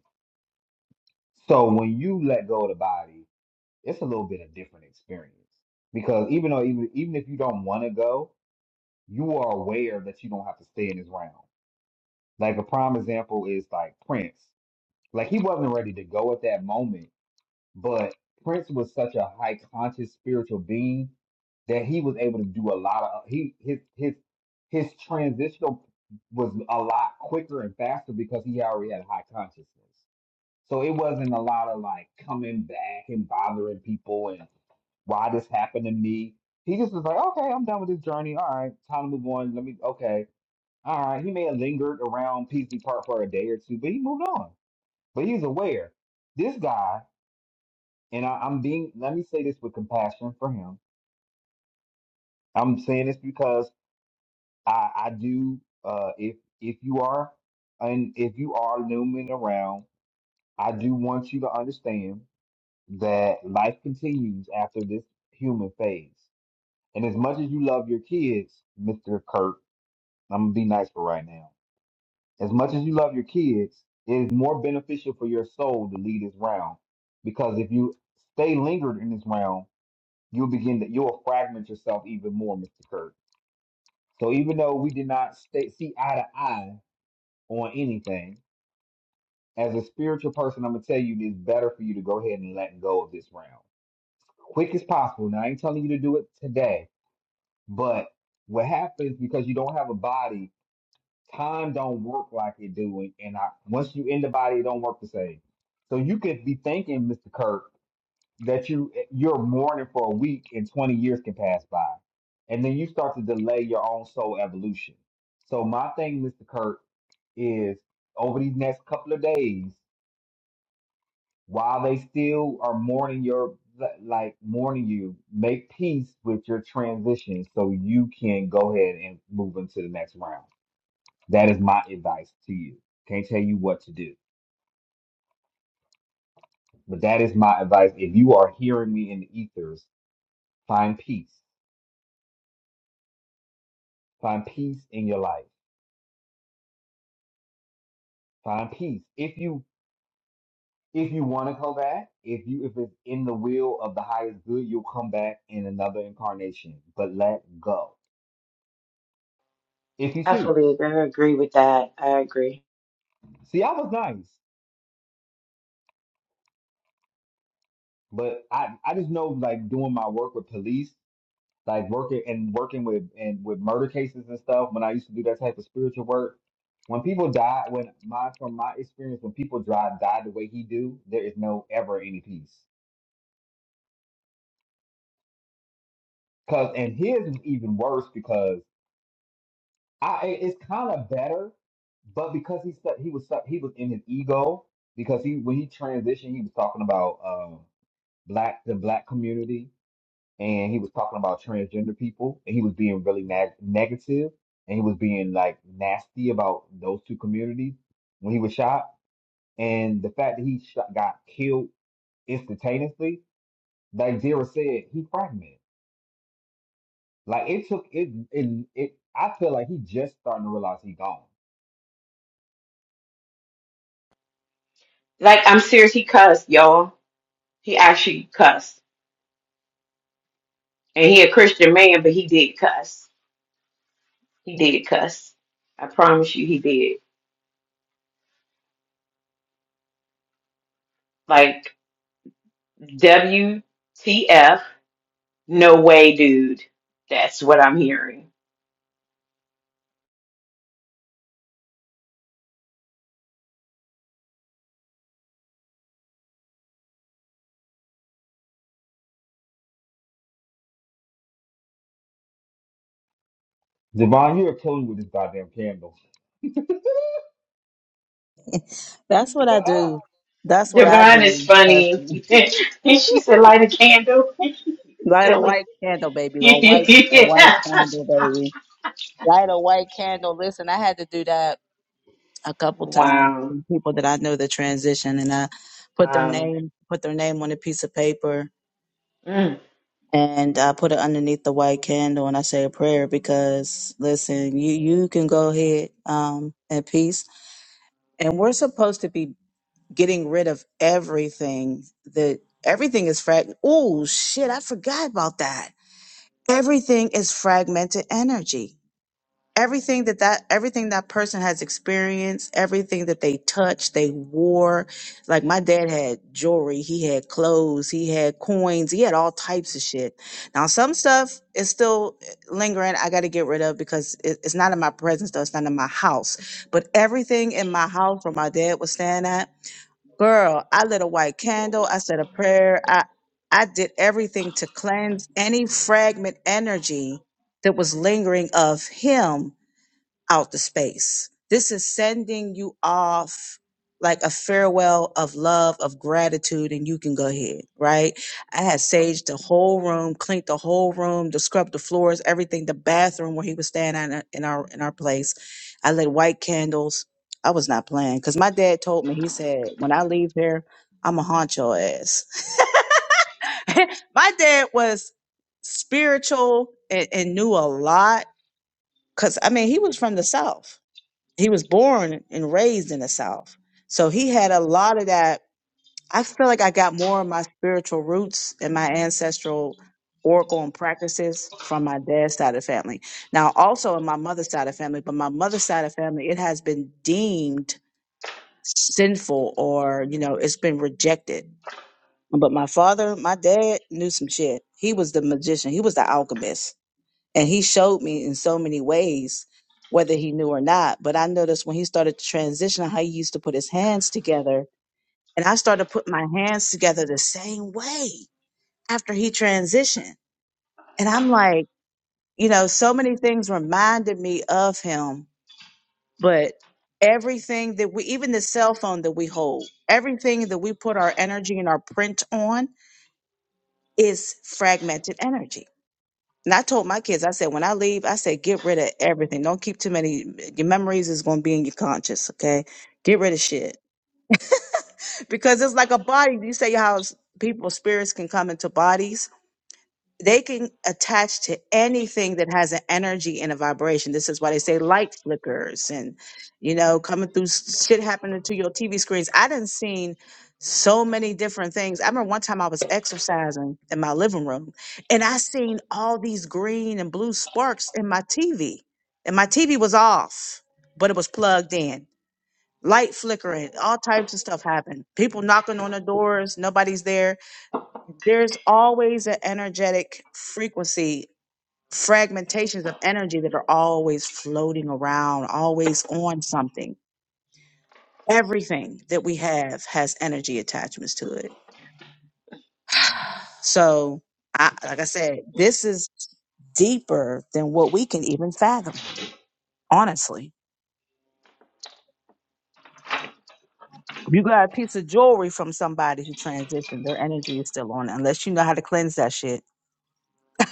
[SPEAKER 1] So when you let go of the body, it's a little bit of different experience. Because even though even even if you don't want to go, you are aware that you don't have to stay in this realm. Like a prime example is like Prince. Like he wasn't ready to go at that moment But Prince was such a high conscious spiritual being that he was able to do a lot of he his his his transitional was a lot quicker and faster because he already had high consciousness. So it wasn't a lot of like coming back and bothering people and why this happened to me. He just was like, okay, I'm done with this journey. All right, time to move on. Let me, okay. All right. He may have lingered around PC Park for a day or two, but he moved on. But he's aware. This guy and I, I'm being let me say this with compassion for him. I'm saying this because I, I do uh if if you are and if you are looming around, I do want you to understand that life continues after this human phase. And as much as you love your kids, Mr. Kirk, I'm gonna be nice for right now. As much as you love your kids, it is more beneficial for your soul to leave this round. Because if you stay lingered in this round, you'll begin that you'll fragment yourself even more, Mr. Kirk. So even though we did not stay, see eye to eye on anything, as a spiritual person, I'm gonna tell you it's better for you to go ahead and let go of this round, quick as possible. Now I ain't telling you to do it today, but what happens because you don't have a body, time don't work like it do, and I, once you in the body, it don't work the same. So you could be thinking, Mr. Kirk that you you're mourning for a week and 20 years can pass by and then you start to delay your own soul evolution so my thing mr kurt is over these next couple of days while they still are mourning your like mourning you make peace with your transition so you can go ahead and move into the next round that is my advice to you can't tell you what to do but that is my advice if you are hearing me in the ethers find peace Find peace in your life. Find peace. If you if you want to come back, if you if it's in the will of the highest good, you'll come back in another incarnation. But let go if you
[SPEAKER 2] I
[SPEAKER 1] choose.
[SPEAKER 2] fully I agree with that. I agree.
[SPEAKER 1] See, I was nice, but I I just know like doing my work with police, like working and working with and with murder cases and stuff. When I used to do that type of spiritual work, when people die, when my from my experience, when people die die the way he do, there is no ever any peace. Cause and his was even worse because I it's kind of better, but because he stuck, he was stuck, he was in his ego because he when he transitioned, he was talking about um black the black community and he was talking about transgender people and he was being really nag negative and he was being like nasty about those two communities when he was shot and the fact that he shot, got killed instantaneously, like Zira said, he fragmented. Like it took it it it. I feel like he just starting to realize he gone
[SPEAKER 2] Like I'm serious, he cussed, y'all. He actually cussed. And he a Christian man, but he did cuss. He did cuss. I promise you he did. Like WTF, no way, dude. That's what I'm hearing.
[SPEAKER 1] Devon, you are killing me with this goddamn candle.
[SPEAKER 4] That's
[SPEAKER 1] <laughs>
[SPEAKER 4] what I do. That's what I
[SPEAKER 2] Divine is
[SPEAKER 4] do
[SPEAKER 2] funny. <laughs> and
[SPEAKER 4] personally.
[SPEAKER 2] she
[SPEAKER 4] <laughs>
[SPEAKER 2] said, light a candle. <laughs>
[SPEAKER 4] Light a
[SPEAKER 2] Silly.
[SPEAKER 4] white candle, baby, or
[SPEAKER 2] <laughs>
[SPEAKER 4] white a white candle, baby. light a white candle. Listen, I had to do that a couple times.
[SPEAKER 2] wow.
[SPEAKER 4] from People that I know that transition, and I put their
[SPEAKER 2] Wow.
[SPEAKER 4] name, put their name on a piece of paper,
[SPEAKER 2] Mm.
[SPEAKER 4] and I put it underneath the white candle, and I say a prayer because listen, you you can go ahead um in peace, and we're supposed to be getting rid of everything that everything is frag. Oh shit, I forgot about that. Everything is fragmented energy everything that that everything that person has experienced everything that they touched they wore like my dad had jewelry he had clothes he had coins he had all types of shit now some stuff is still eh, lingering i got to get rid of because it, it's not in my presence though it's not in my house but everything in my house where my dad was staying at girl i lit a white candle i said a prayer i i did everything to cleanse any fragment energy that was lingering of him out the space. This is sending you off like a farewell of love, of gratitude, and you can go ahead, right? I had saged the whole room, cleaned the whole room, to scrub the floors, everything, the bathroom where he was staying at in in our in our place. I lit white candles. I was not playing because my dad told me, he said, when I leave here, I'm going to haunt your ass. <laughs> my dad was spiritual and, and knew a lot because I mean, he was from the South he was born and raised in the South. So he had a lot of that. I feel like I got more of my spiritual roots and my ancestral oracle and practices from my dad's side of the family. Now, also in my mother's side of the family, but my mother's side of the family, it has been deemed sinful or, you know, it's been rejected. But my father, my dad knew some shit. He was the magician, he was the alchemist and he showed me in so many ways, whether he knew or not. But I noticed when he started to transition how he used to put his hands together. And I started putting my hands together the same way after he transitioned. And I'm like, you know, so many things reminded me of him, but everything that we, even the cell phone that we hold, everything that we put our energy and our print on is fragmented energy And I told my kids, I said, when I leave, I said, get rid of everything. Don't keep too many. Your memories is going to be in your conscience, okay? Get rid of shit. <laughs> Because it's like a body. You say how s- people, spirits can come into bodies they can attach to anything that has an energy and a vibration. This is why they say light flickers and you know coming through s- shit happening to your TV screens. I done seen so many different things. I remember one time I was exercising in my living room and I seen all these green and blue sparks in my TV. And my TV was off, but it was plugged in. Light flickering, all types of stuff happened. People knocking on the doors, nobody's there there's always an energetic frequency fragmentations of energy that are always floating around always on something everything that we have has energy attachments to it so I, like i said this is deeper than what we can even fathom honestly you got a piece of jewelry from somebody who transitioned their energy is still on it, unless you know how to cleanse that shit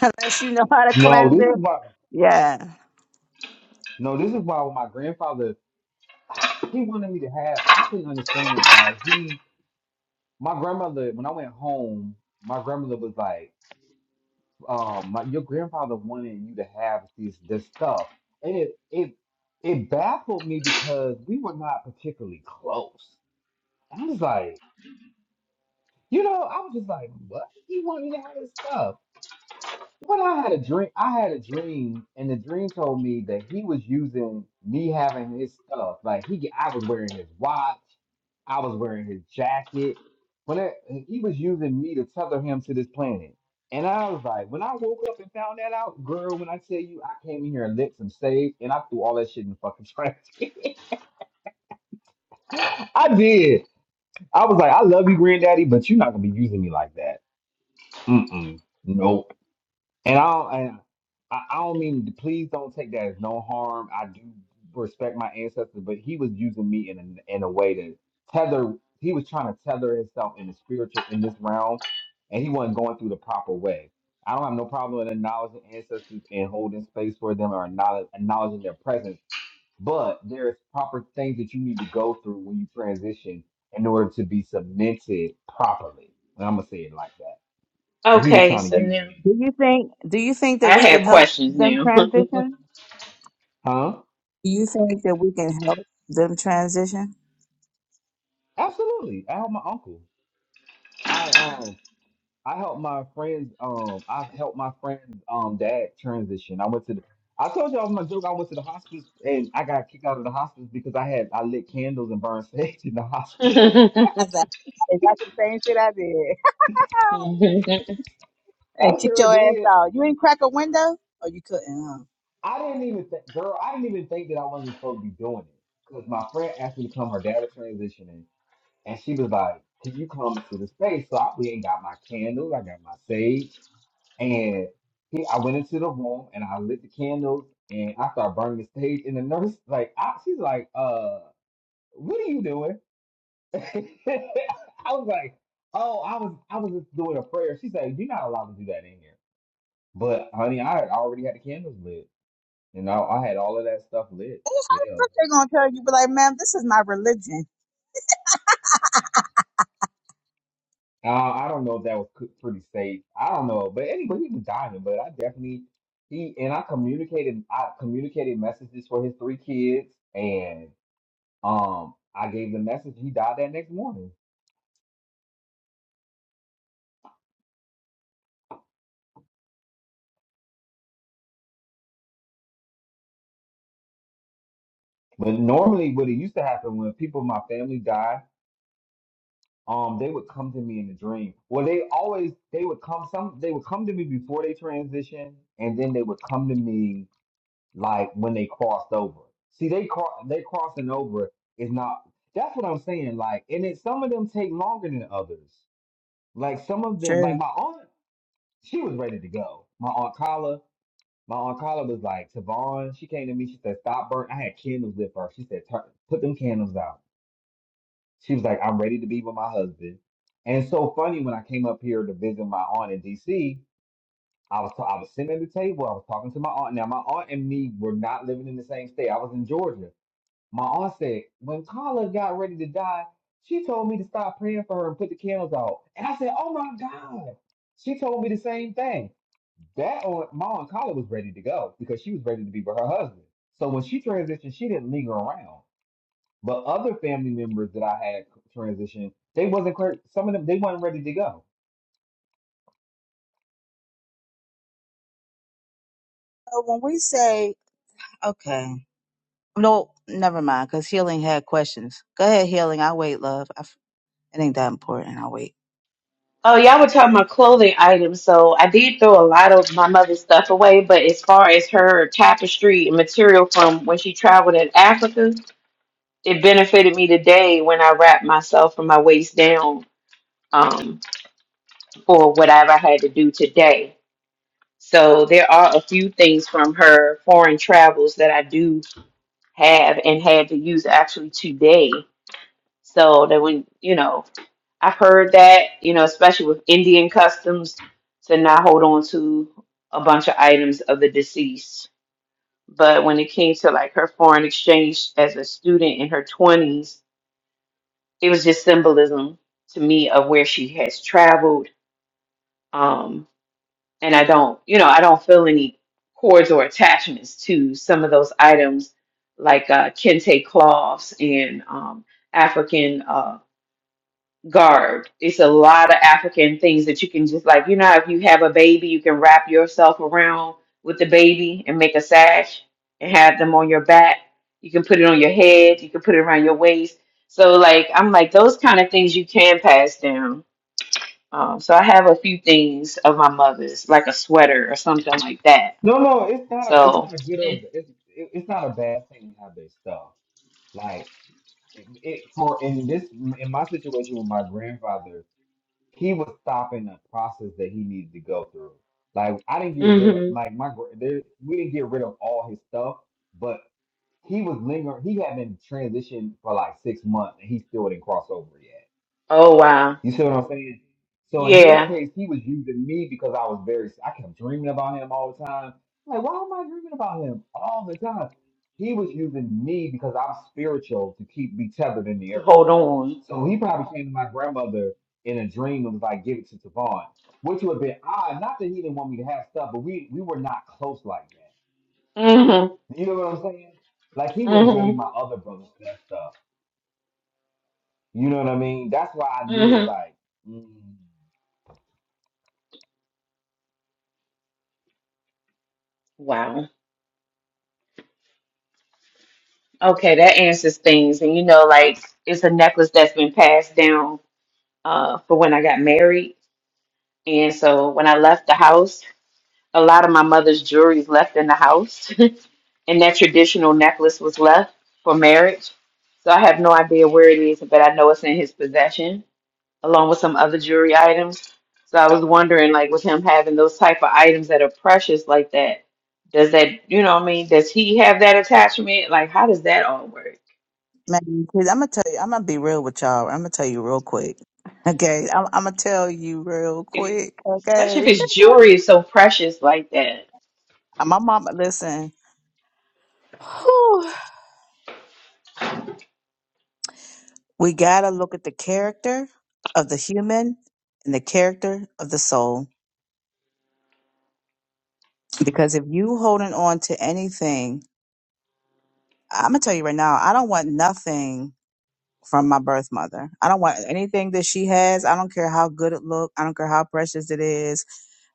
[SPEAKER 4] <laughs> unless you know how to
[SPEAKER 1] no,
[SPEAKER 4] cleanse
[SPEAKER 1] this is
[SPEAKER 4] it
[SPEAKER 1] why.
[SPEAKER 4] yeah
[SPEAKER 1] No, this is why when my grandfather he wanted me to have. I couldn't understand why he. My grandmother, when I went home, my grandmother was like, um, my, "Your grandfather wanted you to have this this stuff," and it it it baffled me because we were not particularly close. And I was like, you know, I was just like, "What? He wanted me to have this stuff?" But I had a dream. I had a dream, and the dream told me that he was using me having his stuff. Like he, I was wearing his watch, I was wearing his jacket. When I, he was using me to tether him to this planet, and I was like, when I woke up and found that out, girl. When I tell you, I came in here and lit some sage, and I threw all that shit in the fucking trash can. <laughs> I did. I was like, I love you, granddaddy, but you're not gonna be using me like that. Mm mm. No. And I don't, and I, I don't mean please don't take that as no harm. I do respect my ancestors, but he was using me in a, in a way to tether. He was trying to tether himself in the spiritual in this realm, and he wasn't going through the proper way. I don't have no problem in acknowledging ancestors and holding space for them or acknowledge, acknowledging their presence, but there's proper things that you need to go through when you transition in order to be cemented properly. And I'm gonna say it like that. And he was
[SPEAKER 2] Okay,
[SPEAKER 1] trying to
[SPEAKER 2] so
[SPEAKER 1] use
[SPEAKER 2] now
[SPEAKER 1] me,
[SPEAKER 4] Do you think do you think that
[SPEAKER 2] I
[SPEAKER 4] we can
[SPEAKER 2] have
[SPEAKER 4] help
[SPEAKER 2] questions
[SPEAKER 4] them
[SPEAKER 2] now. <laughs> oh,
[SPEAKER 4] transition?
[SPEAKER 1] huh?
[SPEAKER 4] Do you think that we can help them transition?
[SPEAKER 1] Absolutely. I help my uncle. I um I help my friends um I've helped my friend's um dad transition. I went to the I told y'all my joke, I went to the hospice and I got kicked out of the hospice because I had I lit candles and burned <laughs> sage in the hospice. <laughs>
[SPEAKER 4] That's a- that's the same shit I did. <laughs>
[SPEAKER 2] y'all
[SPEAKER 1] I
[SPEAKER 4] and kick
[SPEAKER 1] sure
[SPEAKER 4] your ass
[SPEAKER 1] did.
[SPEAKER 4] out. You ain't crack a window? Oh, you couldn't, huh?
[SPEAKER 1] I didn't even think girl, I didn't even think that I wasn't supposed to be doing it. Because my friend asked me to come, her dad was transitioning, and she was like, Can you come to the space? So I we ain't got my candles, I got my sage. And he, I went into the room and I lit the candles and I started burning the stage. And the nurse, like, I, she's like, "Uh, what are you doing?" <laughs> I was like, "Oh, I was, I was just doing a prayer." She said, "You're not allowed to do that in here." But honey, I had already had the candles lit, and I, I had all of that stuff lit.
[SPEAKER 4] How
[SPEAKER 1] Yeah,
[SPEAKER 4] the fuck they gonna tell you? Be like, ma'am, this is my religion.
[SPEAKER 1] uh, I don't know if that was c- pretty safe. I don't know, but anyway, he was dying. But I definitely he and I communicated. I communicated messages for his three kids, and Um, I gave the message. He died that next morning. But normally, what it used to happen when people in my family die, um, they would come to me in a dream. Well, they always they would come some they would come to me before they transitioned, and then they would come to me like when they crossed over. See, they cro- they crossing over is not. That's what I'm saying. Like, and it, some of them take longer than others. Like some of them, like
[SPEAKER 4] True.
[SPEAKER 1] my aunt, she was ready to go. My aunt Carla, My oncologist was like, Tavon, she came to me, she said, stop burning." I had candles lit for her. She said, Turn, put them candles out. She was like, I'm ready to be with my husband. And it's so funny when I came up here to visit my aunt in DC, I was I was sitting at the table, I was talking to my aunt. Now my aunt and me were not living in the same state. I was in Georgia. My aunt said, when Carla got ready to die, she told me to stop praying for her and put the candles out. And I said, Oh my God. She told me the same thing. That or Ma and Carla was ready to go because she was ready to be with her husband. So when she transitioned, she didn't linger around. But other family members that I had transition, they wasn't clear. Some of them they weren't ready to go.
[SPEAKER 4] So when we say Okay. No, never mind, because healing had questions. Go ahead, healing. I wait, love. I f it ain't that important. I wait.
[SPEAKER 2] were talking about clothing items. So I did throw a lot of my mother's stuff away, but as far as her tapestry and material from when she traveled in Africa, it benefited me today when I wrapped myself from my waist down. um, for whatever I had to do today. So there are a few things from her foreign travels that I do have and had to use actually today. So that when you know, I've heard that, you know, especially with Indian customs to not hold on to a bunch of items of the deceased. But when it came to like her foreign exchange as a student in her twenties, it was just symbolism to me of where she has traveled. um, and I don't, you know, I don't feel any cords or attachments to some of those items like uh, kente cloths and um, African uh, garb. It's a lot of African things that you can just like, you know, how if you have a baby, you can wrap yourself around with the baby and make a sash and have them on your back. You can put it on your head. You can put it around your waist. So like, I'm like those kind of things you can pass down um, so I have a few things of my mother's, like a sweater or something like that.
[SPEAKER 1] No, no, it's not a it's
[SPEAKER 2] So,
[SPEAKER 1] not a good or it's it, it's not a bad thing to have their stuff. Like it, it for in this in my situation with my grandfather, he was stopping a process that he needed to go through. Like I didn't get rid of
[SPEAKER 2] hmm
[SPEAKER 1] like my gr- there, we didn't get rid of all his stuff, but he was lingering. He had been transitioned for like six months, and he still didn't cross over yet.
[SPEAKER 2] oh wow,
[SPEAKER 1] You see what I'm saying? So in his
[SPEAKER 2] yeah,
[SPEAKER 1] case, he was using me because I was very. I kept dreaming about him all the time. Like, why am I dreaming about him all the time? He was using me because I'm spiritual to keep me tethered in the earth.
[SPEAKER 2] hold on.
[SPEAKER 1] So he probably came to my grandmother in a dream and was like, "Give it to Tavon," which would have been odd. Not that he didn't want me to have stuff, but we we were not close like that.
[SPEAKER 2] Mm-hmm.
[SPEAKER 1] You know what I'm saying? Like he would have gave my
[SPEAKER 2] Mm-hmm.
[SPEAKER 1] other brothers that stuff. You know what I mean? That's why I knew it was
[SPEAKER 2] Mm-hmm.
[SPEAKER 1] like, mm,
[SPEAKER 2] Wow. Okay, that answers things. And you know, like it's a necklace that's been passed down uh, for when I got married. And so when I left the house, a lot of my mother's jewelry is left in the house. <laughs> and that traditional necklace was left for marriage. So I have no idea where it is, but I know it's in his possession, along with some other jewelry items. So I was wondering, like, with him having those type of items that are precious like that, does that, you know, what I mean, does he have that attachment? Like, how does that all work?
[SPEAKER 4] Man, I'm gonna tell you, I'm gonna be real with y'all. I'm gonna tell you real quick. <laughs> Okay, I'm, I'm gonna tell you real
[SPEAKER 2] If,
[SPEAKER 4] quick.
[SPEAKER 2] especially if
[SPEAKER 4] Okay,
[SPEAKER 2] his jewelry is so precious like that.
[SPEAKER 4] <laughs> my mama, listen, whew, we gotta look at the character of the human and the character of the soul. Because if you holding on to anything, I'm gonna tell you right now, I don't want nothing from my birth mother. I don't want anything that she has. I don't care how good it look. I don't care how precious it is.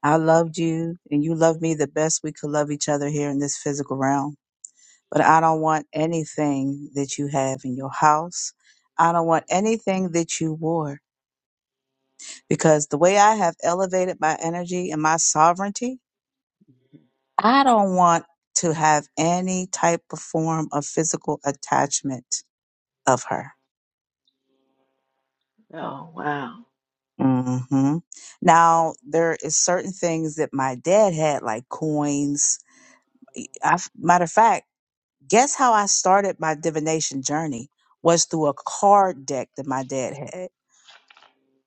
[SPEAKER 4] I loved you and you loved me the best we could love each other here in this physical realm. But I don't want anything that you have in your house. I don't want anything that you wore because the way I have elevated my energy and my sovereignty, I don't want to have any type of form of physical attachment of her.
[SPEAKER 2] Oh wow.
[SPEAKER 4] hmm Now there is certain things that my dad had, like coins. I, matter of fact, guess how I started my divination journey was through a card deck that my dad had,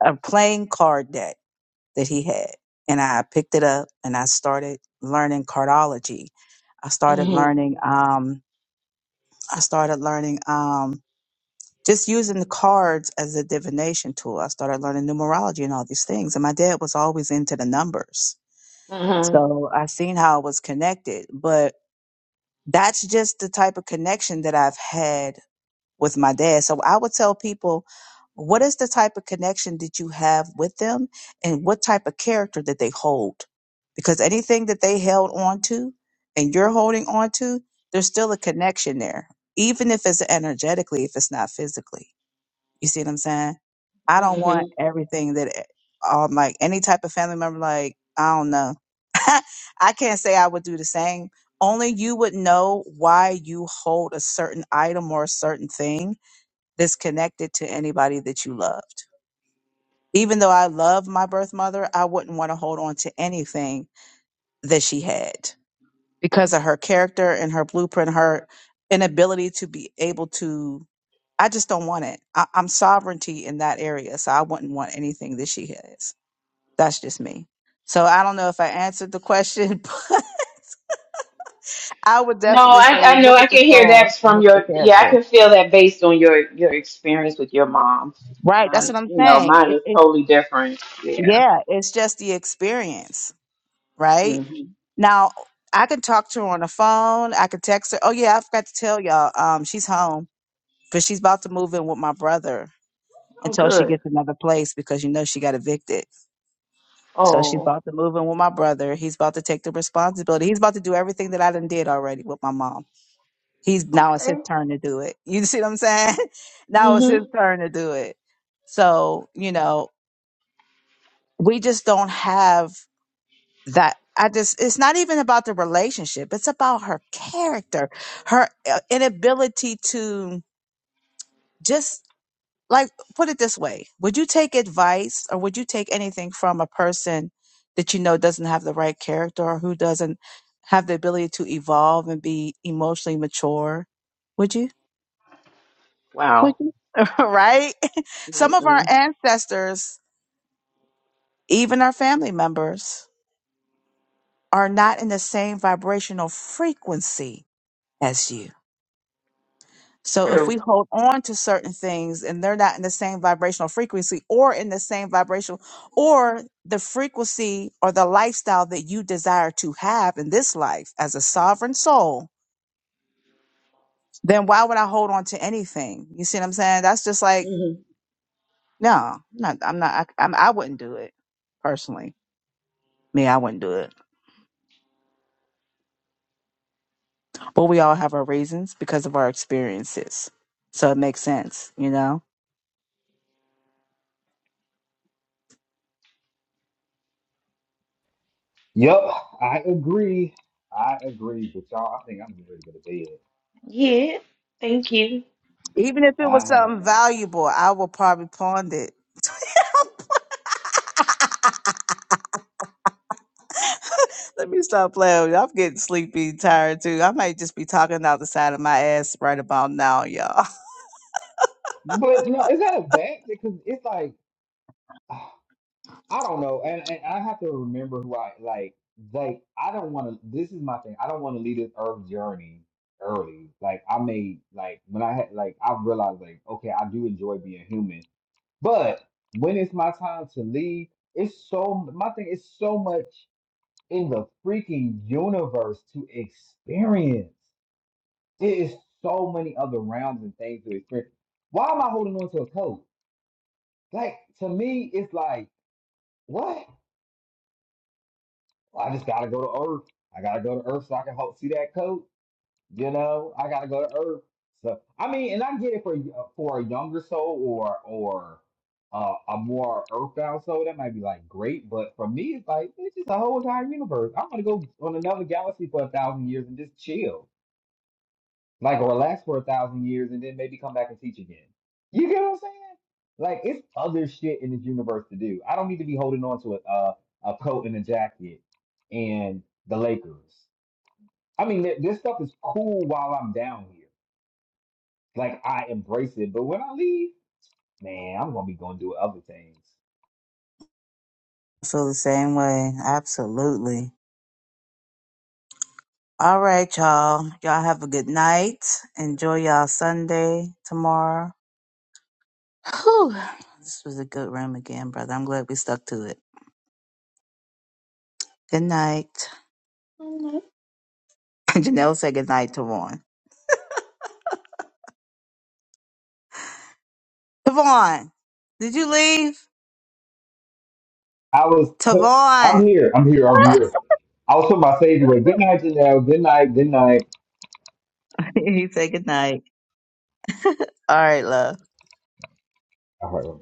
[SPEAKER 4] a plain card deck that he had, and I picked it up and I started learning cardology. I started
[SPEAKER 2] Mhm.
[SPEAKER 4] learning. Um, I started learning. Um, just using the cards as a divination tool. I started learning numerology and all these things. And my dad was always into the numbers. So I seen how it was connected, but that's just the type of connection that I've had with my dad. So I would tell people, what is the type of connection that you have with them and what type of character that they hold? Because anything that they held on to and you're holding on to, there's still a connection there, even if it's energetically, if it's not physically. You see what I'm saying? I don't
[SPEAKER 2] Mhm.
[SPEAKER 4] want everything that eh, um like any type of family member like I don't know. <laughs> I can't say I would do the same. Only you would know why you hold a certain item or a certain thing that's connected to anybody that you loved. Even though I love my birth mother, I wouldn't want to hold on to anything that she had because of her character and her blueprint, her inability to be able to I just don't want it. I, I'm sovereignty in that area, so I wouldn't want anything that she has. That's just me. So I don't know if I answered the question, <laughs> but I would
[SPEAKER 2] No,
[SPEAKER 4] definitely say
[SPEAKER 2] I, I know
[SPEAKER 4] look
[SPEAKER 2] I
[SPEAKER 4] at the
[SPEAKER 2] can hear
[SPEAKER 4] soul
[SPEAKER 2] that
[SPEAKER 4] and
[SPEAKER 2] from
[SPEAKER 4] look at the
[SPEAKER 2] your yeah, I
[SPEAKER 4] character.
[SPEAKER 2] can feel that based on your your experience with your mom.
[SPEAKER 4] Right. That's
[SPEAKER 2] Mine,
[SPEAKER 4] what I'm
[SPEAKER 2] you know,
[SPEAKER 4] saying.
[SPEAKER 2] mine
[SPEAKER 4] It,
[SPEAKER 2] is
[SPEAKER 4] it,
[SPEAKER 2] totally different. Yeah.
[SPEAKER 4] yeah, it's just the experience, right?
[SPEAKER 2] hmm
[SPEAKER 4] Now I could talk to her on the phone. I could text her. Oh yeah, I forgot to tell y'all. Um, she's home, but she's about to move in with my brother
[SPEAKER 2] Oh,
[SPEAKER 4] until she
[SPEAKER 2] good.
[SPEAKER 4] gets another place because you know she got evicted. So she's
[SPEAKER 2] Oh,
[SPEAKER 4] about to move in with my brother. He's about to take the responsibility. He's about to do everything that I done did already with my mom. He's now it's his
[SPEAKER 2] okay.
[SPEAKER 4] turn to do it. <laughs> You see what I'm saying? <laughs> now it's
[SPEAKER 2] hmm
[SPEAKER 4] his turn to do it. So, you know, we just don't have that. I just, it's not even about the relationship. It's about her character, her uh, inability to just like put it this way would you take advice or would you take anything from a person that you know doesn't have the right character or who doesn't have the ability to evolve and be emotionally mature would you would
[SPEAKER 2] Wow.
[SPEAKER 4] you <laughs> right <laughs> some of our
[SPEAKER 2] Mm-mm.
[SPEAKER 4] ancestors even our family members are not in the same vibrational frequency as you So if we
[SPEAKER 2] True.
[SPEAKER 4] hold on to certain things and they're not in the same vibrational frequency or in the same vibrational or the frequency or the lifestyle that you desire to have in this life as a sovereign soul, then why would I hold on to anything? You see what I'm saying? That's just like,
[SPEAKER 2] hmm
[SPEAKER 4] no, not, I'm not, I, I'm, I wouldn't do it personally. Me, I wouldn't do it. But we all have our reasons because of our experiences. So it makes sense, you know?
[SPEAKER 1] yep, I agree. I agree. But y'all, I think I'm getting ready to go to bed.
[SPEAKER 2] Yeah. Thank you.
[SPEAKER 4] Even if it was
[SPEAKER 1] I
[SPEAKER 4] something
[SPEAKER 1] have.
[SPEAKER 4] valuable, I would probably pawn it Let me stop playing. with you. I'm getting sleepy, and tired too. I might just be talking out the side of my ass right about now, y'all.
[SPEAKER 1] But no, is that a bad thing? Because it's like, <sighs> ah,
[SPEAKER 4] <laughs>
[SPEAKER 1] I don't know. And, and I have to remember who I like. Like, I don't want to. This is my thing. I don't want to leave this earth journey early. Like, I made, like, when I had, like, I realized, like, okay, I do enjoy being human. But when it's my time to leave, it's so, my thing is so much. in the freaking universe to experience. It is so many other rounds and things to experience. Why am I holding on to a code? Like to me, it's like what? I just gotta go to Earth. I gotta go to Earth so I can help see that code. You know, I gotta go to Earth. So I mean, and I get it for uh, for a younger soul or or uh, a more earthbound soul that might be like great, but for me, it's like it's just a whole entire universe. I'm gonna go on another galaxy for a thousand years and just chill like relax for a thousand years and then maybe come back and teach again. You get what I'm saying? Like it's other shit in this universe to do. I don't need to be holding on to a a, a coat and a jacket and the Lakers. I mean, th- this stuff is cool while I'm down here. Like I embrace it, but when I leave, man, I'm gonna be going to do other things.
[SPEAKER 4] I feel the same way. Absolutely. All right, y'all. Y'all have a good night. Enjoy y'all Sunday tomorrow. Whew. This was a good room again, brother. I'm glad we stuck to it. Good night. Good night, <laughs> Janelle said good night to Vaughn. Tavon, did you leave?
[SPEAKER 1] I was,
[SPEAKER 4] Tavon.
[SPEAKER 1] I'm here, I'm here, I'm here. I was talking about Sage away. Good night, Janelle. Good night, good night.
[SPEAKER 4] <laughs> he said good night. All right, love.
[SPEAKER 1] All right, bye.